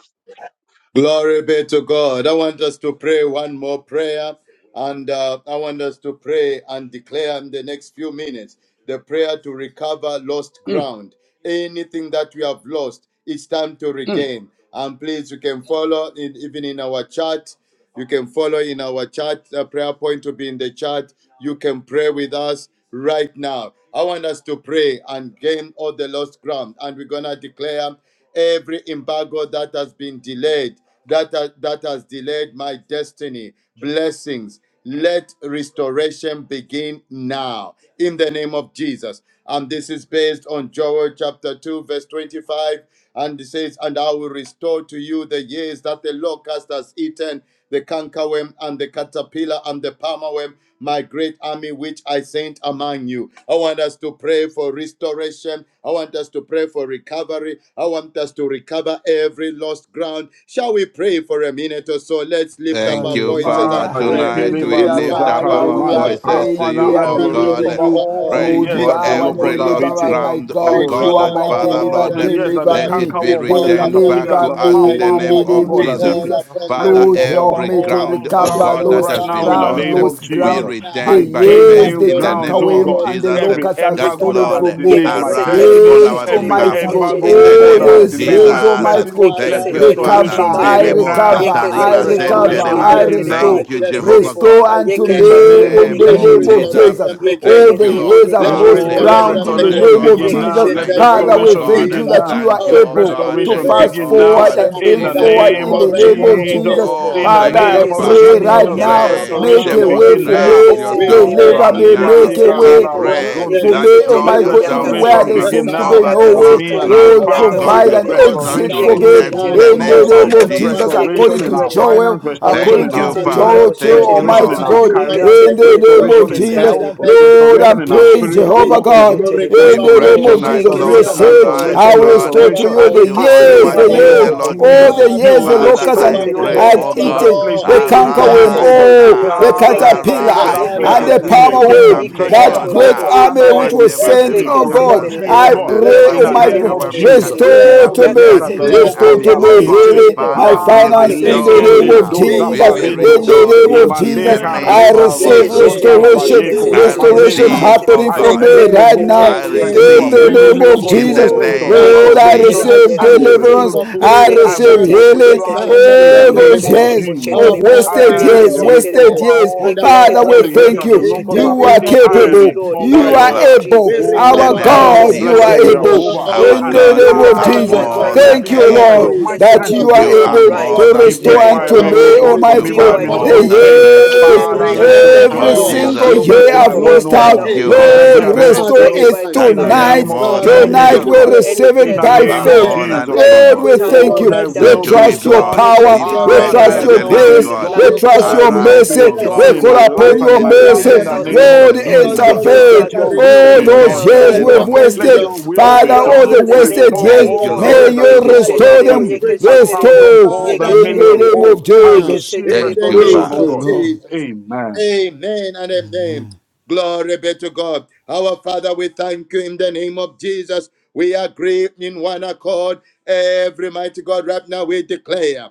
Speaker 6: Glory be to God. I want us to pray one more prayer, and uh, I want us to pray and declare in the next few minutes the prayer to recover lost ground. Anything that we have lost, it's time to regain. And please, you can follow in, even in our chat. You can follow in our chat, uh, prayer point to be in the chat. You can pray with us right now. I want us to pray and gain all the lost ground. And we're going to declare every embargo that has been delayed, that, has- that has delayed my destiny, blessings. Let restoration begin now in the name of Jesus. And this is based on Joel chapter 2, verse 25. And it says, And I will restore to you the years that the locust has eaten, the cankerworm, and the caterpillar, and the palmerworm, my great army which I sent among you. I want us to pray for restoration. I want us to pray for recovery. I want us to recover every lost ground. Shall we pray for a minute or so? Let's lift up
Speaker 5: Thank
Speaker 6: our
Speaker 5: you,
Speaker 6: voices
Speaker 7: Ah,
Speaker 5: Father.
Speaker 6: and
Speaker 4: Hallelujah,
Speaker 6: pray.
Speaker 5: Tonight we
Speaker 6: It's
Speaker 4: hallelujah,
Speaker 5: lift
Speaker 6: time
Speaker 5: up
Speaker 6: to
Speaker 4: Father.
Speaker 5: our
Speaker 4: We are
Speaker 6: recover
Speaker 7: Yekeleba-Lozatalemande. Ah,
Speaker 5: voices
Speaker 6: all.
Speaker 5: to
Speaker 4: praying,
Speaker 7: Father,
Speaker 5: you,
Speaker 4: we are
Speaker 6: It's
Speaker 7: I
Speaker 5: O
Speaker 7: will
Speaker 6: time to
Speaker 4: believing
Speaker 5: God,
Speaker 7: recover
Speaker 4: you.
Speaker 6: recover
Speaker 7: all the
Speaker 6: all.
Speaker 5: praying
Speaker 4: Lord,
Speaker 7: years
Speaker 4: you
Speaker 5: for
Speaker 6: It's
Speaker 7: that
Speaker 4: are
Speaker 7: the
Speaker 6: time
Speaker 4: our
Speaker 6: to
Speaker 5: every
Speaker 7: locusts have
Speaker 6: recover
Speaker 5: lost
Speaker 4: deliverer,
Speaker 9: Andarabosu
Speaker 7: eaten.
Speaker 6: all.
Speaker 4: my
Speaker 5: ground,
Speaker 7: I
Speaker 5: O
Speaker 9: Kotori
Speaker 6: We
Speaker 7: will
Speaker 4: God. You
Speaker 5: God,
Speaker 4: are
Speaker 6: call
Speaker 7: recover
Speaker 5: that
Speaker 4: my
Speaker 9: Enderebo
Speaker 5: Father,
Speaker 6: upon you,
Speaker 7: all
Speaker 4: deliverer.
Speaker 5: Lord,
Speaker 7: the
Speaker 6: the
Speaker 7: years
Speaker 6: living
Speaker 7: that
Speaker 4: Deliver
Speaker 7: the
Speaker 6: God.
Speaker 5: let
Speaker 4: me,
Speaker 5: it be
Speaker 6: We
Speaker 9: Masekiti
Speaker 7: cankerworm and the
Speaker 6: call
Speaker 5: returned
Speaker 6: upon
Speaker 9: Andaraba
Speaker 5: back
Speaker 6: you,
Speaker 7: caterpillar and
Speaker 4: deliver
Speaker 5: to
Speaker 6: the
Speaker 7: the
Speaker 9: Ye
Speaker 8: kuraşendara
Speaker 5: us in
Speaker 9: power
Speaker 5: the
Speaker 6: Almighty
Speaker 9: to
Speaker 4: me in
Speaker 5: name
Speaker 4: the
Speaker 6: God.
Speaker 7: palmerworm,
Speaker 8: rekere
Speaker 7: oh
Speaker 5: of
Speaker 4: name
Speaker 9: recover
Speaker 7: God,
Speaker 6: We
Speaker 4: of
Speaker 7: has
Speaker 5: Jesus.
Speaker 6: call
Speaker 7: eaten.
Speaker 4: Jesus.
Speaker 9: lost
Speaker 6: upon
Speaker 7: I
Speaker 6: you,
Speaker 5: Father,
Speaker 6: the
Speaker 9: ground
Speaker 4: Lord,
Speaker 6: all
Speaker 4: help
Speaker 7: recover
Speaker 5: every
Speaker 9: prayer
Speaker 4: me
Speaker 6: powerful
Speaker 9: for
Speaker 7: all
Speaker 4: to
Speaker 6: God.
Speaker 5: ground,
Speaker 7: those
Speaker 9: every
Speaker 5: O
Speaker 4: recover
Speaker 7: grounds
Speaker 9: embargo
Speaker 5: God,
Speaker 7: even
Speaker 9: that has
Speaker 5: that
Speaker 7: right
Speaker 4: lost
Speaker 5: has
Speaker 6: Jehovah
Speaker 7: now in
Speaker 5: been
Speaker 9: delayed
Speaker 6: our
Speaker 7: the
Speaker 9: my
Speaker 4: ground,
Speaker 5: lost,
Speaker 7: name
Speaker 6: God,
Speaker 8: Koruma
Speaker 7: of
Speaker 4: lost
Speaker 9: destiny and
Speaker 5: we
Speaker 4: ground.
Speaker 6: right
Speaker 7: Jesus.
Speaker 8: sandara.
Speaker 9: blessings
Speaker 4: The
Speaker 6: now.
Speaker 7: I
Speaker 5: return
Speaker 9: countries.
Speaker 5: by
Speaker 9: We
Speaker 6: We
Speaker 7: gain
Speaker 9: shall
Speaker 6: come
Speaker 4: years
Speaker 5: faith
Speaker 7: new
Speaker 4: the
Speaker 6: to
Speaker 9: begin
Speaker 5: in the
Speaker 9: now
Speaker 7: grounds,
Speaker 9: in
Speaker 5: name
Speaker 9: the
Speaker 6: recover
Speaker 7: oh
Speaker 4: cankerworm
Speaker 5: of
Speaker 7: God.
Speaker 9: name
Speaker 6: lost
Speaker 4: and
Speaker 9: of
Speaker 4: the
Speaker 5: Jesus,
Speaker 7: Every
Speaker 6: ground.
Speaker 4: locusts
Speaker 9: Jesus.
Speaker 4: have
Speaker 6: We
Speaker 8: Kara
Speaker 5: that,
Speaker 7: embargo
Speaker 6: come
Speaker 4: stolen
Speaker 7: that
Speaker 6: to
Speaker 9: Makoro
Speaker 7: has
Speaker 8: şandara
Speaker 5: Lord,
Speaker 4: from me.
Speaker 7: delayed
Speaker 6: recover
Speaker 3: Yeke
Speaker 8: kara
Speaker 7: my
Speaker 6: ro-
Speaker 5: arise
Speaker 8: şandara.
Speaker 6: lost
Speaker 9: Bashandarabo.
Speaker 7: destiny,
Speaker 5: on
Speaker 4: Yes,
Speaker 6: ground.
Speaker 5: our
Speaker 7: every
Speaker 3: sheterebo
Speaker 6: We
Speaker 5: behalf
Speaker 4: Almighty
Speaker 6: come
Speaker 3: yeke
Speaker 9: Ah,
Speaker 6: to
Speaker 4: God.
Speaker 7: embargo,
Speaker 5: in
Speaker 7: oh
Speaker 8: Kara
Speaker 5: the
Speaker 9: Everything
Speaker 3: sheterebo
Speaker 6: recover
Speaker 4: Hey,
Speaker 7: God,
Speaker 5: name
Speaker 9: that
Speaker 7: that
Speaker 6: lost
Speaker 3: yaka
Speaker 5: of
Speaker 7: has
Speaker 9: has
Speaker 8: şandara
Speaker 4: this,
Speaker 9: been
Speaker 8: kara
Speaker 7: delayed
Speaker 6: ground.
Speaker 4: yes,
Speaker 7: my
Speaker 9: lost,
Speaker 5: Jesus.
Speaker 8: şandara.
Speaker 6: And
Speaker 4: Almighty
Speaker 7: blessing,
Speaker 4: God
Speaker 7: let
Speaker 9: recover
Speaker 6: Father,
Speaker 5: Thank you,
Speaker 6: every
Speaker 5: Father.
Speaker 4: recover,
Speaker 7: restoration
Speaker 4: I
Speaker 6: embargo
Speaker 7: begin
Speaker 3: sheterebo
Speaker 8: Koruma
Speaker 5: Ndelebo
Speaker 9: Cover
Speaker 7: now
Speaker 4: recover,
Speaker 9: all
Speaker 6: that
Speaker 9: the
Speaker 3: yeke
Speaker 8: sandara
Speaker 6: night
Speaker 4: I
Speaker 7: let
Speaker 6: God,
Speaker 5: satariba
Speaker 6: that
Speaker 3: seterebo
Speaker 6: has
Speaker 4: recover,
Speaker 8: şandara.
Speaker 9: Karabashan
Speaker 3: yeke
Speaker 7: restoration
Speaker 5: sentereba.
Speaker 4: I
Speaker 6: delayed
Speaker 7: begin
Speaker 3: sheterebo
Speaker 9: Arabose,
Speaker 6: my
Speaker 7: now
Speaker 5: Thank
Speaker 4: restore.
Speaker 5: you,
Speaker 3: yeke
Speaker 9: the
Speaker 6: destiny,
Speaker 5: Jehovah
Speaker 8: Koruma
Speaker 3: sheterebo
Speaker 4: Restore
Speaker 5: God.
Speaker 6: my
Speaker 9: Lord
Speaker 4: unto
Speaker 3: yeke
Speaker 8: sandara
Speaker 4: me
Speaker 7: in
Speaker 5: In
Speaker 7: the
Speaker 5: the
Speaker 6: blessings,
Speaker 7: name
Speaker 3: sheterebo
Speaker 9: Almighty,
Speaker 8: kara
Speaker 9: O
Speaker 4: in
Speaker 7: of
Speaker 5: name
Speaker 3: yeke
Speaker 9: God,
Speaker 4: the
Speaker 6: let
Speaker 8: şandara.
Speaker 5: of
Speaker 4: name
Speaker 9: every
Speaker 7: Jesus.
Speaker 4: of
Speaker 9: lost
Speaker 5: Jesus.
Speaker 4: Jesus.
Speaker 6: restoration
Speaker 9: ground prayer
Speaker 4: All
Speaker 6: begin
Speaker 5: Thank
Speaker 4: the
Speaker 5: you,
Speaker 8: Koruma
Speaker 6: now.
Speaker 9: point,
Speaker 5: Lord.
Speaker 4: years I've
Speaker 6: Let
Speaker 8: sandara
Speaker 5: Ah,
Speaker 9: every
Speaker 4: lost
Speaker 7: Oh, let
Speaker 8: kara
Speaker 5: lebro
Speaker 4: ground
Speaker 9: embargo
Speaker 6: restoration
Speaker 4: in
Speaker 9: that
Speaker 4: the
Speaker 9: has
Speaker 8: şandara.
Speaker 6: begin
Speaker 7: restoration
Speaker 4: name
Speaker 5: kosetor
Speaker 4: of
Speaker 6: now.
Speaker 7: begin
Speaker 5: baba.
Speaker 9: delayed
Speaker 7: now.
Speaker 4: Jesus.
Speaker 9: my
Speaker 6: In
Speaker 7: Let
Speaker 6: the
Speaker 5: Thank you,
Speaker 4: Father,
Speaker 6: name
Speaker 5: oh
Speaker 4: we
Speaker 6: of
Speaker 8: Koruma
Speaker 7: restoration
Speaker 4: thank
Speaker 9: destiny,
Speaker 4: you
Speaker 5: God.
Speaker 7: begin
Speaker 6: Jesus,
Speaker 4: that
Speaker 8: sandara
Speaker 7: now.
Speaker 4: you are
Speaker 5: Thank
Speaker 9: blessings,
Speaker 5: you,
Speaker 6: our
Speaker 7: Let
Speaker 5: oh
Speaker 8: kara
Speaker 4: able
Speaker 6: Father,
Speaker 9: let
Speaker 5: God.
Speaker 6: we
Speaker 4: to
Speaker 8: şandara.
Speaker 7: restoration
Speaker 5: Thank
Speaker 6: pray
Speaker 5: you,
Speaker 4: fast
Speaker 6: and
Speaker 7: begin
Speaker 5: oh
Speaker 9: restorations
Speaker 7: now.
Speaker 4: forward
Speaker 5: God.
Speaker 4: and
Speaker 6: declare
Speaker 9: begin
Speaker 3: Yekasetere
Speaker 7: In
Speaker 4: bring
Speaker 3: bo
Speaker 7: the
Speaker 5: In
Speaker 9: now
Speaker 3: bo
Speaker 8: Koruma
Speaker 6: that
Speaker 5: the
Speaker 3: bo
Speaker 9: in
Speaker 5: name
Speaker 9: the
Speaker 4: forward
Speaker 3: bo
Speaker 7: name
Speaker 4: in
Speaker 3: bo
Speaker 5: of
Speaker 4: the
Speaker 7: of
Speaker 3: bo bo
Speaker 9: mighty
Speaker 4: name
Speaker 3: bo
Speaker 8: sandara
Speaker 6: restoration
Speaker 3: bo
Speaker 4: of
Speaker 5: Jesus.
Speaker 9: name
Speaker 3: bo
Speaker 9: of
Speaker 8: kene
Speaker 3: bo
Speaker 7: Jesus.
Speaker 6: begins
Speaker 4: Jesus.
Speaker 3: bo bo.
Speaker 5: Oh,
Speaker 7: In
Speaker 9: Jesus.
Speaker 7: the
Speaker 6: now
Speaker 4: Father,
Speaker 5: thank
Speaker 4: I
Speaker 8: masondoro.
Speaker 5: you,
Speaker 7: name
Speaker 6: not
Speaker 7: of
Speaker 6: by
Speaker 5: Father.
Speaker 4: pray
Speaker 6: might,
Speaker 3: Yekasetere
Speaker 9: Makoba
Speaker 5: We
Speaker 6: not
Speaker 4: right
Speaker 3: bo
Speaker 7: Jesus,
Speaker 6: by
Speaker 7: let
Speaker 6: power,
Speaker 4: now,
Speaker 5: pray,
Speaker 9: Shandaraba,
Speaker 8: Makara
Speaker 6: but by
Speaker 4: make
Speaker 3: yakasetere
Speaker 7: restoration
Speaker 4: a
Speaker 6: the
Speaker 3: bo.
Speaker 9: and
Speaker 4: way
Speaker 9: I
Speaker 8: şandara
Speaker 9: will
Speaker 6: Holy
Speaker 7: begin
Speaker 4: for
Speaker 7: now.
Speaker 6: Ghost.
Speaker 5: demonstrate
Speaker 4: me,
Speaker 9: start
Speaker 8: koruma
Speaker 6: We
Speaker 5: yourself
Speaker 3: Yekasetere
Speaker 7: Oh,
Speaker 6: pray
Speaker 3: bo.
Speaker 4: deliver
Speaker 6: and
Speaker 5: strong
Speaker 4: me,
Speaker 9: over
Speaker 7: Mali
Speaker 9: the
Speaker 5: now.
Speaker 4: make
Speaker 7: Mali
Speaker 4: a
Speaker 9: years,
Speaker 6: declare
Speaker 5: We
Speaker 3: Yekasetere
Speaker 4: way
Speaker 9: other
Speaker 3: bo.
Speaker 6: right
Speaker 7: Kalarabo
Speaker 6: now
Speaker 9: locals
Speaker 5: pray
Speaker 6: in
Speaker 4: uh,
Speaker 6: the
Speaker 9: have
Speaker 7: Zunte.
Speaker 4: for
Speaker 6: name
Speaker 5: that
Speaker 4: me,
Speaker 6: of
Speaker 9: eaten
Speaker 5: show
Speaker 3: Yekasetere
Speaker 7: Let
Speaker 9: the
Speaker 4: Almighty
Speaker 3: bo
Speaker 8: koru
Speaker 4: God,
Speaker 6: Jesus
Speaker 5: yourself
Speaker 4: even
Speaker 6: Christ,
Speaker 8: şandara.
Speaker 4: where
Speaker 7: restoration
Speaker 4: there
Speaker 5: stronger
Speaker 3: yakasetere
Speaker 9: caterwaults
Speaker 6: the
Speaker 9: of
Speaker 3: bo.
Speaker 7: begin
Speaker 4: seems to
Speaker 6: Son
Speaker 9: this
Speaker 4: be
Speaker 7: now
Speaker 6: of
Speaker 5: over
Speaker 6: the
Speaker 5: the
Speaker 4: no
Speaker 7: for
Speaker 4: way,
Speaker 6: living
Speaker 9: caterpillar.
Speaker 5: lost
Speaker 7: me
Speaker 6: God.
Speaker 3: Yakasetere
Speaker 7: and my
Speaker 3: bo
Speaker 5: ground.
Speaker 4: Lord,
Speaker 6: Our
Speaker 9: Other
Speaker 5: Oh
Speaker 7: family.
Speaker 6: God,
Speaker 5: God,
Speaker 9: parts
Speaker 6: you
Speaker 4: provide
Speaker 6: are
Speaker 5: you
Speaker 4: an
Speaker 3: yakasetere
Speaker 6: not
Speaker 3: bo.
Speaker 6: a
Speaker 5: cause
Speaker 6: man
Speaker 5: us
Speaker 4: exit
Speaker 5: to
Speaker 9: migrated
Speaker 6: that
Speaker 4: for
Speaker 7: Restoration,
Speaker 6: you
Speaker 4: me
Speaker 7: oh
Speaker 6: should
Speaker 5: return
Speaker 9: and
Speaker 5: in
Speaker 7: God,
Speaker 6: lie,
Speaker 3: Yekasetere
Speaker 5: the
Speaker 3: bo
Speaker 7: on
Speaker 4: in
Speaker 7: all
Speaker 4: the
Speaker 5: name
Speaker 6: nor
Speaker 9: retracted
Speaker 6: the
Speaker 3: shetere
Speaker 4: name
Speaker 7: sides.
Speaker 5: of
Speaker 6: Son
Speaker 3: bo.
Speaker 4: of
Speaker 9: from
Speaker 8: Ikarama
Speaker 6: of
Speaker 9: the
Speaker 6: Man
Speaker 4: Jesus,
Speaker 5: Jesus.
Speaker 6: that you
Speaker 7: Restoration
Speaker 4: according
Speaker 8: sondororo
Speaker 9: Nakoro
Speaker 6: should
Speaker 7: in
Speaker 4: to
Speaker 9: by
Speaker 7: our
Speaker 8: koro
Speaker 3: Yekasetere bo.
Speaker 6: repent.
Speaker 4: Joel,
Speaker 7: finance,
Speaker 9: Shadara.
Speaker 8: shetere.
Speaker 6: Our
Speaker 7: restoration
Speaker 4: according
Speaker 7: in
Speaker 5: Thank
Speaker 4: to
Speaker 5: you,
Speaker 7: our
Speaker 6: Father, have
Speaker 9: Father,
Speaker 6: you
Speaker 3: Yekasetere
Speaker 9: Lord,
Speaker 7: business,
Speaker 5: Father.
Speaker 6: not
Speaker 4: Joel
Speaker 3: bo
Speaker 4: 2,
Speaker 8: Ikara
Speaker 9: open
Speaker 6: said
Speaker 5: Thank
Speaker 9: my
Speaker 5: you,
Speaker 6: it?
Speaker 3: shetere bo.
Speaker 7: restoration
Speaker 9: door.
Speaker 4: Almighty
Speaker 7: in
Speaker 6: Shall
Speaker 5: Lord.
Speaker 8: shetarara
Speaker 7: our
Speaker 9: All the
Speaker 4: God,
Speaker 6: you
Speaker 8: koro
Speaker 4: in
Speaker 9: doors
Speaker 6: not
Speaker 7: career,
Speaker 9: have
Speaker 6: make
Speaker 9: been
Speaker 4: the
Speaker 3: Yekasetere
Speaker 6: it
Speaker 9: closed
Speaker 3: bo
Speaker 9: to
Speaker 4: name
Speaker 8: basitarara.
Speaker 9: me.
Speaker 6: good?
Speaker 7: restoration
Speaker 4: of
Speaker 7: in
Speaker 9: Open
Speaker 4: Jesus,
Speaker 7: health
Speaker 3: yekasetere
Speaker 6: Father,
Speaker 9: it
Speaker 3: bo.
Speaker 9: in
Speaker 6: make
Speaker 9: the
Speaker 6: it
Speaker 4: Lord,
Speaker 6: good
Speaker 9: mighty
Speaker 7: restoration
Speaker 4: I'm
Speaker 7: in
Speaker 8: Shetarara
Speaker 7: our
Speaker 9: name
Speaker 4: praying,
Speaker 9: of
Speaker 6: now.
Speaker 8: kara
Speaker 7: spiritual
Speaker 4: Jehovah
Speaker 6: It's
Speaker 3: Yekasetere
Speaker 9: Jesus.
Speaker 7: walk
Speaker 3: bo
Speaker 7: with
Speaker 6: time
Speaker 8: shetara.
Speaker 4: God,
Speaker 6: to
Speaker 7: you,
Speaker 3: shetere bo.
Speaker 5: We
Speaker 4: in
Speaker 6: recover
Speaker 9: Makoro
Speaker 5: pray
Speaker 4: the
Speaker 9: by
Speaker 4: name
Speaker 7: restoration,
Speaker 6: all,
Speaker 4: of
Speaker 8: Koro
Speaker 5: tonight,
Speaker 6: to
Speaker 4: Jesus, you
Speaker 5: Lord,
Speaker 7: restoration,
Speaker 9: Shendere
Speaker 6: recover
Speaker 3: Yekasetere
Speaker 4: said,
Speaker 3: bo
Speaker 8: basintere de
Speaker 6: all,
Speaker 5: arise,
Speaker 7: restoration,
Speaker 4: I
Speaker 3: shetere
Speaker 6: to
Speaker 4: will
Speaker 3: bo.
Speaker 8: kere
Speaker 9: Bosokotoria.
Speaker 5: God,
Speaker 4: restore
Speaker 6: recover
Speaker 4: to
Speaker 7: restoration.
Speaker 8: shetere.
Speaker 4: you
Speaker 5: and
Speaker 4: the
Speaker 6: all
Speaker 5: do
Speaker 3: Yeke
Speaker 7: I
Speaker 9: Father,
Speaker 6: to
Speaker 3: se
Speaker 5: only
Speaker 9: Lord,
Speaker 7: pray
Speaker 4: years,
Speaker 7: in
Speaker 9: all
Speaker 5: what
Speaker 7: the
Speaker 4: the
Speaker 9: the
Speaker 6: recover
Speaker 3: terebo
Speaker 5: you,
Speaker 3: bo
Speaker 7: name
Speaker 9: the
Speaker 5: the
Speaker 7: of
Speaker 3: bo
Speaker 4: years,
Speaker 8: Koro
Speaker 6: all.
Speaker 3: bo
Speaker 5: Lord,
Speaker 3: bo bo
Speaker 9: years,
Speaker 4: all
Speaker 7: Jesus,
Speaker 5: can
Speaker 3: bo.
Speaker 4: the
Speaker 5: do.
Speaker 9: all
Speaker 7: you
Speaker 9: the
Speaker 8: masintere.
Speaker 4: years
Speaker 7: will
Speaker 4: the
Speaker 9: years
Speaker 6: Father,
Speaker 5: Father,
Speaker 9: that
Speaker 3: Yeke
Speaker 4: locusts
Speaker 9: the
Speaker 6: we
Speaker 7: restore
Speaker 3: se
Speaker 5: I
Speaker 4: and
Speaker 6: want
Speaker 7: me, oh
Speaker 6: to
Speaker 9: locals
Speaker 3: terebo
Speaker 5: pray,
Speaker 9: and
Speaker 7: God,
Speaker 9: the
Speaker 3: she
Speaker 4: had
Speaker 5: oh
Speaker 6: recover
Speaker 7: to
Speaker 9: cannibals
Speaker 7: that
Speaker 3: terebo.
Speaker 5: God,
Speaker 9: have
Speaker 8: Shentere.
Speaker 4: eaten,
Speaker 7: place
Speaker 6: all
Speaker 7: of
Speaker 4: the
Speaker 9: eaten,
Speaker 3: Thank
Speaker 6: in
Speaker 3: you,
Speaker 4: canker
Speaker 6: the
Speaker 7: fruitfulness,
Speaker 4: palm
Speaker 6: name
Speaker 7: oh
Speaker 3: Jesus.
Speaker 9: Lord
Speaker 5: arise
Speaker 6: of
Speaker 7: God.
Speaker 3: Thank you,
Speaker 8: Koro.
Speaker 4: oh,
Speaker 9: Almighty,
Speaker 5: now,
Speaker 4: the
Speaker 6: Jesus
Speaker 3: Father.
Speaker 7: Yeah,
Speaker 6: Christ,
Speaker 3: Yeke
Speaker 7: restore
Speaker 3: se
Speaker 7: me
Speaker 6: the
Speaker 7: to
Speaker 4: caterpillar
Speaker 7: that
Speaker 5: arise
Speaker 6: Son
Speaker 9: Father
Speaker 3: terebo
Speaker 8: Koro
Speaker 7: place
Speaker 6: of
Speaker 4: and
Speaker 5: now,
Speaker 7: of
Speaker 4: the
Speaker 9: Lord,
Speaker 6: the
Speaker 7: being
Speaker 8: kara
Speaker 4: palm
Speaker 3: yakaka.
Speaker 7: a
Speaker 6: living
Speaker 5: do
Speaker 9: restore
Speaker 6: God.
Speaker 9: it
Speaker 7: kingdom
Speaker 4: away,
Speaker 3: Iko
Speaker 5: something
Speaker 9: all,
Speaker 6: Our
Speaker 7: treasurer.
Speaker 4: that
Speaker 5: new
Speaker 4: great
Speaker 6: Father,
Speaker 3: sotorobo
Speaker 9: restore
Speaker 5: now.
Speaker 6: we
Speaker 9: it
Speaker 3: she
Speaker 4: army
Speaker 7: Father,
Speaker 8: Karama
Speaker 6: pray
Speaker 4: which
Speaker 9: all,
Speaker 3: terebo.
Speaker 4: was
Speaker 5: Whatever
Speaker 8: sondara.
Speaker 7: elevate
Speaker 5: the
Speaker 4: sent,
Speaker 6: every
Speaker 7: me,
Speaker 9: restore it
Speaker 4: oh
Speaker 3: Yeke
Speaker 6: bag
Speaker 3: se
Speaker 5: locust
Speaker 9: all,
Speaker 4: God,
Speaker 6: of
Speaker 7: promote
Speaker 5: has
Speaker 6: that
Speaker 7: me,
Speaker 3: terebo.
Speaker 9: Father
Speaker 7: oh
Speaker 6: has
Speaker 4: I
Speaker 5: eaten,
Speaker 9: Lord.
Speaker 7: God,
Speaker 6: delayed
Speaker 4: pray,
Speaker 5: whatever
Speaker 3: Yeke
Speaker 8: Karama
Speaker 7: in
Speaker 4: oh
Speaker 5: the
Speaker 6: my
Speaker 7: the
Speaker 9: I
Speaker 3: se
Speaker 4: my
Speaker 7: name
Speaker 9: pray,
Speaker 4: God,
Speaker 8: sondara.
Speaker 7: of
Speaker 3: terebo
Speaker 5: cankerworm,
Speaker 6: destiny,
Speaker 3: she
Speaker 5: the
Speaker 9: Father
Speaker 7: Jesus.
Speaker 9: Lord,
Speaker 3: terebo.
Speaker 4: restore
Speaker 5: caterpillar,
Speaker 7: All
Speaker 9: restore
Speaker 7: the
Speaker 4: to
Speaker 6: blessing,
Speaker 9: to
Speaker 3: Yaka
Speaker 7: years
Speaker 5: that
Speaker 7: that
Speaker 3: se
Speaker 9: me,
Speaker 4: me,
Speaker 7: the
Speaker 8: Koro
Speaker 5: great
Speaker 6: let,
Speaker 8: shende.
Speaker 3: terebo.
Speaker 4: restore
Speaker 7: locusts
Speaker 5: army,
Speaker 4: to
Speaker 9: restore
Speaker 7: have
Speaker 4: me
Speaker 9: to
Speaker 5: oh
Speaker 3: Yaka
Speaker 6: let
Speaker 9: me
Speaker 3: se
Speaker 5: God,
Speaker 6: the
Speaker 7: eaten,
Speaker 4: healing,
Speaker 9: everything
Speaker 3: terebo.
Speaker 9: that
Speaker 4: my
Speaker 5: Father,
Speaker 9: I
Speaker 6: restoration
Speaker 5: we
Speaker 7: ah,
Speaker 9: have
Speaker 8: Koro
Speaker 4: finance
Speaker 9: lost,
Speaker 3: Yeke
Speaker 4: in the
Speaker 3: se
Speaker 7: leke
Speaker 8: shende.
Speaker 5: restore
Speaker 4: name
Speaker 7: le
Speaker 6: begin,
Speaker 3: terebo
Speaker 4: of
Speaker 5: now.
Speaker 9: everything
Speaker 3: bo
Speaker 9: that
Speaker 3: bo
Speaker 7: doza
Speaker 3: bo
Speaker 9: is
Speaker 5: We
Speaker 4: Jesus,
Speaker 3: bo bo
Speaker 5: be
Speaker 9: mine,
Speaker 6: begin,
Speaker 3: bo bo
Speaker 7: barindo.
Speaker 4: in the
Speaker 9: restore
Speaker 3: she
Speaker 9: to
Speaker 5: restored
Speaker 4: name
Speaker 9: me
Speaker 5: now
Speaker 6: begin
Speaker 4: of
Speaker 8: Koro
Speaker 3: terebo.
Speaker 9: in the
Speaker 5: in the
Speaker 4: Jesus,
Speaker 7: Yemandeka
Speaker 8: shentere.
Speaker 9: mighty
Speaker 5: name
Speaker 4: I
Speaker 6: now,
Speaker 5: of
Speaker 7: reda
Speaker 9: name of
Speaker 4: receive
Speaker 5: Jesus.
Speaker 6: begin,
Speaker 9: Jesus.
Speaker 3: Yekeshetelebo,
Speaker 7: Vazontalaba
Speaker 4: restoration,
Speaker 6: begin
Speaker 5: I
Speaker 7: Yekosa
Speaker 3: yekeshetelebo,
Speaker 9: Makoraba
Speaker 4: restoration
Speaker 7: Mandeka.
Speaker 5: receive,
Speaker 6: now
Speaker 5: oh
Speaker 3: yekeshetelebo,
Speaker 4: happening
Speaker 9: Shagalala,
Speaker 7: I
Speaker 4: for
Speaker 9: Let
Speaker 5: God.
Speaker 7: thank
Speaker 4: me
Speaker 7: you,
Speaker 6: Begin,
Speaker 4: right
Speaker 9: restoration
Speaker 7: Lord,
Speaker 4: now,
Speaker 3: yekeshetelebo,
Speaker 5: I
Speaker 9: happen
Speaker 7: that
Speaker 6: begin
Speaker 9: right
Speaker 7: you
Speaker 8: Koro
Speaker 4: in
Speaker 7: are
Speaker 9: now.
Speaker 4: the
Speaker 5: receive
Speaker 7: bringing
Speaker 4: name
Speaker 6: now,
Speaker 7: me,
Speaker 8: shentere.
Speaker 9: I
Speaker 7: O
Speaker 4: of
Speaker 7: God,
Speaker 9: pray
Speaker 5: in
Speaker 7: to
Speaker 9: for
Speaker 7: a
Speaker 5: the
Speaker 4: Jesus,
Speaker 7: place
Speaker 6: oh
Speaker 7: of
Speaker 5: name
Speaker 9: restoration in
Speaker 6: God,
Speaker 4: Lord,
Speaker 9: my
Speaker 5: of
Speaker 4: I
Speaker 7: restoration.
Speaker 9: marriage,
Speaker 3: yekeshetelebo, yekeshetelebo,
Speaker 6: right
Speaker 4: receive
Speaker 6: now
Speaker 7: I
Speaker 6: in
Speaker 7: will
Speaker 6: the
Speaker 9: restoration
Speaker 7: be
Speaker 4: deliverance
Speaker 9: in
Speaker 5: Jesus.
Speaker 9: my
Speaker 6: name
Speaker 4: deliverance.
Speaker 3: yekeshetelebo,
Speaker 6: of
Speaker 7: fruitful.
Speaker 4: I
Speaker 9: finances,
Speaker 6: Jesus
Speaker 7: I
Speaker 9: in
Speaker 4: receive
Speaker 7: will
Speaker 8: Koro
Speaker 6: Christ,
Speaker 3: yekeshetelebo, yekeshetelebo,
Speaker 9: with
Speaker 6: the
Speaker 8: shende.
Speaker 9: my
Speaker 4: healing.
Speaker 7: multiply
Speaker 6: Son of
Speaker 7: in
Speaker 3: yekeshetelebo,
Speaker 7: the
Speaker 6: the
Speaker 9: children,
Speaker 4: All
Speaker 9: oh
Speaker 7: name
Speaker 6: living
Speaker 4: those
Speaker 9: Lord
Speaker 7: of
Speaker 6: God.
Speaker 4: years
Speaker 3: yekeshetelebo,
Speaker 9: Almighty,
Speaker 7: Jesus.
Speaker 4: of
Speaker 6: Our
Speaker 8: Kere
Speaker 9: my
Speaker 3: shetelebo,
Speaker 6: Father,
Speaker 4: wasted
Speaker 6: this
Speaker 9: career,
Speaker 6: is
Speaker 7: I
Speaker 4: years,
Speaker 8: shentere.
Speaker 9: my
Speaker 6: our
Speaker 9: life,
Speaker 3: yekesetelebo,
Speaker 4: wasted
Speaker 6: prayer
Speaker 7: recover
Speaker 9: in my
Speaker 4: years.
Speaker 7: all,
Speaker 6: and
Speaker 9: prayer
Speaker 6: our
Speaker 4: Father,
Speaker 9: life,
Speaker 7: all
Speaker 4: we
Speaker 7: the
Speaker 9: oh
Speaker 3: yekeshetelebo,
Speaker 8: Shetere
Speaker 6: cry
Speaker 7: years
Speaker 4: thank
Speaker 8: de
Speaker 9: Lord.
Speaker 7: that the
Speaker 4: you.
Speaker 8: kara
Speaker 6: in
Speaker 9: I
Speaker 7: locusts
Speaker 6: the
Speaker 7: have
Speaker 4: You
Speaker 9: thank
Speaker 3: yekeshetelebo.
Speaker 4: are
Speaker 6: name
Speaker 8: shentere.
Speaker 9: you,
Speaker 7: eaten.
Speaker 6: of
Speaker 9: oh
Speaker 7: I
Speaker 9: Lord
Speaker 3: Yes,
Speaker 6: Jesus.
Speaker 4: capable.
Speaker 8: Shetere de
Speaker 3: Lord, in
Speaker 9: Almighty,
Speaker 8: koro
Speaker 3: the
Speaker 7: recover
Speaker 4: You
Speaker 6: Right
Speaker 7: it
Speaker 9: my
Speaker 5: Yes,
Speaker 4: are
Speaker 3: name
Speaker 7: all.
Speaker 3: of
Speaker 8: shende.
Speaker 6: now,
Speaker 5: Lord.
Speaker 6: we
Speaker 4: able.
Speaker 3: Jesus,
Speaker 5: In the
Speaker 4: Our
Speaker 7: Oh,
Speaker 9: secretariable,
Speaker 6: recover
Speaker 3: in
Speaker 7: that
Speaker 5: name
Speaker 7: you
Speaker 5: of
Speaker 9: my
Speaker 7: will
Speaker 4: God,
Speaker 3: Jesus'
Speaker 6: all,
Speaker 4: you
Speaker 7: bless
Speaker 4: are
Speaker 6: we
Speaker 8: Koroşendere,
Speaker 7: me,
Speaker 5: Jesus.
Speaker 3: mighty name,
Speaker 4: able.
Speaker 6: recover
Speaker 7: Jehovah,
Speaker 5: Our
Speaker 6: all,
Speaker 4: In
Speaker 7: and
Speaker 3: every
Speaker 4: the
Speaker 6: we
Speaker 5: God,
Speaker 9: carabashenderable,
Speaker 4: name
Speaker 5: you
Speaker 4: of
Speaker 5: are
Speaker 6: recover
Speaker 7: enlarge
Speaker 3: satanic
Speaker 6: our
Speaker 8: koroşendere,
Speaker 4: Jesus.
Speaker 7: my
Speaker 9: Oh,
Speaker 5: more
Speaker 6: joy,
Speaker 3: handwriting,
Speaker 5: than
Speaker 4: Thank
Speaker 9: Father,
Speaker 7: territory,
Speaker 4: you,
Speaker 9: Lord,
Speaker 3: oh
Speaker 6: our
Speaker 9: I
Speaker 7: that
Speaker 4: Lord,
Speaker 5: able.
Speaker 3: God,
Speaker 7: your
Speaker 9: thank
Speaker 6: peace,
Speaker 7: mighty
Speaker 9: you,
Speaker 3: placing
Speaker 4: that
Speaker 7: hands
Speaker 3: a
Speaker 6: our
Speaker 4: you
Speaker 7: will be
Speaker 9: Lord,
Speaker 8: koroşendere,
Speaker 4: are
Speaker 3: do
Speaker 5: You
Speaker 6: favor,
Speaker 3: not
Speaker 5: are
Speaker 7: upon
Speaker 9: that
Speaker 7: me.
Speaker 9: you're
Speaker 4: able
Speaker 3: rise
Speaker 5: more
Speaker 6: our
Speaker 9: able
Speaker 4: to
Speaker 8: koroşendere,
Speaker 9: to
Speaker 5: than
Speaker 7: Keep me
Speaker 4: restore
Speaker 6: goodness,
Speaker 3: label
Speaker 7: far
Speaker 9: restore
Speaker 3: on
Speaker 4: unto
Speaker 7: away,
Speaker 6: our
Speaker 3: our
Speaker 5: faithful.
Speaker 7: O
Speaker 9: unto
Speaker 4: me,
Speaker 3: lives
Speaker 9: me
Speaker 7: God,
Speaker 6: increase,
Speaker 7: from
Speaker 5: You
Speaker 4: Almighty
Speaker 3: be
Speaker 7: evil that
Speaker 4: God,
Speaker 5: are
Speaker 7: I
Speaker 6: our
Speaker 9: everything
Speaker 7: may
Speaker 3: wiped
Speaker 9: that
Speaker 8: koroşendere,
Speaker 7: not
Speaker 4: the
Speaker 5: more
Speaker 3: off
Speaker 9: I've
Speaker 7: know
Speaker 5: than
Speaker 3: in
Speaker 9: lost.
Speaker 3: the
Speaker 7: pain.
Speaker 6: multiplication.
Speaker 3: by
Speaker 5: great.
Speaker 3: the
Speaker 6: We
Speaker 3: blood
Speaker 4: years.
Speaker 3: of
Speaker 7: Father,
Speaker 5: In the
Speaker 7: let your
Speaker 8: karamasında,
Speaker 3: Jesus.
Speaker 6: recover
Speaker 5: name
Speaker 7: joy,
Speaker 4: Every
Speaker 5: of
Speaker 7: O
Speaker 6: all
Speaker 7: God,
Speaker 3: Witchcraft
Speaker 4: single
Speaker 7: fill
Speaker 5: Jesus.
Speaker 6: in
Speaker 7: me
Speaker 4: year
Speaker 6: the
Speaker 3: embargo
Speaker 7: till I
Speaker 4: I've
Speaker 3: from
Speaker 7: want
Speaker 3: our
Speaker 6: name
Speaker 4: lost
Speaker 7: no
Speaker 6: of
Speaker 3: father
Speaker 9: Masakatarabashendereboso.
Speaker 4: out,
Speaker 7: more.
Speaker 8: koroşendere,
Speaker 5: Thank
Speaker 3: or
Speaker 5: you,
Speaker 7: Let
Speaker 6: Jesus.
Speaker 3: mother's
Speaker 7: there
Speaker 5: Holy
Speaker 9: Father,
Speaker 7: be
Speaker 4: Lord,
Speaker 7: an
Speaker 3: side
Speaker 9: Lord,
Speaker 5: Spirit,
Speaker 6: Father,
Speaker 4: restore
Speaker 3: break
Speaker 9: restore
Speaker 6: we
Speaker 7: overflow
Speaker 3: by
Speaker 4: it
Speaker 9: unto
Speaker 6: thank
Speaker 3: the
Speaker 7: in
Speaker 5: that
Speaker 6: you.
Speaker 9: me
Speaker 7: the
Speaker 5: we
Speaker 3: thunder
Speaker 5: are
Speaker 7: name
Speaker 3: of
Speaker 8: karamasında,
Speaker 7: of
Speaker 4: tonight
Speaker 9: everything
Speaker 5: more
Speaker 3: God
Speaker 9: that
Speaker 6: Father,
Speaker 5: than
Speaker 3: right
Speaker 6: we
Speaker 9: I've
Speaker 4: Tonight
Speaker 6: give
Speaker 7: Jesus
Speaker 3: now.
Speaker 4: we
Speaker 6: you
Speaker 9: lost,
Speaker 5: able.
Speaker 7: Christ.
Speaker 3: Any
Speaker 4: receive
Speaker 6: glory.
Speaker 9: everything
Speaker 7: In
Speaker 4: it
Speaker 9: that
Speaker 7: the
Speaker 3: curse,
Speaker 5: You
Speaker 4: by
Speaker 9: I've
Speaker 5: are
Speaker 7: name
Speaker 3: vow,
Speaker 7: of
Speaker 4: faith.
Speaker 6: Today,
Speaker 3: or
Speaker 8: koromasında,
Speaker 5: more
Speaker 9: that
Speaker 5: than
Speaker 7: Jesus
Speaker 9: has
Speaker 6: let
Speaker 3: covenant
Speaker 7: Christ.
Speaker 6: there
Speaker 4: Lord,
Speaker 9: been
Speaker 5: able
Speaker 6: be
Speaker 4: we
Speaker 9: embargoed,
Speaker 4: thank
Speaker 7: Oh,
Speaker 3: tying
Speaker 9: Lord
Speaker 4: you.
Speaker 3: me
Speaker 7: thy
Speaker 5: to
Speaker 4: We
Speaker 6: restoration
Speaker 3: down
Speaker 7: will
Speaker 5: do
Speaker 7: be
Speaker 9: Almighty.
Speaker 6: now.
Speaker 3: to
Speaker 5: it,
Speaker 4: trust
Speaker 3: stagnation
Speaker 4: your
Speaker 7: done.
Speaker 5: Lord.
Speaker 9: Makara
Speaker 8: karamasında,
Speaker 3: Stagnation
Speaker 4: power.
Speaker 5: We
Speaker 3: be
Speaker 4: We
Speaker 9: Bashende
Speaker 5: pray
Speaker 7: Ah,
Speaker 3: broken
Speaker 5: to
Speaker 7: thy
Speaker 4: trust
Speaker 8: koroşendere,
Speaker 3: by
Speaker 5: you,
Speaker 6: Restoration
Speaker 4: your
Speaker 3: the
Speaker 5: the
Speaker 6: now.
Speaker 7: will
Speaker 3: power
Speaker 5: living
Speaker 9: Erebezo.
Speaker 3: of
Speaker 7: be
Speaker 4: grace.
Speaker 3: the
Speaker 5: God.
Speaker 3: blood
Speaker 4: We
Speaker 7: done.
Speaker 3: of
Speaker 4: trust
Speaker 9: We
Speaker 7: Thy
Speaker 4: your
Speaker 3: Jesus.
Speaker 6: Restoration of
Speaker 7: will
Speaker 9: trust you,
Speaker 5: Arise,
Speaker 6: the
Speaker 4: mercy.
Speaker 7: be
Speaker 5: O
Speaker 9: Lord
Speaker 8: koromasında,
Speaker 7: done
Speaker 4: We
Speaker 5: God.
Speaker 6: blessings.
Speaker 7: in
Speaker 4: call
Speaker 7: my
Speaker 9: Almighty,
Speaker 7: life
Speaker 4: upon
Speaker 3: Yekeseterebo.
Speaker 9: because
Speaker 7: and
Speaker 4: your
Speaker 7: in
Speaker 9: of
Speaker 5: Let
Speaker 7: my
Speaker 5: the
Speaker 9: your
Speaker 3: We
Speaker 4: mercy.
Speaker 7: family in
Speaker 3: release
Speaker 9: favor
Speaker 6: Restoration
Speaker 7: the
Speaker 9: and
Speaker 8: koroşendere, koroşendere,
Speaker 5: mercy
Speaker 6: now.
Speaker 9: your
Speaker 7: name
Speaker 3: ourselves
Speaker 5: of
Speaker 7: of
Speaker 3: from
Speaker 4: Lord,
Speaker 5: the
Speaker 9: grace
Speaker 8: koroş,
Speaker 9: and your
Speaker 3: every
Speaker 5: Lord
Speaker 8: koroşendere,
Speaker 7: Jesus.
Speaker 5: our
Speaker 6: Total
Speaker 3: spiritual
Speaker 9: mercy, O
Speaker 5: God
Speaker 7: Let
Speaker 9: Lord
Speaker 4: intervene.
Speaker 3: embargo
Speaker 7: your
Speaker 6: recovery
Speaker 7: will
Speaker 9: Almighty.
Speaker 4: All
Speaker 7: be
Speaker 3: placed
Speaker 6: now.
Speaker 3: on
Speaker 5: remain
Speaker 4: those
Speaker 7: done,
Speaker 3: our
Speaker 5: in
Speaker 6: By
Speaker 4: years
Speaker 9: Makara
Speaker 5: the
Speaker 3: name, our
Speaker 7: Jehovah.
Speaker 4: we've
Speaker 6: your
Speaker 5: name of
Speaker 9: Bashende
Speaker 7: Let
Speaker 8: koroşendere, koroşendere,
Speaker 3: destiny,
Speaker 4: wasted,
Speaker 6: angels,
Speaker 7: your
Speaker 5: Jesus.
Speaker 9: Erebo.
Speaker 8: karamasında, koroşendere,
Speaker 3: or
Speaker 7: will
Speaker 6: by
Speaker 4: Father,
Speaker 7: be
Speaker 6: your
Speaker 3: star
Speaker 7: done.
Speaker 4: all
Speaker 9: Ah,
Speaker 4: the
Speaker 3: in the
Speaker 6: mercy,
Speaker 3: name
Speaker 9: Father,
Speaker 7: Restore
Speaker 4: wasted
Speaker 3: of
Speaker 9: Lord
Speaker 6: by
Speaker 4: years,
Speaker 5: Thank you,
Speaker 6: your
Speaker 7: all
Speaker 3: Jesus.
Speaker 7: the
Speaker 9: Almighty,
Speaker 4: may
Speaker 6: grace,
Speaker 7: years
Speaker 5: Lord.
Speaker 7: that the
Speaker 4: you
Speaker 9: restore
Speaker 6: by
Speaker 7: locusts
Speaker 6: your
Speaker 7: have
Speaker 4: restore
Speaker 3: Yekesheterebo,
Speaker 7: eaten
Speaker 9: everything
Speaker 4: them.
Speaker 9: that has
Speaker 6: outstretched
Speaker 7: a
Speaker 9: been
Speaker 6: arm.
Speaker 9: lost
Speaker 3: yekesheterebo,
Speaker 9: to
Speaker 4: Restore
Speaker 9: me.
Speaker 7: thousandfold, a
Speaker 6: Father,
Speaker 4: in
Speaker 9: I
Speaker 4: the
Speaker 6: do
Speaker 9: pray
Speaker 4: name
Speaker 6: it
Speaker 9: for
Speaker 3: yekesheterebo,
Speaker 7: millionfold.
Speaker 4: of
Speaker 7: I
Speaker 9: restoration in
Speaker 6: now.
Speaker 9: the
Speaker 4: Jesus.
Speaker 7: receive
Speaker 9: mighty
Speaker 6: In
Speaker 5: Thank
Speaker 6: the
Speaker 3: yekeseterebo.
Speaker 5: you,
Speaker 9: name of
Speaker 7: restoration,
Speaker 3: Yes,
Speaker 6: name
Speaker 4: Thank
Speaker 7: oh
Speaker 4: you,
Speaker 6: of
Speaker 5: Father.
Speaker 7: God.
Speaker 3: Lord.
Speaker 9: Jesus.
Speaker 4: Lord.
Speaker 6: Jesus.
Speaker 7: Amen.
Speaker 9: Amen.
Speaker 6: Amen and amen. Glory be to God. Our Father, we thank you in the name of Jesus. We agree in one accord. Every mighty God, right now we declare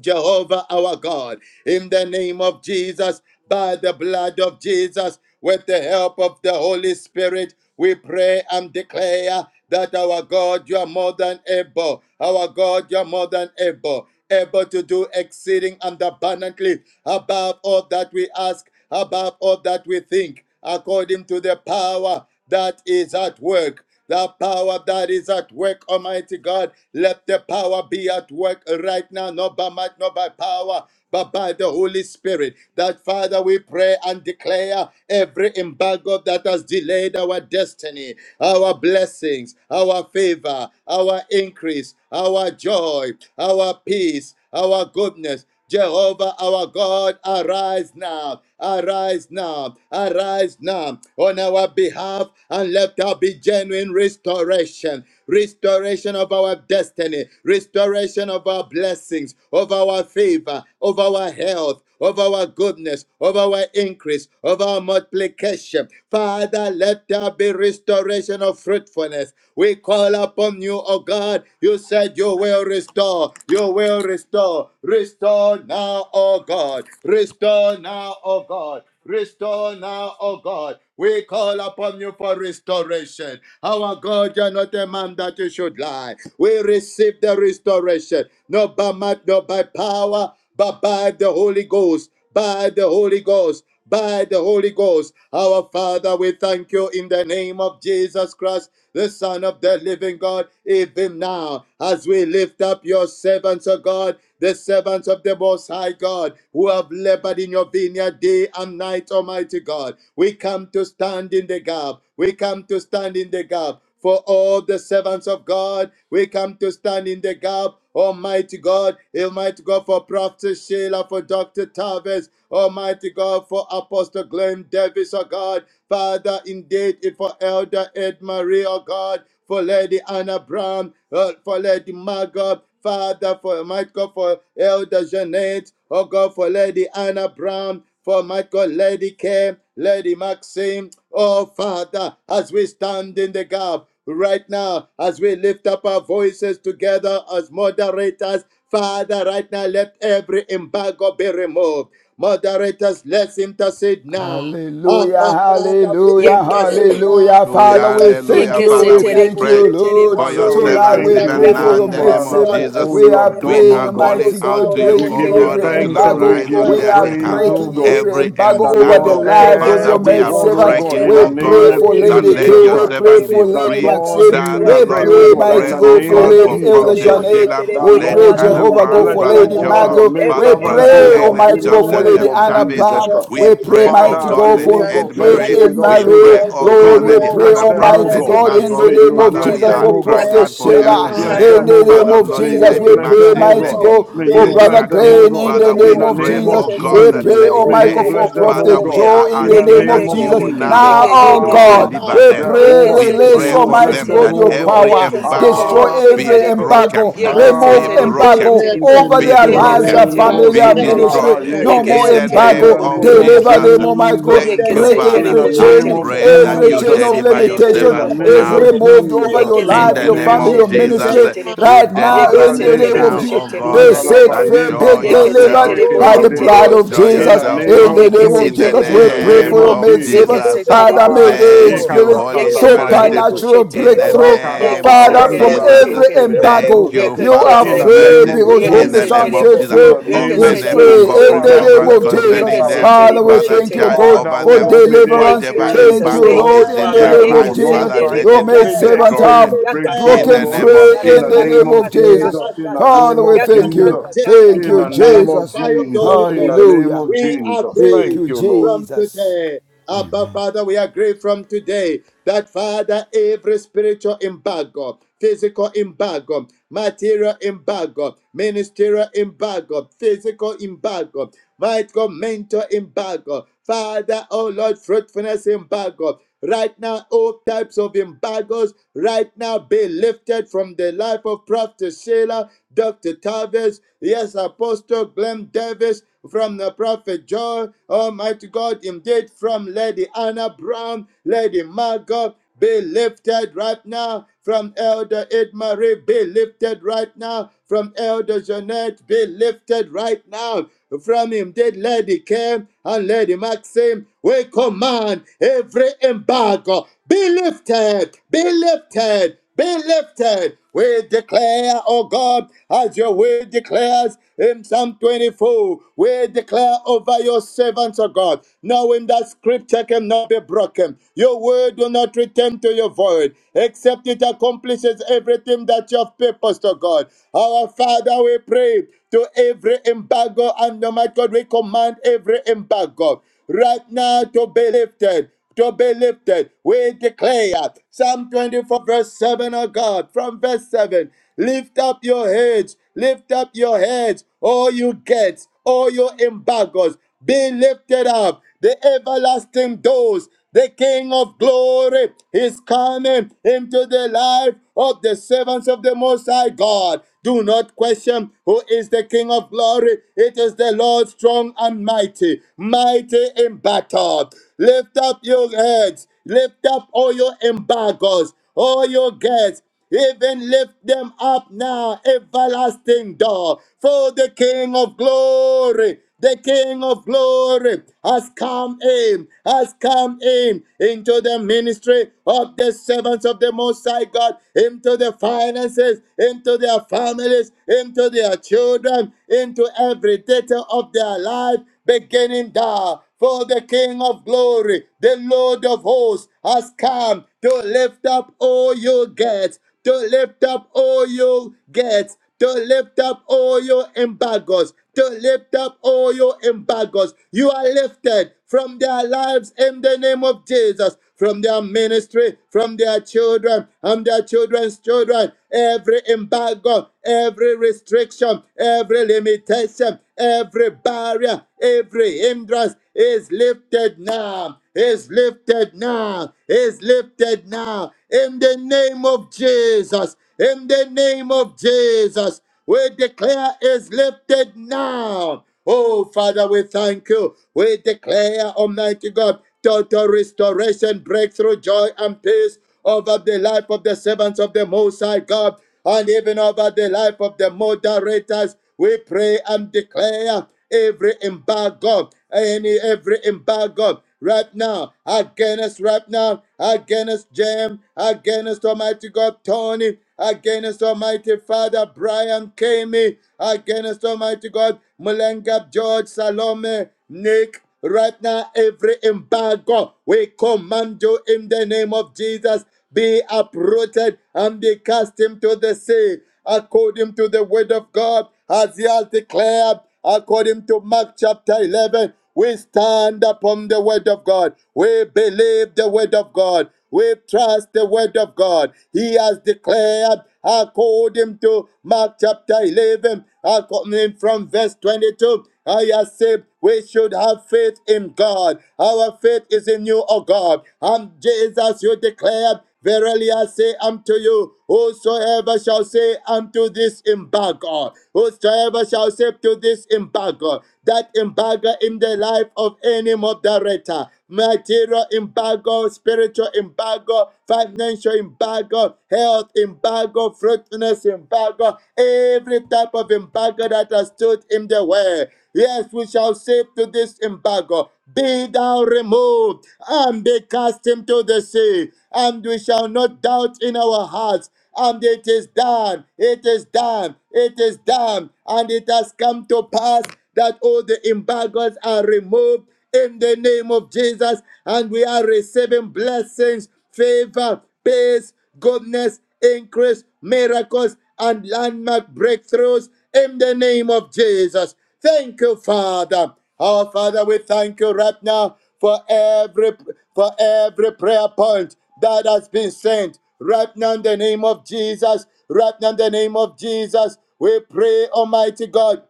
Speaker 6: Jehovah our God in the name of Jesus, by the blood of Jesus, with the help of the Holy Spirit. We pray and declare that our God, you are more than able. Our God, you are more than able, able to do exceeding and abundantly above all that we ask, above all that we think, according to the power that is at work. The power that is at work, Almighty God, let the power be at work right now, not by might, not by power, but by the Holy Spirit. That, Father, we pray and declare every embargo that has delayed our destiny, our blessings, our favor, our increase, our joy, our peace, our goodness. Jehovah our God, arise now, arise now, arise now on our behalf, and let there be genuine restoration, restoration of our destiny, restoration of our blessings, of our favor, of our health, of our goodness, of our increase, of our multiplication. Father, let there be restoration of fruitfulness. We call upon you, O God. You said you will restore, you will restore. Restore now, O God. Restore now, O God. Restore now, O God. We call upon you for restoration. Our God, you are not a man that you should lie. We receive the oration, not by might, not by power, but by the Holy Ghost, by the Holy Ghost, by the Holy Ghost. Our Father, we thank you in the name of Jesus Christ, the Son of the living God, even now, as we lift up your servants, O God the servants of the Most High God who have labored in your vineyard day and night, Almighty God. We come to stand in the gap. We come to stand in the gap for all the servants of God. We come to stand in the gap, Almighty God, Almighty God, for Prophet Sheila, for Dr. Tavis, Almighty God, for Apostle Glenn Davis, oh God. Father, indeed, if for Elder Ed Marie, oh God, for Lady Anna Brown, uh, for Lady Margot, Father, for my God, for Elder Jeanette, oh God, for Lady Anna Brown, for my God, Lady Kim, Lady Maxine, oh Father, as we stand in the gap right now, as we lift up our voices together as moderators, Father, right now, let every embargo be removed. Moderators, let's intercede now.
Speaker 4: Hallelujah,
Speaker 6: Abba, Father, we
Speaker 4: hallelujah,
Speaker 9: Hallelujah,
Speaker 3: Yeke-
Speaker 6: intercede
Speaker 9: Father,
Speaker 6: now.
Speaker 4: hallelujah.
Speaker 9: Lord, we
Speaker 5: Hallelujah,
Speaker 4: Father,
Speaker 6: In
Speaker 9: thank
Speaker 4: we
Speaker 6: the
Speaker 9: you,
Speaker 6: name
Speaker 4: thank
Speaker 5: hallelujah.
Speaker 6: of
Speaker 4: you,
Speaker 9: Lord,
Speaker 5: Father,
Speaker 4: we
Speaker 9: for
Speaker 5: we
Speaker 6: Jesus,
Speaker 9: the
Speaker 4: thank
Speaker 3: yekeseterebo,
Speaker 5: pray
Speaker 4: you,
Speaker 6: we
Speaker 9: mercy of
Speaker 4: Lord.
Speaker 3: sheterebo,
Speaker 5: for
Speaker 9: your
Speaker 5: your
Speaker 7: Father, we
Speaker 6: intercede
Speaker 4: Tonight
Speaker 3: sheterebo.
Speaker 9: servants,
Speaker 5: servants
Speaker 9: O
Speaker 4: we
Speaker 7: thank
Speaker 6: right
Speaker 7: you, O
Speaker 5: even
Speaker 4: pray
Speaker 9: Lord
Speaker 4: for
Speaker 5: now
Speaker 6: now
Speaker 7: God,
Speaker 4: your
Speaker 5: in the
Speaker 4: maid
Speaker 6: for
Speaker 5: name
Speaker 9: Almighty.
Speaker 5: of
Speaker 7: Father,
Speaker 9: Thank
Speaker 4: servant.
Speaker 7: for
Speaker 9: you
Speaker 3: Yakakakakakaka
Speaker 6: Prophet
Speaker 5: Jesus.
Speaker 8: kireşendere,
Speaker 9: for
Speaker 7: all
Speaker 4: We
Speaker 7: you
Speaker 4: are
Speaker 9: favor.
Speaker 7: have
Speaker 6: Sheila,
Speaker 5: We
Speaker 3: sheterebo.
Speaker 7: done,
Speaker 6: for
Speaker 7: O
Speaker 5: are
Speaker 4: praying,
Speaker 7: God.
Speaker 5: calling
Speaker 6: Dr.
Speaker 4: mighty
Speaker 5: out
Speaker 4: God,
Speaker 5: to
Speaker 6: Tabet,
Speaker 5: you,
Speaker 7: We
Speaker 3: Yikosotorobo,
Speaker 8: Korobasitrara
Speaker 4: breaking
Speaker 5: O
Speaker 7: give
Speaker 6: for
Speaker 7: you
Speaker 5: God,
Speaker 4: every
Speaker 5: that
Speaker 3: sheterebo,
Speaker 5: you'll
Speaker 8: shatara
Speaker 7: thanks
Speaker 6: Apostle
Speaker 7: and
Speaker 9: Masotoro
Speaker 7: we
Speaker 6: Grim
Speaker 5: arise
Speaker 4: embargo.
Speaker 7: give
Speaker 3: sheterebo.
Speaker 5: on
Speaker 4: We
Speaker 7: you
Speaker 5: their
Speaker 6: Davis,
Speaker 4: are
Speaker 6: oh
Speaker 7: praise,
Speaker 9: Bashakatara
Speaker 5: behalf.
Speaker 8: korobasitrara
Speaker 6: God.
Speaker 7: O
Speaker 4: breaking
Speaker 7: God.
Speaker 6: We
Speaker 9: Bayende
Speaker 4: every
Speaker 5: Every
Speaker 9: Rebo
Speaker 4: embargo
Speaker 7: That
Speaker 4: over
Speaker 6: intercede,
Speaker 4: the
Speaker 7: Lord,
Speaker 5: embargo,
Speaker 9: Seketeria.
Speaker 8: korobasitrara
Speaker 6: Almighty
Speaker 4: lives of your
Speaker 5: Father,
Speaker 6: God,
Speaker 8: kara
Speaker 5: we
Speaker 9: Father
Speaker 4: maid
Speaker 5: are
Speaker 9: Lord,
Speaker 6: for
Speaker 3: Yekaseterebo
Speaker 7: everyone,
Speaker 9: we
Speaker 8: shatara
Speaker 7: oh
Speaker 4: servant.
Speaker 9: thank you
Speaker 7: God,
Speaker 5: breaking,
Speaker 6: Elder
Speaker 9: for
Speaker 7: in
Speaker 4: We
Speaker 7: the
Speaker 9: the
Speaker 5: O
Speaker 3: sheterebo.
Speaker 6: Ed
Speaker 9: life
Speaker 7: name
Speaker 4: pray
Speaker 9: of
Speaker 5: God,
Speaker 7: of
Speaker 4: for
Speaker 6: Marie.
Speaker 5: that
Speaker 9: Lydia.
Speaker 4: Lady
Speaker 6: We
Speaker 5: let
Speaker 4: K.
Speaker 7: Jesus
Speaker 3: Yekaseterebo
Speaker 5: your
Speaker 4: We
Speaker 8: korobasatra
Speaker 7: Christ.
Speaker 9: God,
Speaker 4: pray
Speaker 5: servant
Speaker 9: we
Speaker 4: for
Speaker 5: be
Speaker 6: intercede
Speaker 3: sheterebo.
Speaker 9: love
Speaker 7: That
Speaker 9: you
Speaker 6: right
Speaker 4: Lady
Speaker 5: free
Speaker 9: for
Speaker 6: now
Speaker 7: Lord,
Speaker 4: Maxine.
Speaker 7: you we
Speaker 6: for
Speaker 5: Father,
Speaker 4: We
Speaker 3: Yakaseterebo
Speaker 7: pray,
Speaker 5: Lord,
Speaker 7: O
Speaker 4: pray,
Speaker 5: we
Speaker 6: Prophet
Speaker 8: korobasindara
Speaker 7: God, that in
Speaker 4: mighty
Speaker 5: pray,
Speaker 3: sheterebo.
Speaker 6: John.
Speaker 7: the
Speaker 5: oh
Speaker 4: God,
Speaker 7: name
Speaker 4: for
Speaker 6: We
Speaker 5: God,
Speaker 7: of
Speaker 5: for
Speaker 4: Lady Elder
Speaker 7: Jesus
Speaker 5: Prophet
Speaker 6: intercede
Speaker 3: Yakaseterebo
Speaker 7: Christ.
Speaker 6: right
Speaker 4: Janet.
Speaker 5: Sheila,
Speaker 8: korobasindara
Speaker 7: That
Speaker 9: Kalabashenda
Speaker 4: We
Speaker 3: sheterebo.
Speaker 6: now.
Speaker 5: Lady
Speaker 4: pray,
Speaker 8: kara
Speaker 7: Lord, you
Speaker 6: Oh,
Speaker 9: Raboso.
Speaker 5: Anna
Speaker 6: my
Speaker 7: will
Speaker 4: Jehovah,
Speaker 8: shatara
Speaker 5: Brown,
Speaker 4: God,
Speaker 6: Lord
Speaker 7: bless,
Speaker 4: for
Speaker 6: and
Speaker 5: Brother
Speaker 7: O
Speaker 4: Lady
Speaker 6: my
Speaker 8: kara
Speaker 3: Yakakakakakakaka.
Speaker 7: God,
Speaker 4: Margaret.
Speaker 5: Joel,
Speaker 6: God.
Speaker 7: your
Speaker 8: shatara
Speaker 4: Tabernacle.
Speaker 9: Masakatara
Speaker 7: maid
Speaker 6: We
Speaker 4: We
Speaker 3: Every
Speaker 5: Father,
Speaker 9: Bawia
Speaker 7: servants,
Speaker 5: Brother
Speaker 7: oh
Speaker 6: intercede
Speaker 4: pray,
Speaker 9: for
Speaker 3: embargo
Speaker 6: for
Speaker 5: Glenn,
Speaker 7: God,
Speaker 3: is
Speaker 9: Dr.
Speaker 7: in
Speaker 4: Almighty
Speaker 6: Lady
Speaker 7: the
Speaker 8: korobasitrara
Speaker 4: God, for
Speaker 5: Dr.
Speaker 3: destroyed
Speaker 6: Anna
Speaker 9: Travis,
Speaker 7: name
Speaker 4: Lady
Speaker 3: right
Speaker 7: of
Speaker 6: Brown.
Speaker 4: Anna
Speaker 3: now.
Speaker 9: Prophet
Speaker 5: Tavis.
Speaker 7: Jesus
Speaker 4: Brown.
Speaker 7: Christ.
Speaker 6: Let
Speaker 5: We
Speaker 9: Sheila,
Speaker 4: We
Speaker 6: Lady
Speaker 3: In
Speaker 8: korobasitra
Speaker 4: pray,
Speaker 3: the
Speaker 5: pray,
Speaker 9: for
Speaker 5: oh
Speaker 3: name
Speaker 4: Mighty
Speaker 7: Father,
Speaker 6: Malcolm,
Speaker 7: as
Speaker 3: of
Speaker 5: God,
Speaker 7: they,
Speaker 4: God,
Speaker 9: Elder
Speaker 5: Lady
Speaker 7: oh
Speaker 6: we
Speaker 4: for
Speaker 3: Jesus,
Speaker 7: God,
Speaker 9: Marie,
Speaker 4: Lady
Speaker 9: the
Speaker 7: fellowship
Speaker 5: Edmary.
Speaker 4: Ed
Speaker 6: intercede
Speaker 7: with
Speaker 9: Lord
Speaker 7: us,
Speaker 5: We
Speaker 6: for
Speaker 7: oh
Speaker 4: Marie.
Speaker 5: pray,
Speaker 7: God.
Speaker 3: yakasenderebo
Speaker 9: Almighty,
Speaker 8: shendara
Speaker 5: oh
Speaker 6: Elder
Speaker 9: for
Speaker 7: May
Speaker 4: Lord,
Speaker 5: God,
Speaker 4: we
Speaker 5: Lady
Speaker 7: you
Speaker 6: Jeanette,
Speaker 9: Marco,
Speaker 3: sheterebo,
Speaker 4: pray,
Speaker 7: bless
Speaker 5: Anna
Speaker 7: them,
Speaker 6: for
Speaker 5: Brown,
Speaker 7: oh
Speaker 8: koromasandara
Speaker 4: Almighty
Speaker 5: Lady
Speaker 6: Lady
Speaker 7: God.
Speaker 9: for
Speaker 4: God,
Speaker 8: kara
Speaker 4: in
Speaker 5: Mango.
Speaker 4: the
Speaker 7: May
Speaker 3: yakaseterebo
Speaker 6: Maxine,
Speaker 4: name
Speaker 7: you
Speaker 8: shatara
Speaker 4: of
Speaker 5: Father,
Speaker 9: Maxine,
Speaker 7: bless
Speaker 6: for
Speaker 5: we
Speaker 9: the
Speaker 4: Jesus,
Speaker 3: sheterebo,
Speaker 7: them,
Speaker 5: are
Speaker 4: for
Speaker 7: oh
Speaker 6: Lady
Speaker 9: Lord
Speaker 7: God.
Speaker 5: crying
Speaker 6: Kev,
Speaker 4: Prophet
Speaker 5: out
Speaker 9: Almighty,
Speaker 5: for
Speaker 7: May
Speaker 9: for
Speaker 6: the
Speaker 8: korobasitrara
Speaker 7: you
Speaker 5: Elder
Speaker 4: Sheila.
Speaker 7: bless
Speaker 8: kara
Speaker 6: Father,
Speaker 5: Jeanette.
Speaker 4: In
Speaker 7: them,
Speaker 3: yakakakakakaka,
Speaker 7: oh
Speaker 4: the name
Speaker 7: God.
Speaker 6: right
Speaker 8: shatara
Speaker 5: Father,
Speaker 4: of
Speaker 6: now
Speaker 5: Lord,
Speaker 7: May
Speaker 4: Jesus,
Speaker 5: let
Speaker 7: you
Speaker 5: the
Speaker 4: we
Speaker 6: every
Speaker 7: bless
Speaker 3: yekeseterebo
Speaker 4: pray,
Speaker 7: them, oh
Speaker 5: Maxin,
Speaker 4: Mighty
Speaker 5: let
Speaker 7: God.
Speaker 3: sheterebo,
Speaker 8: korobasitrara
Speaker 6: embargo
Speaker 5: the
Speaker 4: God,
Speaker 7: May
Speaker 8: kara
Speaker 9: we
Speaker 4: for
Speaker 5: let
Speaker 7: you
Speaker 6: be
Speaker 5: the
Speaker 9: give
Speaker 4: Brother
Speaker 7: bless
Speaker 9: you
Speaker 8: shatara
Speaker 9: the
Speaker 7: them,
Speaker 5: Maxin,
Speaker 6: lifted,
Speaker 7: oh
Speaker 3: yekeseterebo
Speaker 4: Green.
Speaker 7: God.
Speaker 4: In
Speaker 9: glory,
Speaker 4: the
Speaker 5: Father,
Speaker 9: my
Speaker 7: In
Speaker 8: یک
Speaker 5: we
Speaker 4: name
Speaker 7: the
Speaker 3: sheterebo,
Speaker 6: demonic
Speaker 8: کرو
Speaker 4: of
Speaker 9: soto,
Speaker 5: pray,
Speaker 7: name
Speaker 9: roba,
Speaker 4: Jesus,
Speaker 7: of
Speaker 8: با
Speaker 5: oh
Speaker 8: صندل
Speaker 6: embargo,
Speaker 4: we
Speaker 5: God,
Speaker 9: shaka,
Speaker 8: را کارش
Speaker 5: that
Speaker 7: Jesus.
Speaker 4: pray,
Speaker 5: let
Speaker 3: yekeseterebo
Speaker 8: کرد،
Speaker 9: kaka,
Speaker 5: it
Speaker 3: bo
Speaker 7: May
Speaker 4: Almighty
Speaker 3: bo
Speaker 6: spiritual
Speaker 7: you
Speaker 4: God,
Speaker 3: bo
Speaker 5: care.
Speaker 4: for
Speaker 3: bo
Speaker 7: bless
Speaker 3: bo
Speaker 7: them,
Speaker 3: bo
Speaker 9: rebo.
Speaker 8: کرو
Speaker 7: oh
Speaker 5: Father,
Speaker 6: embargo,
Speaker 3: bo
Speaker 4: Prophet
Speaker 8: با صندل را
Speaker 5: we
Speaker 3: bo,
Speaker 7: God.
Speaker 9: We
Speaker 4: Joe.
Speaker 5: are
Speaker 8: کارش
Speaker 4: In
Speaker 9: thank
Speaker 7: In
Speaker 4: the
Speaker 9: you,
Speaker 7: the
Speaker 6: financial
Speaker 5: asking
Speaker 4: name
Speaker 9: Lord,
Speaker 7: name
Speaker 4: of
Speaker 5: that
Speaker 9: that
Speaker 8: کرد.
Speaker 7: of
Speaker 9: Lord
Speaker 4: Jesus.
Speaker 5: you
Speaker 6: embargo,
Speaker 5: now,
Speaker 7: Jesus.
Speaker 4: Now,
Speaker 5: oh
Speaker 9: Almighty, that
Speaker 8: یک
Speaker 4: oh
Speaker 5: God, will
Speaker 8: کرو
Speaker 6: material
Speaker 9: any,
Speaker 8: با
Speaker 3: yekekekekekekekekeke,
Speaker 7: Ah,
Speaker 8: صندل
Speaker 4: God,
Speaker 9: every
Speaker 5: deliver
Speaker 8: را
Speaker 4: we
Speaker 6: embargo,
Speaker 5: them.
Speaker 9: embargo
Speaker 4: pray,
Speaker 3: Yeke
Speaker 9: that
Speaker 6: health
Speaker 8: کارش
Speaker 7: Jehovah.
Speaker 5: We
Speaker 9: is
Speaker 7: May
Speaker 4: release,
Speaker 5: pray
Speaker 9: so,
Speaker 3: seterebo
Speaker 7: you
Speaker 8: کرد،
Speaker 5: for
Speaker 6: embargo,
Speaker 7: bless
Speaker 4: Almighty
Speaker 5: them
Speaker 7: them,
Speaker 9: something
Speaker 4: God,
Speaker 5: that
Speaker 4: your
Speaker 7: oh
Speaker 3: sheterebo.
Speaker 6: the
Speaker 9: for
Speaker 7: God.
Speaker 9: you,
Speaker 6: judgment
Speaker 8: کرو با صندل را کار
Speaker 5: every
Speaker 4: power.
Speaker 6: has
Speaker 3: Yeke
Speaker 8: با
Speaker 9: over
Speaker 4: destroy
Speaker 8: صندل
Speaker 5: embargo
Speaker 4: destroy
Speaker 6: embargoed
Speaker 3: seterebo
Speaker 8: کرو
Speaker 7: Ah,
Speaker 8: با صندل
Speaker 9: with
Speaker 5: be
Speaker 4: every
Speaker 9: that
Speaker 3: sheterebo.
Speaker 6: every
Speaker 8: یک
Speaker 9: embargo,
Speaker 5: broken,
Speaker 8: کرو
Speaker 4: embargo,
Speaker 9: in
Speaker 3: Yeke
Speaker 9: the
Speaker 6: embargo.
Speaker 5: be
Speaker 4: remove
Speaker 9: mighty
Speaker 7: ah.
Speaker 9: Lord,
Speaker 3: seterebo
Speaker 6: Be
Speaker 5: broken,
Speaker 9: break
Speaker 4: embargo
Speaker 7: Yeke,
Speaker 3: sheterebo.
Speaker 9: every
Speaker 6: lifted,
Speaker 4: over
Speaker 5: be
Speaker 7: yeke,
Speaker 9: chain,
Speaker 4: their
Speaker 7: le,
Speaker 6: be
Speaker 9: oh
Speaker 7: le,
Speaker 3: Yeke
Speaker 4: lives,
Speaker 9: Lord,
Speaker 4: their
Speaker 5: broken,
Speaker 7: le,
Speaker 9: break
Speaker 7: le,
Speaker 6: lifted,
Speaker 3: seterebo
Speaker 4: family,
Speaker 7: bo,
Speaker 5: be
Speaker 9: every
Speaker 4: their
Speaker 6: be
Speaker 7: zunda,
Speaker 8: با
Speaker 9: chain,
Speaker 7: la,
Speaker 3: sheterebo.
Speaker 9: break
Speaker 4: ministry.
Speaker 7: ba,
Speaker 5: destroyed.
Speaker 6: lifted,
Speaker 9: every
Speaker 4: No
Speaker 7: yeke.
Speaker 3: Yeke
Speaker 6: be
Speaker 5: In
Speaker 4: more
Speaker 9: chain,
Speaker 5: the
Speaker 8: یک
Speaker 7: In
Speaker 9: oh
Speaker 3: seterebo
Speaker 5: name
Speaker 7: the
Speaker 6: lifted
Speaker 3: bo
Speaker 4: embargo.
Speaker 8: کار
Speaker 9: Lord
Speaker 3: bo
Speaker 5: of
Speaker 8: با
Speaker 7: name
Speaker 3: bo
Speaker 7: of
Speaker 3: bo
Speaker 6: right
Speaker 4: Deliver
Speaker 3: bo
Speaker 9: Almighty,
Speaker 5: Jesus.
Speaker 3: bo
Speaker 9: my
Speaker 4: them,
Speaker 3: bo.
Speaker 6: now
Speaker 4: Almighty
Speaker 9: sete,
Speaker 7: Jesus
Speaker 6: in
Speaker 4: God.
Speaker 5: Thank
Speaker 6: the
Speaker 9: robo,
Speaker 3: Yeke
Speaker 5: you,
Speaker 4: Break
Speaker 9: ko,
Speaker 6: name of
Speaker 7: in
Speaker 5: Father.
Speaker 9: roba,
Speaker 4: every
Speaker 7: the
Speaker 3: seterebo
Speaker 5: I
Speaker 7: name
Speaker 4: chain,
Speaker 9: yanda,
Speaker 6: Jesus,
Speaker 7: of
Speaker 3: sheterebo.
Speaker 5: pray
Speaker 6: by
Speaker 5: that
Speaker 8: صندل
Speaker 4: every
Speaker 5: you
Speaker 6: the
Speaker 3: Yeke
Speaker 4: chain
Speaker 7: Jesus,
Speaker 4: of
Speaker 6: blood
Speaker 8: کارش
Speaker 5: deliver
Speaker 6: of
Speaker 9: Break
Speaker 5: your
Speaker 3: seterebo
Speaker 9: every
Speaker 8: کرد.
Speaker 3: bo
Speaker 7: in
Speaker 4: limitation
Speaker 7: the
Speaker 3: bo
Speaker 5: servants
Speaker 9: chain,
Speaker 6: Jesus.
Speaker 3: bo bo
Speaker 7: name
Speaker 4: is
Speaker 5: now
Speaker 9: break
Speaker 3: bo
Speaker 6: Be
Speaker 7: of
Speaker 8: ما
Speaker 3: bo bo.
Speaker 9: every
Speaker 4: removed
Speaker 8: کار
Speaker 9: chain,
Speaker 6: lifted
Speaker 4: over
Speaker 8: ما
Speaker 7: Jesus,
Speaker 4: your
Speaker 3: Yeke
Speaker 9: Lord
Speaker 6: now.
Speaker 7: in
Speaker 5: in
Speaker 7: the
Speaker 4: life,
Speaker 8: صندل
Speaker 5: the
Speaker 4: your
Speaker 8: را
Speaker 5: name
Speaker 9: Almighty,
Speaker 3: seterebo
Speaker 7: name
Speaker 9: O
Speaker 4: family,
Speaker 5: of
Speaker 6: Be
Speaker 7: of
Speaker 4: your
Speaker 9: God,
Speaker 8: کارش
Speaker 3: sheterebo
Speaker 5: Jesus,
Speaker 6: lifted
Speaker 9: that
Speaker 4: ministry.
Speaker 7: Jesus.
Speaker 5: eh,
Speaker 9: you
Speaker 8: کرد.
Speaker 3: sheterebo.
Speaker 6: now.
Speaker 5: you
Speaker 9: continue
Speaker 4: Right
Speaker 9: to
Speaker 4: now,
Speaker 9: bless
Speaker 3: Yeke
Speaker 5: deliver
Speaker 6: Be
Speaker 7: Abba
Speaker 4: in
Speaker 9: them,
Speaker 4: the
Speaker 9: O
Speaker 5: them
Speaker 8: کار
Speaker 4: name
Speaker 6: lifted
Speaker 9: Lord
Speaker 7: leke
Speaker 4: of
Speaker 3: seterebo
Speaker 8: ما
Speaker 5: now,
Speaker 4: Jesus,
Speaker 7: leke
Speaker 5: oh
Speaker 6: now.
Speaker 8: صندل
Speaker 3: sheterebo
Speaker 5: God,
Speaker 9: Almighty.
Speaker 4: be
Speaker 8: رو
Speaker 7: zunda
Speaker 5: eh,
Speaker 9: Let
Speaker 6: Be
Speaker 4: set
Speaker 9: your
Speaker 7: laba
Speaker 5: that
Speaker 9: hand
Speaker 3: sheterebo.
Speaker 8: کارش
Speaker 4: free,
Speaker 9: be
Speaker 6: lifted
Speaker 7: yemba
Speaker 4: be
Speaker 5: show
Speaker 8: کرد.
Speaker 9: upon
Speaker 6: now.
Speaker 9: them,
Speaker 3: Yeke
Speaker 9: O
Speaker 7: rado
Speaker 4: delivered
Speaker 5: yourself
Speaker 9: Lord
Speaker 7: zeke
Speaker 3: seterebo
Speaker 6: Oh,
Speaker 4: by
Speaker 8: یک
Speaker 4: the
Speaker 6: we
Speaker 5: strong,
Speaker 7: mande.
Speaker 9: Almighty.
Speaker 8: کار
Speaker 4: blood
Speaker 6: pray
Speaker 3: sheterebo
Speaker 5: Lord,
Speaker 8: ما
Speaker 4: of
Speaker 6: and
Speaker 5: show
Speaker 7: In
Speaker 8: صندل
Speaker 4: Jesus.
Speaker 7: the
Speaker 3: sheterebo.
Speaker 8: را
Speaker 5: yourself
Speaker 9: Masoto
Speaker 7: name
Speaker 4: In
Speaker 6: declare
Speaker 7: of
Speaker 5: strong.
Speaker 4: the
Speaker 8: کارش
Speaker 3: Yeke
Speaker 4: name of
Speaker 5: In the
Speaker 7: Jesus,
Speaker 8: کرد.
Speaker 9: royakatara
Speaker 4: Jesus,
Speaker 3: seterebo
Speaker 7: in
Speaker 4: we
Speaker 7: the
Speaker 6: spiritual
Speaker 4: pray
Speaker 7: name
Speaker 5: name
Speaker 4: for your
Speaker 3: sheterebo.
Speaker 7: of
Speaker 5: of
Speaker 9: bayenderebo,
Speaker 4: maid
Speaker 6: embargo,
Speaker 8: یکارم
Speaker 7: Jesus.
Speaker 8: از
Speaker 3: Yeke
Speaker 4: servant.
Speaker 5: Jesus, eh.
Speaker 8: صندل
Speaker 6: physical
Speaker 4: Father,
Speaker 3: seterebo
Speaker 8: را
Speaker 7: Ah,
Speaker 4: may they
Speaker 6: embargo,
Speaker 5: thank
Speaker 3: sheterebo.
Speaker 8: کورشید
Speaker 7: yeka
Speaker 9: masekere
Speaker 5: you,
Speaker 8: در
Speaker 4: experience
Speaker 8: را
Speaker 5: Holy
Speaker 7: zatala
Speaker 3: Yeke
Speaker 6: material
Speaker 3: se
Speaker 9: yenderebo,
Speaker 5: Spirit. eh.
Speaker 8: کورشید
Speaker 3: terebo
Speaker 7: mandozo.
Speaker 8: در
Speaker 3: she
Speaker 4: supernatural
Speaker 6: embargo.
Speaker 8: را
Speaker 5: In
Speaker 9: makoro
Speaker 5: the
Speaker 6: Be
Speaker 3: terebo.
Speaker 8: کور با
Speaker 4: breakthrough
Speaker 5: name
Speaker 6: lifted.
Speaker 3: Yeke
Speaker 8: سدر
Speaker 3: se
Speaker 9: bayandara
Speaker 4: Father,
Speaker 5: of
Speaker 6: Be
Speaker 8: را.
Speaker 7: Rakarabayanda
Speaker 4: from
Speaker 3: terebo
Speaker 5: Jesus,
Speaker 3: she
Speaker 6: lifted.
Speaker 5: eh.
Speaker 4: every
Speaker 9: bayenderebo,
Speaker 7: razokele
Speaker 6: Be
Speaker 3: terebo.
Speaker 4: embargo,
Speaker 5: thank
Speaker 8: یکارم
Speaker 7: mandoza.
Speaker 6: lifted.
Speaker 5: you,
Speaker 8: از
Speaker 3: Yeke
Speaker 4: you
Speaker 5: Father
Speaker 3: she
Speaker 6: Be
Speaker 4: are
Speaker 8: صندل
Speaker 7: In
Speaker 5: of
Speaker 8: را
Speaker 7: the
Speaker 3: terebo.
Speaker 6: lifted.
Speaker 4: free
Speaker 7: name
Speaker 8: شد
Speaker 5: mercy.
Speaker 8: را
Speaker 7: of
Speaker 4: because
Speaker 8: شد
Speaker 6: Right
Speaker 3: Yeke
Speaker 4: whom
Speaker 5: In
Speaker 8: را
Speaker 4: the
Speaker 5: the
Speaker 3: se
Speaker 6: now
Speaker 7: Jesus.
Speaker 6: in
Speaker 4: Son
Speaker 5: name
Speaker 6: the
Speaker 5: of
Speaker 9: washakata
Speaker 4: says
Speaker 3: terebo.
Speaker 5: Jesus,
Speaker 6: name
Speaker 7: In
Speaker 4: free
Speaker 6: of
Speaker 7: the
Speaker 8: کور
Speaker 9: yeka
Speaker 3: Yeke
Speaker 7: name
Speaker 8: با
Speaker 4: is
Speaker 5: open
Speaker 7: of
Speaker 3: se
Speaker 5: a
Speaker 6: Jesus.
Speaker 8: سید
Speaker 4: free.
Speaker 5: book
Speaker 3: terebo
Speaker 7: Jesus.
Speaker 5: of
Speaker 8: آن
Speaker 3: she
Speaker 4: In
Speaker 6: Oh,
Speaker 7: Father,
Speaker 4: the
Speaker 8: کار
Speaker 3: terebo.
Speaker 6: Father,
Speaker 4: name
Speaker 5: remembrance
Speaker 8: شد
Speaker 4: of
Speaker 7: bless
Speaker 6: we
Speaker 7: your
Speaker 8: را
Speaker 7: made
Speaker 9: masokotori
Speaker 4: Jesus,
Speaker 3: Yeke
Speaker 5: concerning
Speaker 8: کور
Speaker 6: pray
Speaker 3: se
Speaker 5: them.
Speaker 7: servants, oh
Speaker 8: شد
Speaker 4: Father,
Speaker 6: and
Speaker 3: terebo
Speaker 4: we
Speaker 7: God.
Speaker 6: we
Speaker 8: را
Speaker 5: Father,
Speaker 3: she
Speaker 9: yandara
Speaker 4: thank you,
Speaker 5: charge
Speaker 8: دشید.
Speaker 9: bayenderebo,
Speaker 3: terebo.
Speaker 4: God,
Speaker 6: declare
Speaker 7: Father,
Speaker 5: over
Speaker 7: oh
Speaker 4: for
Speaker 5: them.
Speaker 6: that
Speaker 7: God,
Speaker 6: the
Speaker 7: may
Speaker 8: کور
Speaker 7: they
Speaker 3: Thank
Speaker 4: deliverance.
Speaker 8: با
Speaker 3: you,
Speaker 5: Whatever
Speaker 6: embargo
Speaker 7: experience,
Speaker 6: is
Speaker 8: سدر
Speaker 4: Thank
Speaker 3: Jesus.
Speaker 7: oh
Speaker 8: را
Speaker 4: you,
Speaker 5: embargo
Speaker 7: God,
Speaker 8: شد
Speaker 3: Thank
Speaker 4: Lord,
Speaker 3: you,
Speaker 5: is
Speaker 8: را
Speaker 4: in
Speaker 5: in
Speaker 4: the
Speaker 3: Father.
Speaker 5: their
Speaker 8: شد
Speaker 6: lifted
Speaker 4: name
Speaker 8: را
Speaker 7: breakthrough
Speaker 4: of
Speaker 3: Yeke
Speaker 5: lives,
Speaker 7: on
Speaker 6: is
Speaker 4: Jesus.
Speaker 7: all
Speaker 5: Father,
Speaker 7: sides.
Speaker 5: let
Speaker 4: Your
Speaker 3: senderebo
Speaker 5: it be
Speaker 4: maid
Speaker 7: May
Speaker 8: کور
Speaker 9: asekete
Speaker 3: yaka
Speaker 6: lifted,
Speaker 7: they
Speaker 8: با س
Speaker 4: servant
Speaker 3: kaka.
Speaker 6: is
Speaker 5: destroyed
Speaker 7: experience
Speaker 4: have
Speaker 3: Yaka
Speaker 9: yandarabo.
Speaker 7: breakthrough,
Speaker 5: in
Speaker 6: lifted
Speaker 7: oh
Speaker 3: kaka
Speaker 4: broken
Speaker 5: the
Speaker 7: God.
Speaker 5: name
Speaker 3: kaka
Speaker 6: right
Speaker 4: free
Speaker 5: of
Speaker 8: کور
Speaker 7: In
Speaker 6: in
Speaker 3: kaka
Speaker 4: in
Speaker 8: شد
Speaker 7: the
Speaker 6: the
Speaker 5: Jesus.
Speaker 4: the
Speaker 8: در
Speaker 3: kaka
Speaker 7: name
Speaker 4: name
Speaker 6: name
Speaker 7: of
Speaker 6: of
Speaker 4: of
Speaker 8: را
Speaker 3: kaka
Speaker 4: Jesus.
Speaker 7: Jesus.
Speaker 3: kaka
Speaker 6: Jesus,
Speaker 7: In the
Speaker 3: kaka.
Speaker 6: by
Speaker 4: Father,
Speaker 7: name
Speaker 6: the
Speaker 4: we
Speaker 7: of
Speaker 3: Yaka
Speaker 4: thank
Speaker 8: کور
Speaker 6: blood
Speaker 4: you.
Speaker 6: of
Speaker 3: kaka
Speaker 7: Jesus.
Speaker 9: Oh, this
Speaker 3: kaka
Speaker 6: Jesus,
Speaker 4: Thank
Speaker 7: In
Speaker 9: is
Speaker 4: you,
Speaker 7: the
Speaker 3: kaka
Speaker 9: just
Speaker 6: by
Speaker 9: a
Speaker 7: name
Speaker 6: the
Speaker 3: kaka
Speaker 7: of
Speaker 9: name.
Speaker 4: Jesus.
Speaker 6: fire
Speaker 3: kaka
Speaker 6: of the
Speaker 3: she
Speaker 8: کور
Speaker 7: Jesus.
Speaker 6: Holy
Speaker 8: کور
Speaker 7: In
Speaker 8: شد
Speaker 7: the
Speaker 9: Hallelujah.
Speaker 3: terebo.
Speaker 6: Ghost.
Speaker 9: In
Speaker 7: name
Speaker 9: my
Speaker 4: Hallelujah.
Speaker 9: charity and
Speaker 7: of
Speaker 6: We are
Speaker 7: Jesus.
Speaker 9: Jesus'
Speaker 4: Thank
Speaker 6: grave
Speaker 7: Thank
Speaker 4: you,
Speaker 9: name.
Speaker 7: you, Lord.
Speaker 6: from
Speaker 4: Jesus.
Speaker 6: today.
Speaker 9: Amen.
Speaker 6: Abba,
Speaker 4: Amen.
Speaker 6: Father, we agree from today that, Father, every spiritual embargo, physical embargo, material embargo, ministerial embargo, physical embargo, might God, mentor embargo. Father, oh Lord, fruitfulness embargo. Right now, all types of embargoes, right now, be lifted from the life of Prophet Sheila, Dr. Tavis, yes, Apostle Glenn Davis, from the Prophet Joel, Almighty God, indeed, from Lady Anna Brown, Lady Margot be lifted right now from Elder Edmarie, be lifted right now from Elder Jeanette, be lifted right now from him. Dead Lady came and Lady Maxim, we command every embargo be lifted, be lifted, be lifted. We declare, oh God, as your word declares in Psalm 24, we declare over your servants, oh God, knowing that scripture cannot be broken. Your word will not return to your void, except it accomplishes everything that you have purposed, oh God. Our Father, we pray to every embargo, and no matter God, we command every embargo right now to be lifted to be lifted. We declare Psalm 24, verse 7, oh God, from verse 7 Lift up your heads, lift up your heads, all you gates, all your embargoes, be lifted up, the everlasting doors. The King of glory is coming into the life of the servants of the Most High God. Do not question who is the King of glory. It is the Lord strong and mighty, mighty in battle. Lift up your heads. Lift up all your embargoes, all your gates. Even lift them up now, everlasting door. For the King of glory, the King of glory has come in, has come in into the ministry of the servants of the Most High God, into the finances, into their families, into their children, into every detail of their life beginning thou. For the King of glory, the Lord of hosts, has come to lift up all your gates, to lift up all your gates, to lift up all your embargoes, to lift up all your embargoes. You are lifted from their lives in the name of Jesus, from their ministry, from their children, from their children's children. Every embargo, every restriction, every limitation, every barrier, every hindrance is lifted now, is lifted now, is lifted now. In the name of Jesus, in the name of Jesus, we declare is lifted now. Oh, Father, we thank you. We declare, Almighty God, total restoration, breakthrough, joy, and peace over the life of the servants of the Most High God and even over the life of the moderators. We pray and declare every embargo, any every embargo right now against right now against Jam, against Almighty God Tony, against Almighty Father Brian Kemi, against Almighty God Mulenga George Salome Nick. Right now, every embargo, we command you in the name of Jesus be uprooted and be cast into the sea, according to the word of God, as he has declared, according to Mark chapter 11. We stand upon the word of God. We believe the word of God. We trust the word of God. He has declared, according to Mark chapter 11, according from verse 22, I have said we should have faith in God. Our faith is in you, O God. And Jesus, you declared, Verily I say unto you, whosoever shall say unto this embargo, whosoever shall say to this embargo, that embargo in the life of any moderator, material embargo, spiritual embargo, financial embargo, health embargo, embargo, fruitfulness embargo, every type of embargo that has stood in the way. Yes, we shall say to this embargo, be thou removed and be cast into the sea, and we shall not doubt in our hearts. And it is done, it is done, it is done, and it has come to pass that all the embargoes are removed in the name of Jesus. And we are receiving blessings, favor, peace, goodness, increase, miracles, and landmark breakthroughs in the name of Jesus. Thank you, Father. Our Father, we thank you right now for every for every prayer point that has been sent. Right now, in the name of Jesus, right now, in the name of Jesus, we pray, Almighty God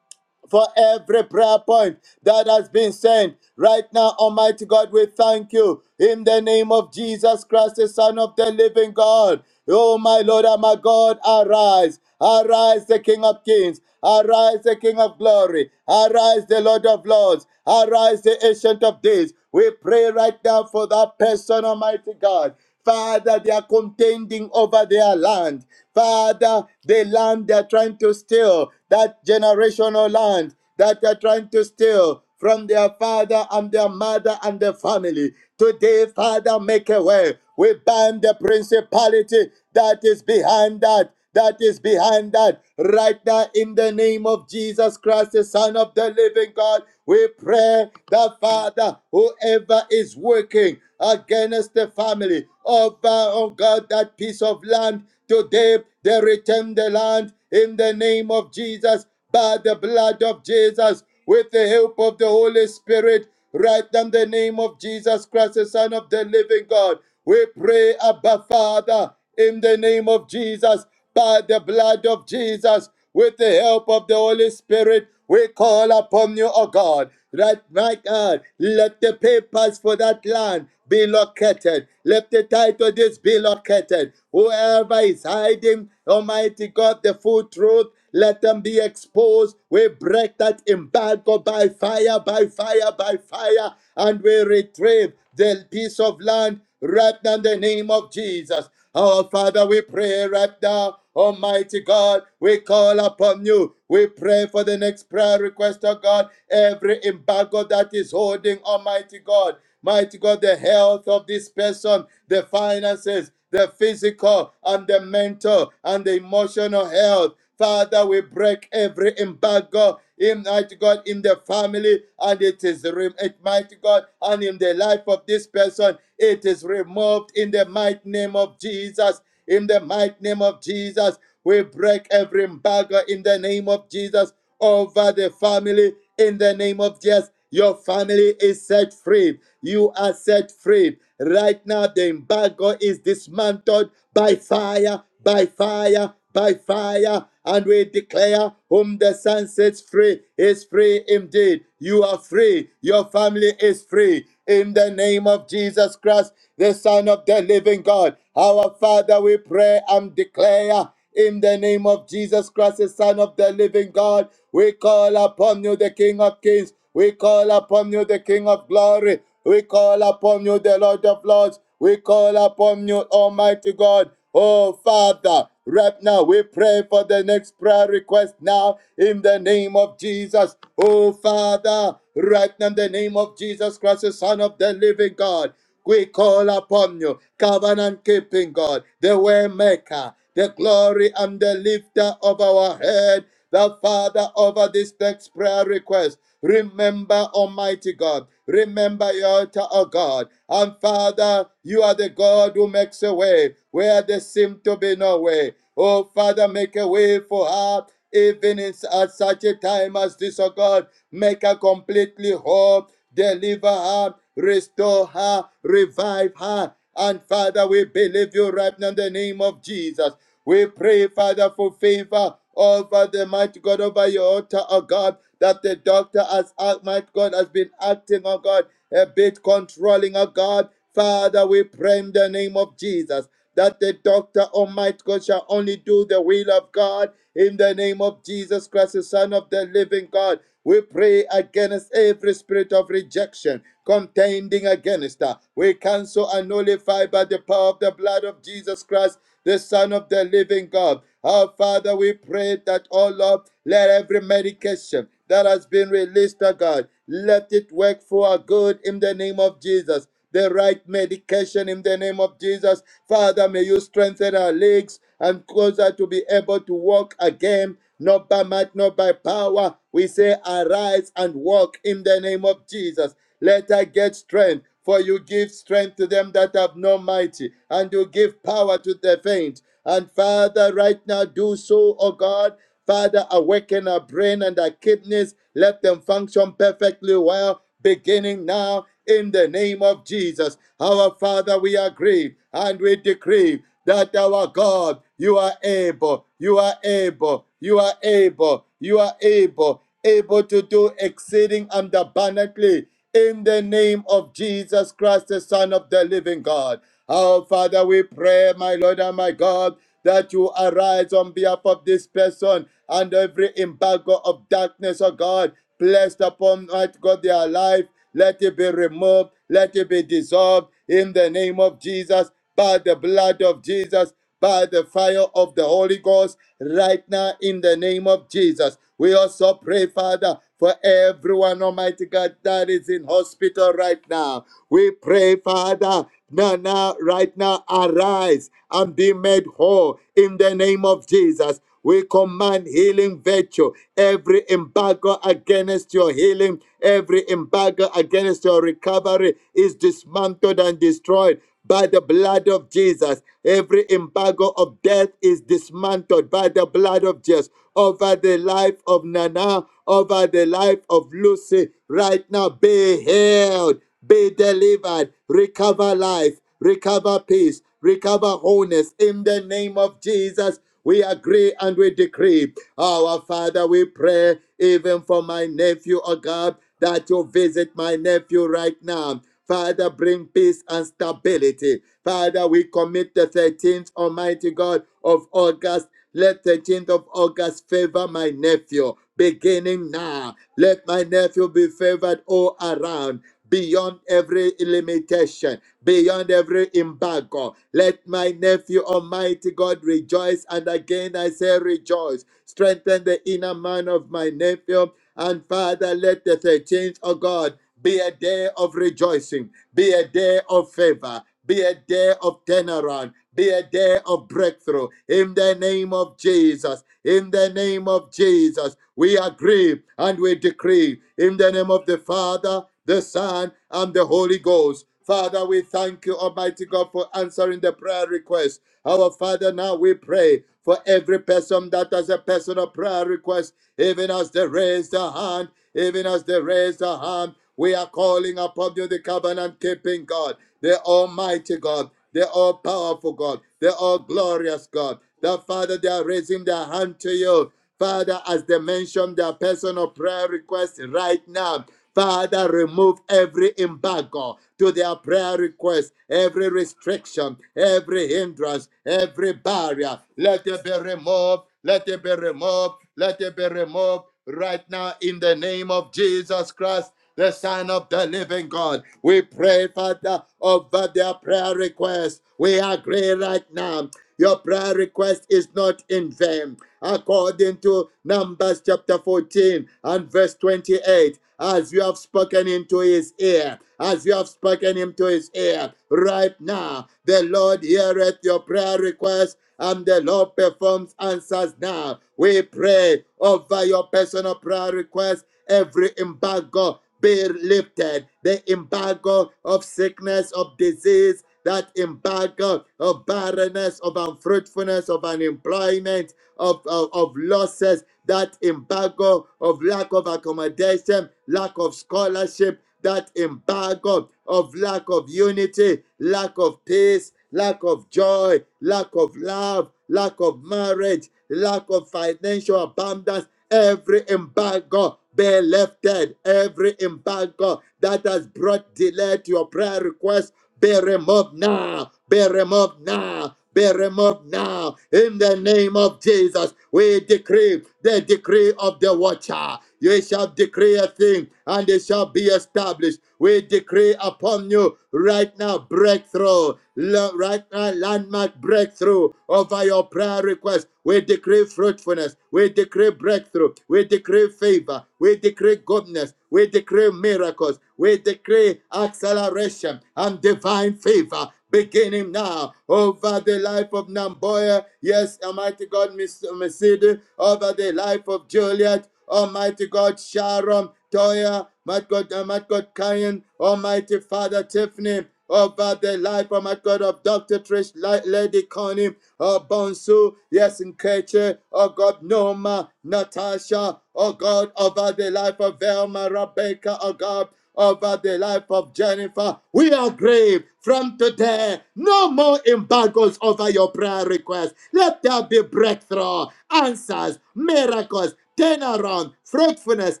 Speaker 6: for every prayer point that has been sent. Right now, Almighty God, we thank you in the name of Jesus Christ, the Son of the living God. Oh, my Lord and my God, arise. Arise, the King of Kings. Arise, the King of Glory. Arise, the Lord of Lords. Arise, the Ancient of Days. We pray right now for that person, Almighty God. Father, they are contending over their land. Father, the land they are trying to steal, that generational land that they are trying to steal from their father and their mother and their family. Today, Father, make a way. We bind the principality that is behind that that is behind that. Right now, in the name of Jesus Christ, the Son of the living God, we pray that Father, whoever is working against the family of, uh, oh God, that piece of land, today they return the land in the name of Jesus by the blood of Jesus with the help of the Holy Spirit right now in the name of Jesus Christ, the Son of the living God. We pray, Abba Father, in the name of Jesus, by the blood of Jesus, with the help of the Holy Spirit, we call upon you, O God. Right, my God, let the papers for that land be located. Let the title deeds be located. Whoever is hiding, Almighty God, the full truth let them be exposed. We break that embargo by fire, by fire, by fire, and we retrieve the piece of land right now in the name of Jesus. Our Father, we pray right now. Almighty God, we call upon you. We pray for the next prayer request, oh God. Every embargo that is holding, Almighty God. Mighty God, the health of this person, the finances, the physical and the mental and the emotional health. Father, we break every embargo in mighty God in the family and it is removed, mighty God, and in the life of this person, it is removed in the mighty name of Jesus. In the mighty name of Jesus, we break every embargo in the name of Jesus over the family in the name of Jesus your family is set free. You are set free. Right now, the embargo is dismantled by fire, by fire, by fire. And we declare, whom the sun sets free is free indeed. You are free. Your family is free. In the name of Jesus Christ, the Son of the living God, our Father, we pray and declare. In the name of Jesus Christ, the Son of the living God, we call upon you, the King of kings. We call upon you, the King of glory. We call upon you, the Lord of lords. We call upon you, Almighty God. Oh, Father, right now we pray for the next prayer request now in the name of Jesus. Oh, Father, right now in the name of Jesus Christ, the Son of the living God. We call upon you, covenant keeping God, the way maker, the glory and the lifter of our head, the father over this next prayer request. Remember, Almighty God, remember your altar, O God. And Father, you are the God who makes a way where there seems to be no way. Oh, Father, make a way for her, even in, s- at such a time as this, O God. Make her completely whole deliver her, restore her, revive her. And Father, we believe you right now in the name of Jesus. We pray, Father, for favor over the mighty God, over your altar, oh God, that the doctor has, act- mighty God, has been acting, oh God, a bit controlling, oh God. Father, we pray in the name of Jesus that the doctor, Almighty God, shall only do the will of God in the name of Jesus Christ, the Son of the living God. We pray against every spirit of rejection, contending against her. We cancel and nullify by the power of the blood of Jesus Christ, the Son of the living God. Our Father, we pray that, oh Lord, let every medication that has been released to God, let it work for our good in the name of Jesus the right medication in the name of Jesus. Father, may you strengthen our legs and cause us to be able to walk again, not by might, not by power. We say, arise and walk in the name of Jesus. Let us get strength, for you give strength to them that have no mighty, and you give power to the faint. And Father, right now, do so, O God. Father, awaken our brain and our kidneys. Let them function perfectly well beginning now in the name of Jesus. Our Father, we agree and we decree that our God, you are able, you are able, you are able, you are able, able to do exceeding and abundantly in the name of Jesus Christ, the Son of the living God. Our Father, we pray, my Lord and my God, that you arise on behalf of this person and every embargo of darkness, O God, placed upon, might God, their life. Let it be removed. Let it be dissolved in the name of Jesus, by the blood of Jesus by the fire of the Holy Ghost right now in the name of Jesus. We also pray, Father, for everyone, Almighty God, that is in hospital right now. We pray, Father, now, now, right now, arise and be made whole in the name of Jesus. We command healing virtue, every embargo against your healing, every embargo against your recovery is dismantled and destroyed by the blood of Jesus. Every embargo of death is dismantled by the blood of Jesus over the life of Nana, over the life of Lucy. Right now, be healed, be delivered, recover life, recover peace, recover wholeness in the name of Jesus. We agree and we decree. Our Father, we pray even for my nephew, oh God that you visit my nephew right now. Father, bring peace and stability. Father, we commit the 13th, Almighty God, of August. Let the 13th of August favor my nephew, beginning now. Let my nephew be favored all around, beyond every limitation, beyond every embargo. Let my nephew, Almighty God, rejoice. And again, I say rejoice. Strengthen the inner man of my nephew and Father, let the 13th, oh God, be a day of rejoicing be a day of favor, be a day of turnaround, be a day of breakthrough. In the name of Jesus, in the name of Jesus, we agree and we decree. In the name of the Father, the Son, and the Holy Ghost. Father, we thank you, Almighty God, for answering the prayer request. Our Father, now we pray for every person that has a personal prayer request, even as they raise their hand, even as they raise their hand. We are calling upon you, the covenant keeping God, the Almighty God, the all powerful God, the all glorious God. The Father, they are raising their hand to you. Father, as they mention their personal prayer request right now, Father, remove every embargo to their prayer request, every restriction, every hindrance, every barrier. Let it be removed. Let it be removed. Let it be removed right now in the name of Jesus Christ the Son of the Living God. We pray, Father, over their prayer request. We agree right now. Your prayer request is not in vain. According to Numbers chapter 14 and verse 28, as you have spoken into his ear, as you have spoken into his ear, right now, the Lord heareth your prayer request and the Lord performs answers now. We pray over your personal prayer request, every embargo be lifted. The embargo of sickness, of disease, that embargo of barrenness, of unfruitfulness, of unemployment, of, of, of losses, that embargo of lack of accommodation, lack of scholarship, that embargo of lack of unity, lack of peace, lack of joy, lack of love, lack of marriage, lack of financial abundance Every embargo be lifted. Every embargo that has brought delay to your prayer request Bear him up now. Bear him up now. Bear him up now. In the name of Jesus, we decree the decree of the watcher. You shall decree a thing and it shall be established. We decree upon you right now breakthrough, la- right now landmark breakthrough over your prayer request. We decree fruitfulness. We decree breakthrough. We decree favor favor. We decree goodness. We decree miracles. We decree acceleration and divine favor beginning now over the life of Namboya. Yes, Almighty God, Miss Mercedes, over the life of Juliet. Almighty God, Sharon, Toya, my God, uh, my God, Cain, Almighty Father, Tiffany over the life, oh my God, of Dr. Trish, Lady Connie, oh Bonsu, yes, Nkeche, oh God, Noma, Natasha, oh God, over the life of Velma, Rebecca, oh God, over the life of Jennifer. We are grave from today. No more embargoes over your prayer requests. Let there be breakthrough, answers, miracles, turnaround, fruitfulness,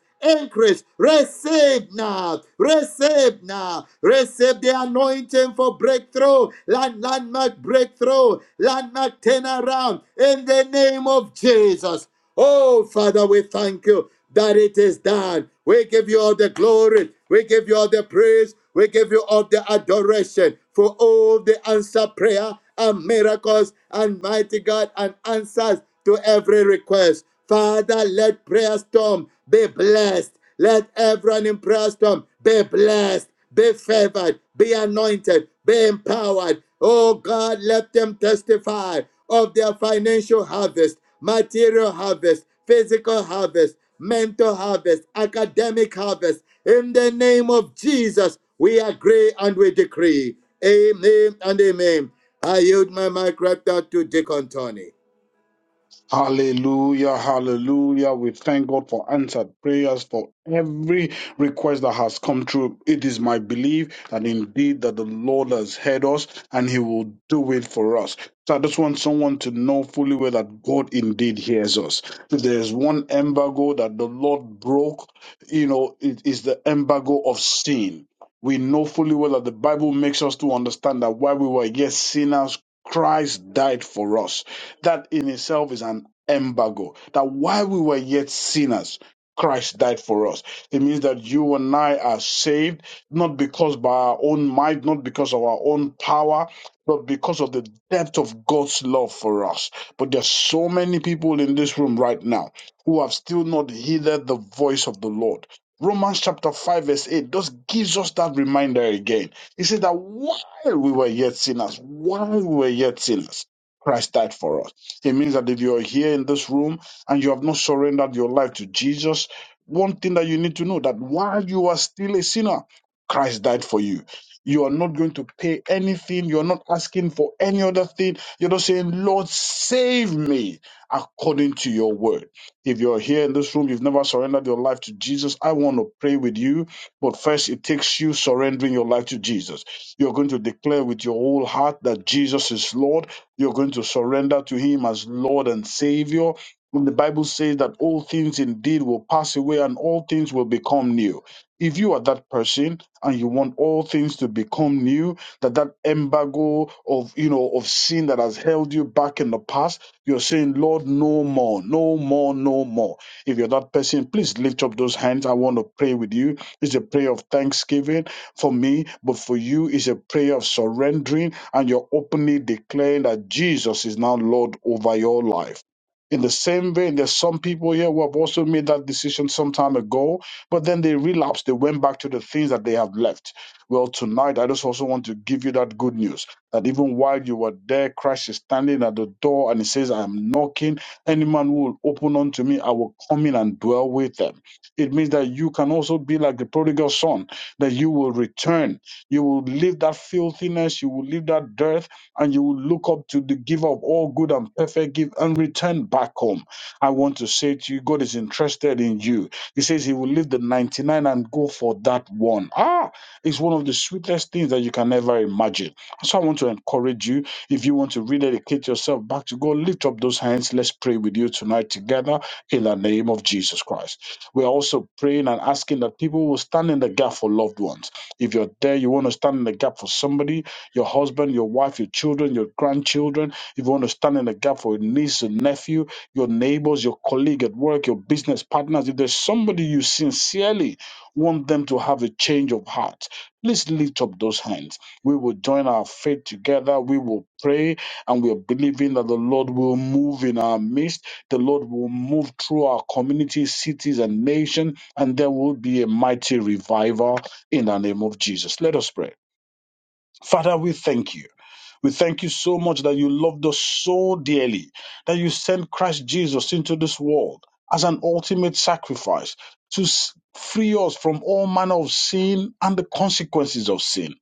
Speaker 6: increase. Receive now, receive now, receive the anointing for breakthrough, land, landmark breakthrough, landmark turnaround in the name of Jesus. Oh, Father, we thank you that it is done. We give you all the glory. We give you all the praise. We give you all the adoration for all the answer prayer and miracles and mighty God and answers to every request. Father, let prayer storm be blessed. Let everyone in prayer storm be blessed, be favored, be anointed, be empowered. Oh God, let them testify of their financial harvest, material harvest, physical harvest, mental harvest, academic harvest. In the name of Jesus, we agree and we decree. Amen and amen. I yield my mic right now to Deacon Tony.
Speaker 7: Hallelujah, hallelujah. We thank God for answered prayers for every request that has come true. It is my belief that indeed that the Lord has heard us and he will do it for us. So I just want someone to know fully well that God indeed hears us. If there is one embargo that the Lord broke, you know, it is the embargo of sin. We know fully well that the Bible makes us to understand that while we were yet sinners, Christ died for us. That in itself is an embargo. That while we were yet sinners, Christ died for us. It means that you and I are saved not because by our own might, not because of our own power, but because of the depth of God's love for us. But there's so many people in this room right now who have still not heeded the voice of the Lord. Romans chapter 5, verse 8 just gives us that reminder again. He says that while we were yet sinners, while we were yet sinners, Christ died for us. It means that if you're here in this room and you have not surrendered your life to Jesus, one thing that you need to know that while you are still a sinner, Christ died for you. You are not going to pay anything. You're not asking for any other thing. You're just saying, Lord, save me according to your word. If you're here in this room, you've never surrendered your life to Jesus, I want to pray with you. But first, it takes you surrendering your life to Jesus. You're going to declare with your whole heart that Jesus is Lord you're going to surrender to Him as Lord and Savior. When the Bible says that all things indeed will pass away and all things will become new. If you are that person and you want all things to become new, that that embargo of you know of sin that has held you back in the past, you're saying, Lord, no more, no more, no more. If you're that person, please lift up those hands. I want to pray with you. It's a prayer of thanksgiving for me, but for you is a prayer of surrendering and you're openly declaring that Jesus is now Lord over your life. In the same way, there's some people here who have also made that decision some time ago, but then they relapsed. They went back to the things that they have left. Well, tonight, I just also want to give you that good news that even while you were there, Christ is standing at the door and he says, I am knocking. Any man who will open unto me, I will come in and dwell with them. It means that you can also be like the prodigal son that you will return. You will leave that filthiness, you will leave that dearth, and you will look up to the giver of all good and perfect give and return back home. I want to say to you, God is interested in you. He says he will leave the 99 and go for that one. Ah, it's one of the sweetest things that you can ever imagine. So I want to encourage you. If you want to rededicate yourself back to God, lift up those hands. Let's pray with you tonight together in the name of Jesus Christ. We're also praying and asking that people will stand in the gap for loved ones. If you're there, you want to stand in the gap for somebody, your husband, your wife, your children, your grandchildren. If you want to stand in the gap for a niece, a nephew, your neighbors, your colleague at work, your business partners, if there's somebody you sincerely want them to have a change of heart, please lift up those hands. We will join our faith together. We will pray and we are believing that the Lord will move in our midst the Lord will move through our communities, cities, and nation, and there will be a mighty revival in the name of Jesus. Let us pray. Father, we thank you. We thank you so much that you loved us so dearly, that you sent Christ Jesus into this world as an ultimate sacrifice to s- free us from all manner of sin and the consequences of sin.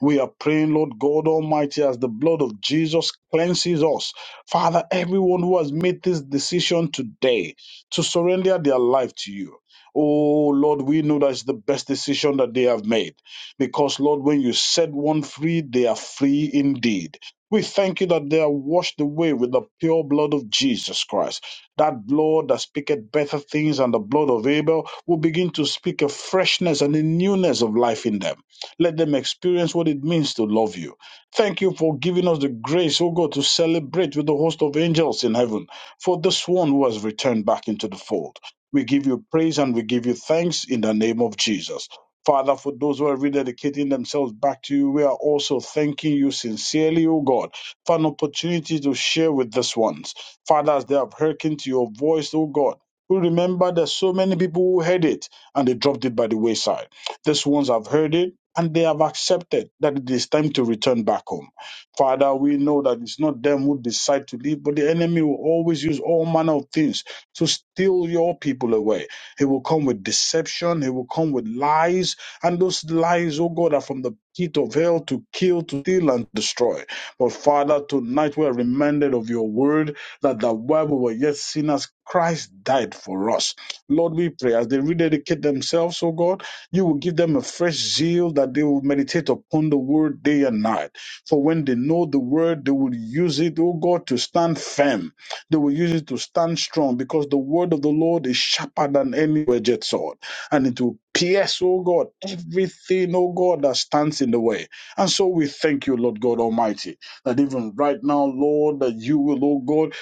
Speaker 7: We are praying, Lord God Almighty, as the blood of Jesus cleanses us. Father, everyone who has made this decision today to surrender their life to you. Oh Lord, we know that it's the best decision that they have made. Because, Lord, when you set one free, they are free indeed. We thank you that they are washed away with the pure blood of Jesus Christ. That blood that speaketh better things than the blood of Abel will begin to speak a freshness and a newness of life in them. Let them experience what it means to love you. Thank you for giving us the grace, O God, to celebrate with the host of angels in heaven for this one who has returned back into the fold. We give you praise and we give you thanks in the name of Jesus. Father, for those who are rededicating themselves back to you, we are also thanking you sincerely, O God, for an opportunity to share with these ones. Father, as they have hearkened to your voice, O God, we remember there's so many people who heard it and they dropped it by the wayside. These ones have heard it and they have accepted that it is time to return back home. Father, we know that it's not them who decide to leave, but the enemy will always use all manner of things to steal your people away. He will come with deception. He will come with lies. And those lies, oh God, are from the pit of hell to kill, to steal, and destroy. But Father, tonight we're reminded of your word that the while we were yet sinners, Christ died for us. Lord, we pray as they rededicate themselves, oh God, you will give them a fresh zeal that they will meditate upon the word day and night. For when they know the word, they will use it, oh God, to stand firm they will use it to stand strong because the word of the Lord is sharper than any wedged sword. And it will pierce, oh God, everything, oh God, that stands in the way. And so we thank you, Lord God Almighty, that even right now, Lord, that you will, oh God,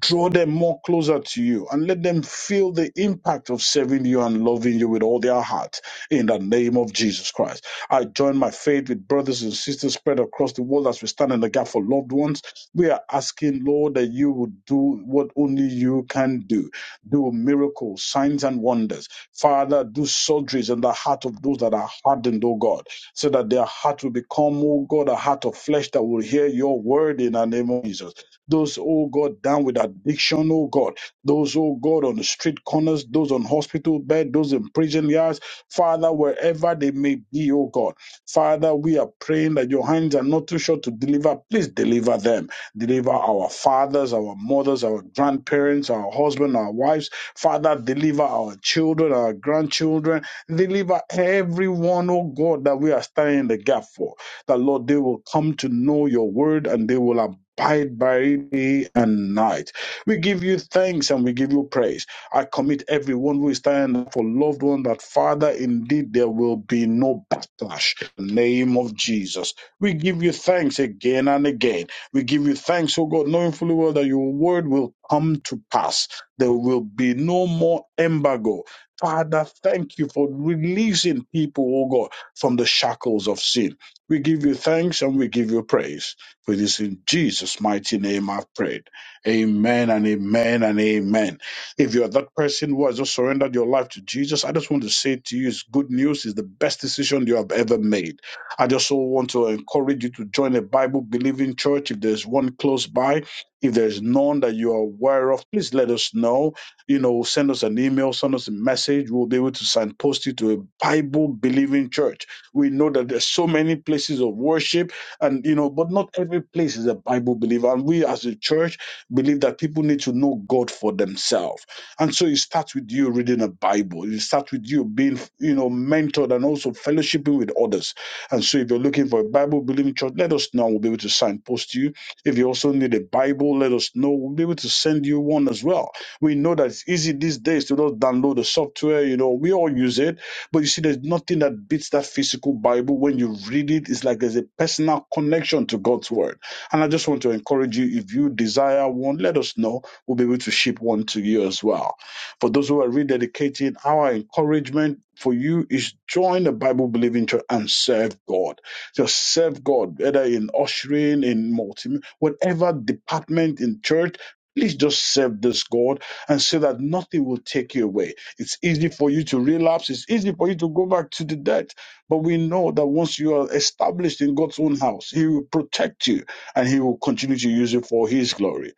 Speaker 7: draw them more closer to you and let them feel the impact of serving you and loving you with all their heart in the name of Jesus Christ. I join my faith with brothers and sisters spread across the world as we stand in the gap for loved ones we are asking, Lord, that you would do what only you can do. Do miracles, signs, and wonders. Father, do surgeries in the heart of those that are hardened, oh God, so that their heart will become, oh God, a heart of flesh that will hear your word in the name of Jesus. Those, oh God, down with addiction, oh God. Those, oh God, on the street corners, those on hospital bed, those in prison yards. Father, wherever they may be, oh God. Father, we are praying that your hands are not too short to deliver. Please deliver them. Deliver our fathers, our mothers, our grandparents, our husbands, our wives. Father, deliver our children, our grandchildren. Deliver everyone, oh God, that we are standing in the gap for. That, Lord, they will come to know your word and they will abide by it day and night. We give you thanks and we give you praise. I commit everyone who is standing for loved one that, Father, indeed there will be no backlash. In the name of Jesus. We give you thanks again and again. We give you thanks, O God, knowing fully well that your word will come to pass. There will be no more embargo. Father, thank you for releasing people, O God, from the shackles of sin. We give you thanks and we give you praise. For this. in Jesus' mighty name I've prayed. Amen and amen and amen. If you're that person who has just surrendered your life to Jesus, I just want to say to you, it's good news. It's the best decision you have ever made I just so want to encourage you to join a Bible believing church. If there's one close by, if there's none that you are aware of, please let us know. You know, send us an email, send us a message. We'll be able to signpost you to a Bible believing church. We know that there's so many places of worship, and you know, but not every place is a Bible believer. And we as a church believe that people need to know God for themselves. And so it starts with you reading a Bible. It starts with you being, you know, mentored and also fellowshipping with others and so, if you're looking for a Bible believing church, let us know. We'll be able to signpost you. If you also need a Bible, let us know. We'll be able to send you one as well. We know that it's easy these days to just download the software. You know, we all use it. But you see, there's nothing that beats that physical Bible. When you read it, it's like there's a personal connection to God's word. And I just want to encourage you if you desire one, let us know. We'll be able to ship one to you as well. For those who are rededicating, our encouragement for you is join the Bible believing church and serve God. Just serve God, whether in ushering, in multi, whatever department in church. Please just serve this God and so that nothing will take you away. It's easy for you to relapse. It's easy for you to go back to the debt. But we know that once you are established in God's own house, He will protect you and He will continue to use you for His glory.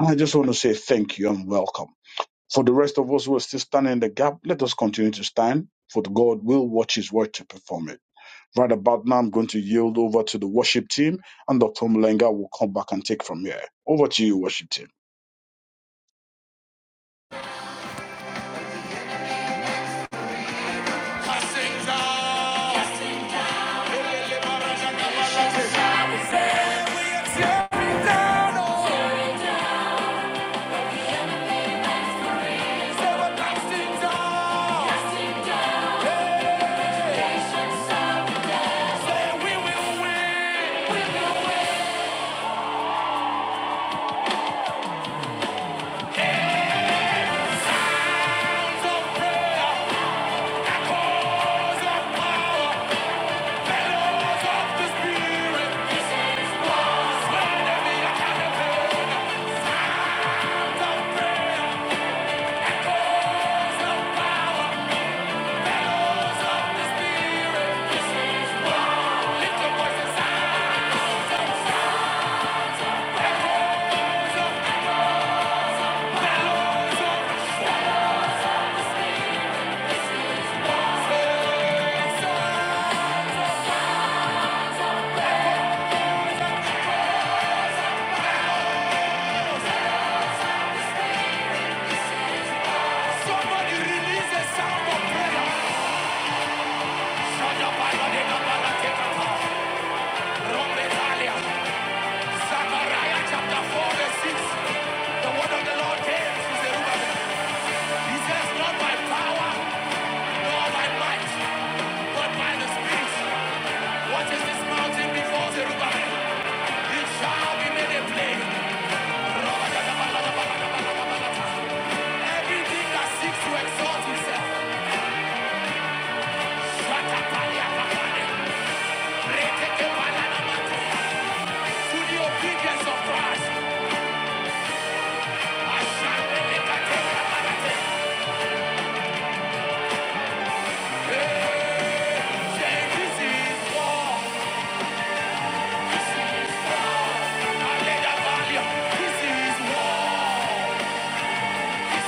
Speaker 7: And I just want to say thank you and welcome. For the rest of us who are still standing in the gap, let us continue to stand, for the God will watch his word to perform it. Right about now, I'm going to yield over to the worship team, and Dr. Mulenga will come back and take from here. Over to you, worship team.
Speaker 2: Cussings out. Zechariah chapter 4 verse 6. The word of the Lord came to Zerubbabel. He says, not by power, nor by might, but by the Spirit. What is this mountain before Zerubbabel? It shall be made a plain. Everything that seeks to exalt itself, shakapaliakapale, rekekepalanama, to the obedience of Christ. Ashantelekatekapalate. Eh, say, This is war. This is war. Alelabaliya. This is war. Say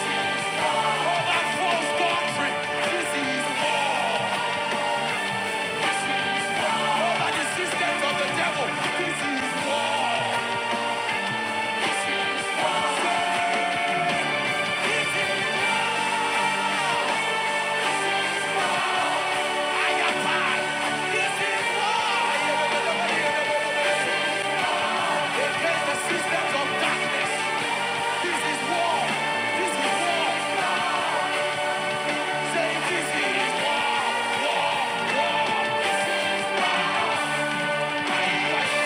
Speaker 2: this is war, war, war.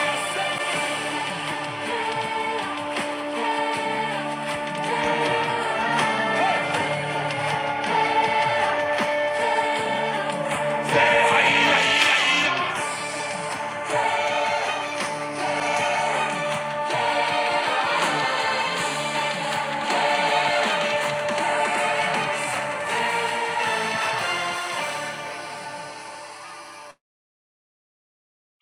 Speaker 2: This is war.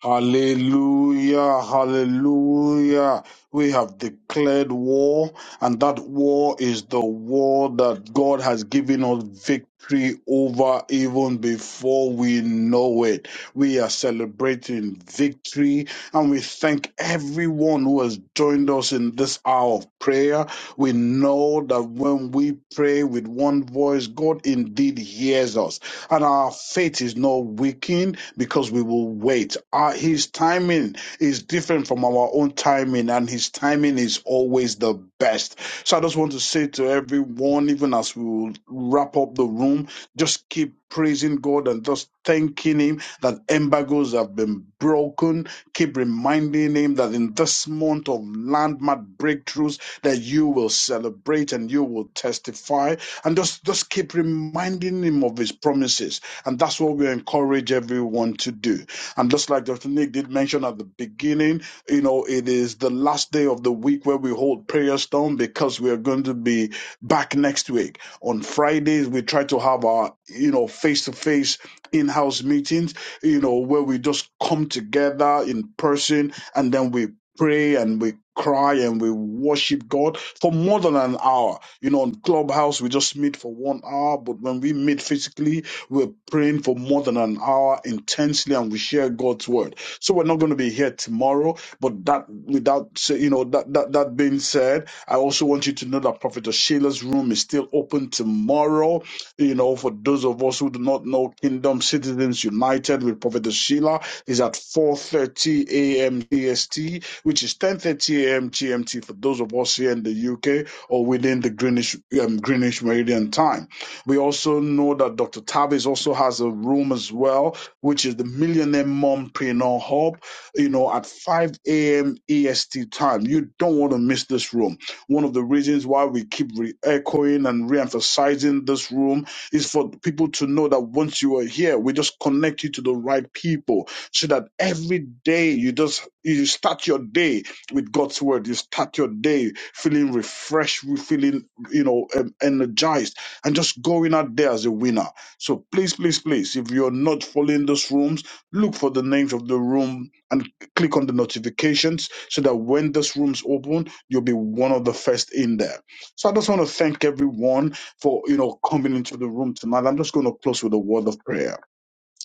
Speaker 7: Hallelujah, hallelujah. We have declared war, and that war is the war that God has given us victory over even before we know it. We are celebrating victory And we thank everyone who has joined us in this hour of prayer. We know that when we pray with one voice, God indeed hears us. And our faith is not weakened because we will wait. Our, his timing is different from our own timing, and his timing is always the best. So I just want to say to everyone, on, even as we will wrap up the room, just keep praising God and just thanking Him that embargoes have been broken. Keep reminding Him that in this month of landmark breakthroughs, that you will celebrate and you will testify, and just just keep reminding Him of His promises. And that's what we encourage everyone to do. And just like Dr. Nick did mention at the beginning, you know, it is the last day of the week where we hold prayer storm because we are going to be back next week. On Fridays, we try to have our, you know, face to face in house meetings, you know, where we just come together in person and then we pray and we cry and we worship God for more than an hour. You know, on Clubhouse, we just meet for one hour, but when we meet physically, we're praying for more than an hour intensely and we share God's word. So we're not going to be here tomorrow, but that without say, you know that, that that being said, I also want you to know that Prophet Sheila's room is still open tomorrow. You know, for those of us who do not know Kingdom Citizens United with Prophet Sheila is at 4:30 a.m. EST, which is 10:30 a.m. GMT for those of us here in the UK or within the Greenwich um, Greenwich Meridian time. We also know that Dr. Tavis also has a room as well, which is the Millionaire Mompreneur Hub, you know, at 5 a.m. EST time. You don't want to miss this room. One of the reasons why we keep re echoing and re emphasizing this room is for people to know that once you are here, we just connect you to the right people so that every day you just you start your day with God's word. You start your day feeling refreshed, feeling you know um, energized and just going out there as a winner. So please, please, please, if you're not following those rooms, look for the names of the room and click on the notifications so that when this room's open, you'll be one of the first in there. So I just want to thank everyone for you know coming into the room tonight. I'm just going to close with a word of prayer.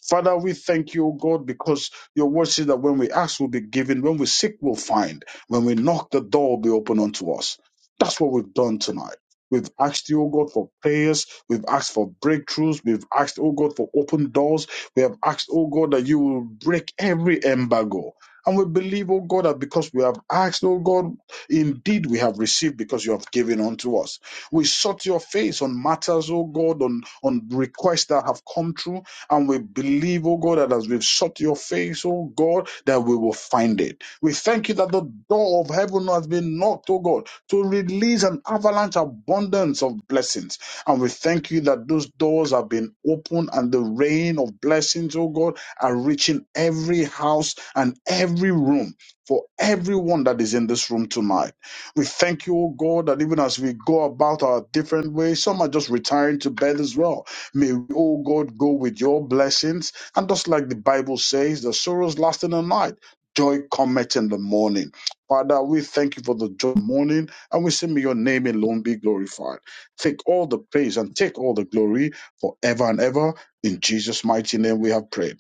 Speaker 7: Father, we thank you, O God, because your word says that when we ask, we'll be given. When we seek, we'll find. When we knock, the door will be open unto us. That's what we've done tonight. We've asked you, O God, for prayers. We've asked for breakthroughs. We've asked, O God, for open doors. We have asked, O God, that you will break every embargo. And we believe, O God, that because we have asked, O God, indeed we have received because you have given unto us. We sought your face on matters, O God, on, on requests that have come true and we believe, oh God, that as we've sought your face, oh God, that we will find it. We thank you that the door of heaven has been knocked, oh God, to release an avalanche abundance of blessings. And we thank you that those doors have been opened and the rain of blessings, oh God, are reaching every house and every room for everyone that is in this room tonight. We thank you, oh God, that even as we go about our different ways, some are just retiring to bed as well May we, oh God, go with your blessings. And just like the Bible says, the sorrows last in the night, joy cometh in the morning. Father, we thank you for the joy of the morning, and we say, may your name alone be glorified. Take all the praise and take all the glory forever and ever. In Jesus' mighty name we have prayed.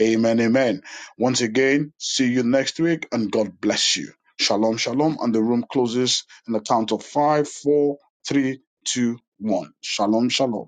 Speaker 7: Amen, amen. Once again, see you next week, and God bless you. Shalom, shalom. And the room closes in the count of five, four, three, two, one. Shalom, shalom.